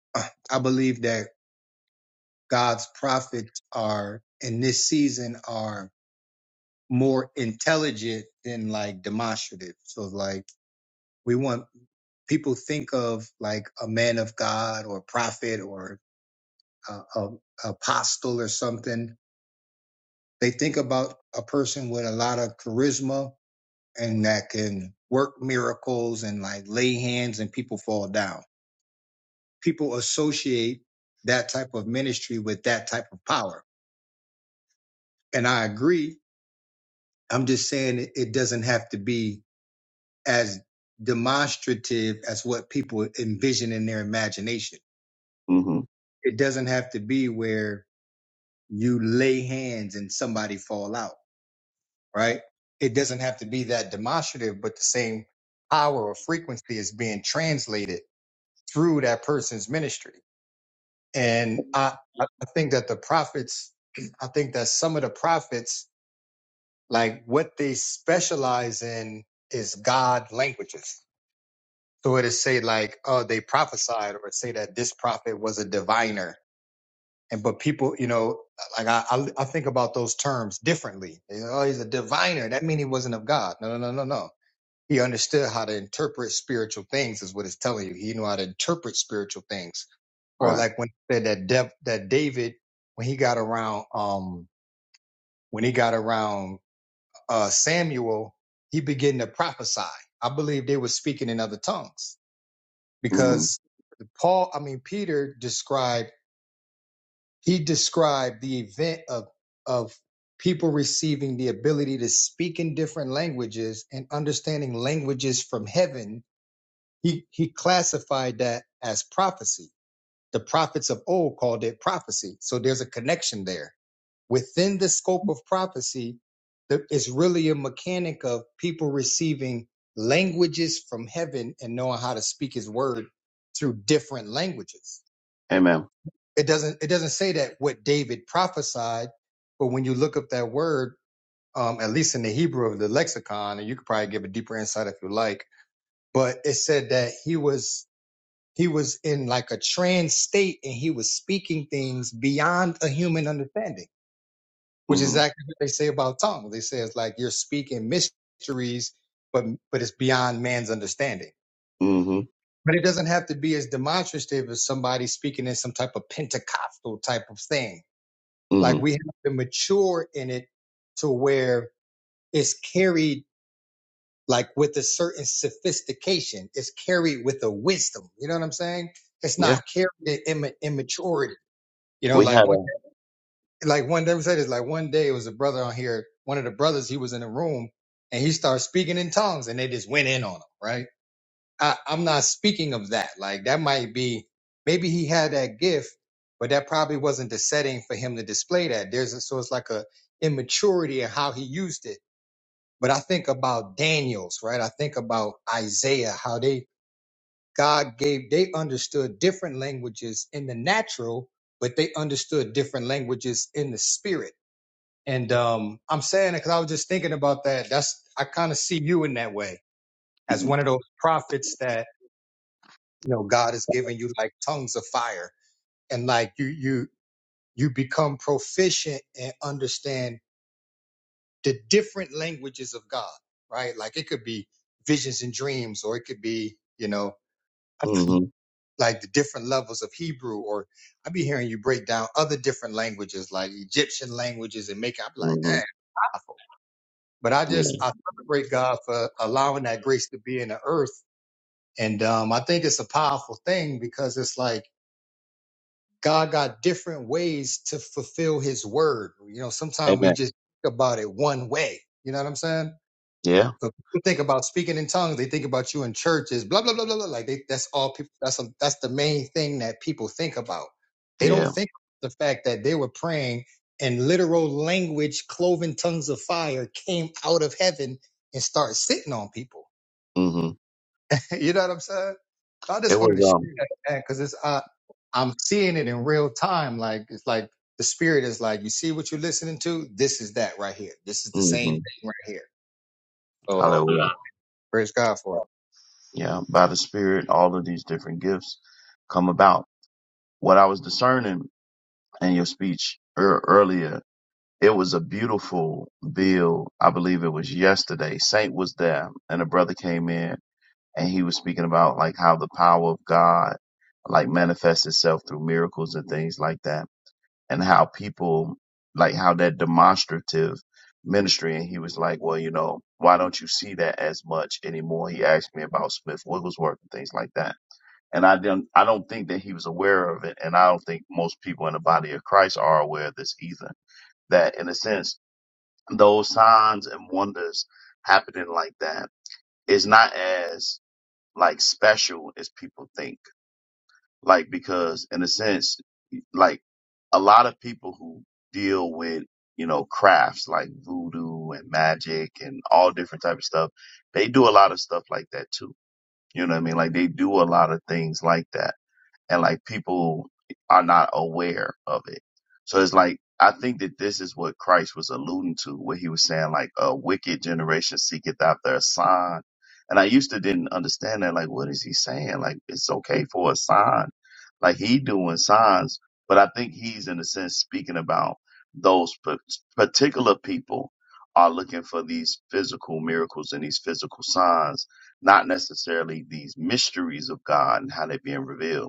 I believe that God's prophets are in this season are more intelligent than like demonstrative. So like we want people think of like a man of God or prophet or a, a apostle or something. They think about a person with a lot of charisma and that can work miracles and like lay hands and people fall down. People associate that type of ministry with that type of power. And I agree I'm just saying it, it doesn't have to be as demonstrative as what people envision in their imagination. hmm It doesn't have to be where you lay hands and somebody fall out, right? It doesn't have to be that demonstrative, but the same power or frequency is being translated through that person's ministry. And I, I I think that the prophets, I think that some of the prophets, like what they specialize in is God languages So it'll say like, oh, they prophesied or say that this prophet was a diviner. And but people, you know, like I, I, I think about those terms differently. You know, oh, he's a diviner. That means he wasn't of God. No, no, no, no, no. He understood how to interpret spiritual things, is what it's telling you. He knew how to interpret spiritual things. Or Right. like when it said that Dev, that David, when he got around, um, when he got around uh, Samuel, he began to prophesy. I believe they were speaking in other tongues hmm because Paul, I mean Peter described he described the event of of people receiving the ability to speak in different languages and understanding languages from heaven. He he classified that as prophecy. The prophets of old called it prophecy. So there's a connection there. Within the scope of prophecy, there is really a mechanic of people receiving languages from heaven and knowing how to speak his word through different languages Amen. it doesn't it doesn't say that what David prophesied, but when you look up that word, um, at least in the Hebrew of the lexicon, and you could probably give a deeper insight if you like, but it said that he was he was in like a trance state and he was speaking things beyond a human understanding, which is hmm exactly what they say about tongues. They say it's like you're speaking mysteries, but but it's beyond man's understanding. hmm But it doesn't have to be as demonstrative as somebody speaking in some type of Pentecostal type of thing hmm Like we have to mature in it to where it's carried like with a certain sophistication. It's carried with a wisdom. You know what I'm saying? It's not Yeah. carried in imma- immaturity. You know, We like had one, a. like one day said this, like one day it was a brother on here, one of the brothers, he was in the room and he started speaking in tongues and they just went in on him, right? I, I'm not speaking of that. Like that might be maybe he had that gift, but that probably wasn't the setting for him to display that. There's a, so it's like a immaturity in how he used it. But I think about Daniel's, right? I think about Isaiah, how they God gave they understood different languages in the natural, but they understood different languages in the spirit. And um, I'm saying it because I was just thinking about that. That's I kind of see you in that way as hmm one of those prophets that you know god has given you like tongues of fire and like you you you become proficient and understand the different languages of god right like it could be visions and dreams or it could be you know hmm like the different levels of hebrew or i be hearing you break down other different languages like egyptian languages and make i'm like hmm dang powerful but i Yeah. just i celebrate god for allowing that grace to be in the earth and um i think it's a powerful thing because it's like God got different ways to fulfill his word. You know, sometimes we Amen. just think about it one way. You know what I'm saying? Yeah. So people think about speaking in tongues, they think about you in churches, blah, blah, blah, blah, blah. Like they, that's all people that's a, that's the main thing that people think about. They don't Yeah. think about the fact that they were praying and literal language, cloven tongues of fire came out of heaven and started sitting on people. hmm you know what I'm saying? So I just It wanted was to share um. that man, because it's uh, I'm seeing it in real time. Like it's like the spirit is like, you see what you're listening to? This is that right here. This is the same hmm thing right here. So uh, Hallelujah. praise God for it. Yeah. By the Spirit, all of these different gifts come about. What I was discerning in your speech ear- earlier It was a beautiful bill. I believe it was yesterday. Saint was there and a brother came in and he was speaking about like how the power of God like manifests itself through miracles and things like that and how people like how that demonstrative ministry and he was like, well, you know, why don't you see that as much anymore? He asked me about Smith Wigglesworth and things like that. And I didn't, I don't think that he was aware of it. And I don't think most people in the body of Christ are aware of this either that in a sense those signs and wonders happening like that is not as like special as people think. Like because in a sense, like a lot of people who deal with you know crafts like voodoo and magic and all different type of stuff, they do a lot of stuff like that too. You know what I mean? Like they do a lot of things like that and like people are not aware of it. So it's like I think that this is what Christ was alluding to, where he was saying like a wicked generation seeketh after a sign. And I used to didn't understand that. Like, what is he saying? Like, it's okay for a sign. Like he doing signs, but I think he's in a sense speaking about those pa- particular people are looking for these physical miracles and these physical signs, not necessarily these mysteries of God and how they're being revealed.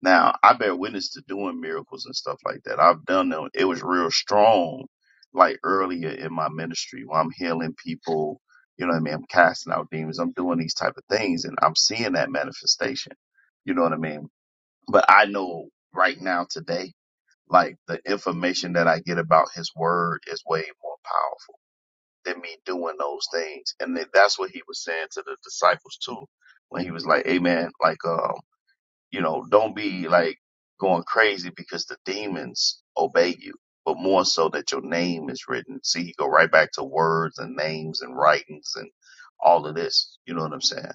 Now, I bear witness to doing miracles and stuff like that. I've done them. It was real strong, like earlier in my ministry where I'm healing people, you know what I mean? I'm casting out demons. I'm doing these type of things and I'm seeing that manifestation. You know what I mean? But I know right now today, like the information that I get about his word is way more powerful than me doing those things. And then that's what he was saying to the disciples too, when he was like, Amen, like, um, you know, don't be like going crazy because the demons obey you, but more so that your name is written. See, you go right back to words and names and writings and all of this. You know what I'm saying?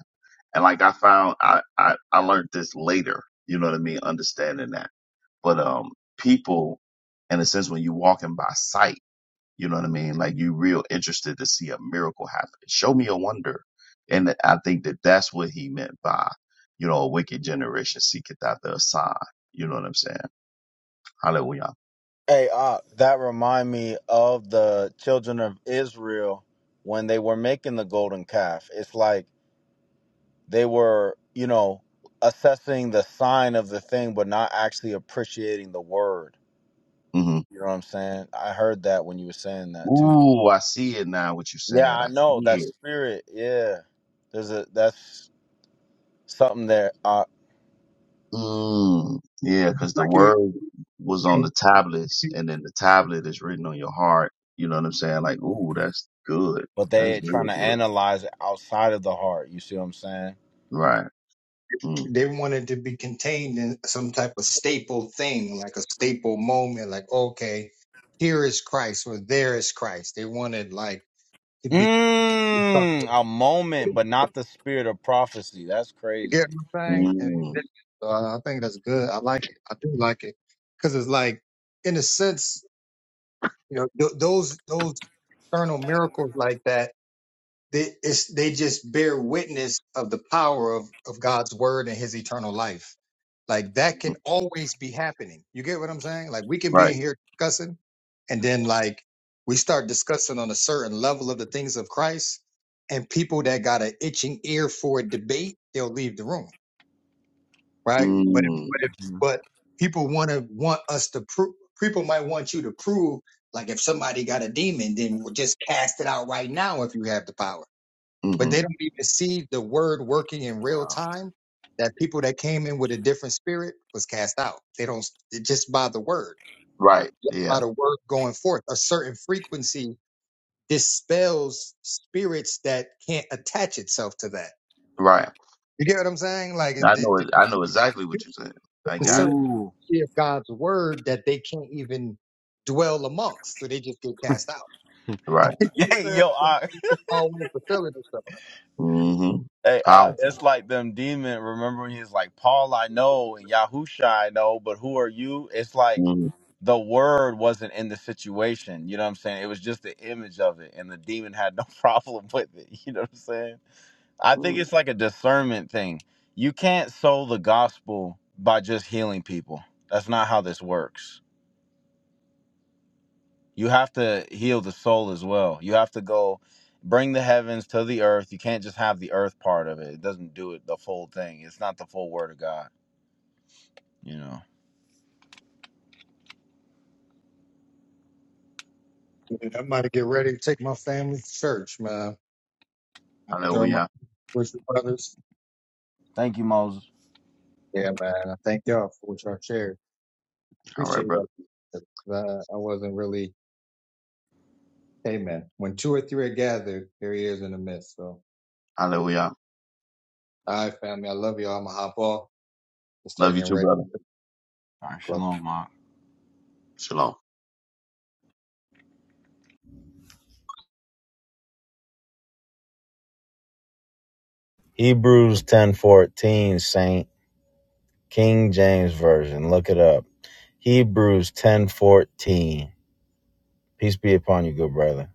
And like I found, I, I, I learned this later. You know what I mean? Understanding that. But, um, people, in a sense, when you're walking by sight, you know what I mean? Like you real interested to see a miracle happen. Show me a wonder. And I think that that's what he meant by, you know, a wicked generation seeketh after a sign. You know what I'm saying? Hallelujah. Hey, uh, that remind me of the children of Israel when they were making the golden calf. It's like They were, you know, assessing the sign of the thing, but not actually appreciating the word. hmm You know what I'm saying? I heard that when you were saying that too. Ooh, I see it now. What you're Yeah, saying, I I know that see it. spirit. Yeah, there's a that's something there. Uh, Mm, yeah, because the Like word was on you, the tablets, and then the tablet is written on your heart. You know what I'm saying? Like, ooh, that's good. but That's they trying really to good. analyze it outside of the heart. You see what I'm saying? Right. Mm, they wanted to be contained in some type of staple thing, like a staple moment. Like okay, here is Christ or there is Christ. They wanted like to be. Mm, a moment, but not the spirit of prophecy. That's You get crazy. what I'm saying? And mm, uh, I think that's good. I like it. I do like it because it's like, in a sense. You know, th- those those external miracles like that, they it's, they just bear witness of the power of of God's word and His eternal life. Like that mm, can always be happening. You get what I'm saying? Like we can be in right. here discussing, and then like we start discussing on a certain level of the things of Christ, and people that got an itching ear for a debate, they'll leave the room right? But if, Mm, but if, Mhm. but people want to want us to prove. People might want you to prove, like if somebody got a demon, then we'll just cast it out right now if you have the power. mhm. But they don't even see the word working in real Wow. time. That people that came in with a different spirit was cast out. They don't it just by the word, Right. Yeah. by the word going forth. A certain frequency dispels spirits that can't attach itself to that. Right. You get what I'm saying? Like it, I it, know. it- it- I know exactly what you said. I a certain got it. Ooh. history of God's word that they can't even dwell amongst, so they just get cast out. Right. Yeah, So yo, I, it's all fulfilling and stuff. Mm-hmm. Hey, uh, it's Powerful. like them demon. Remember, when he's like, Paul, I know, and Yahusha, I know, but who are you? It's like Mm-hmm. the word wasn't in the situation. You know what I'm saying? It was just the image of it, and the demon had no problem with it. You know what I'm saying? I think it's like a discernment thing. You can't sow the gospel by just healing people. That's not how this works. You have to heal the soul as well. You have to go bring the heavens to the earth. You can't just have the earth part of it. It doesn't do it the full thing. It's not the full word of God. You know. Yeah, I'm about to get ready to take my family to church, man. I I know enjoy we my are. with the brothers. Thank you, Moses. Yeah, man. I thank y'all for what y'all shared. All right, Appreciate brother. that. Uh, I wasn't really, hey, man. When two or three are gathered, there he is in the midst. So, Hallelujah. all right, family. I love y'all. I'm gonna hop off and start Love you getting too, ready. brother. All right, shalom, Mark. Shalom. Hebrews ten fourteen, Saint King James Version. Look it up. Hebrews ten fourteen. Peace be upon you, good brother.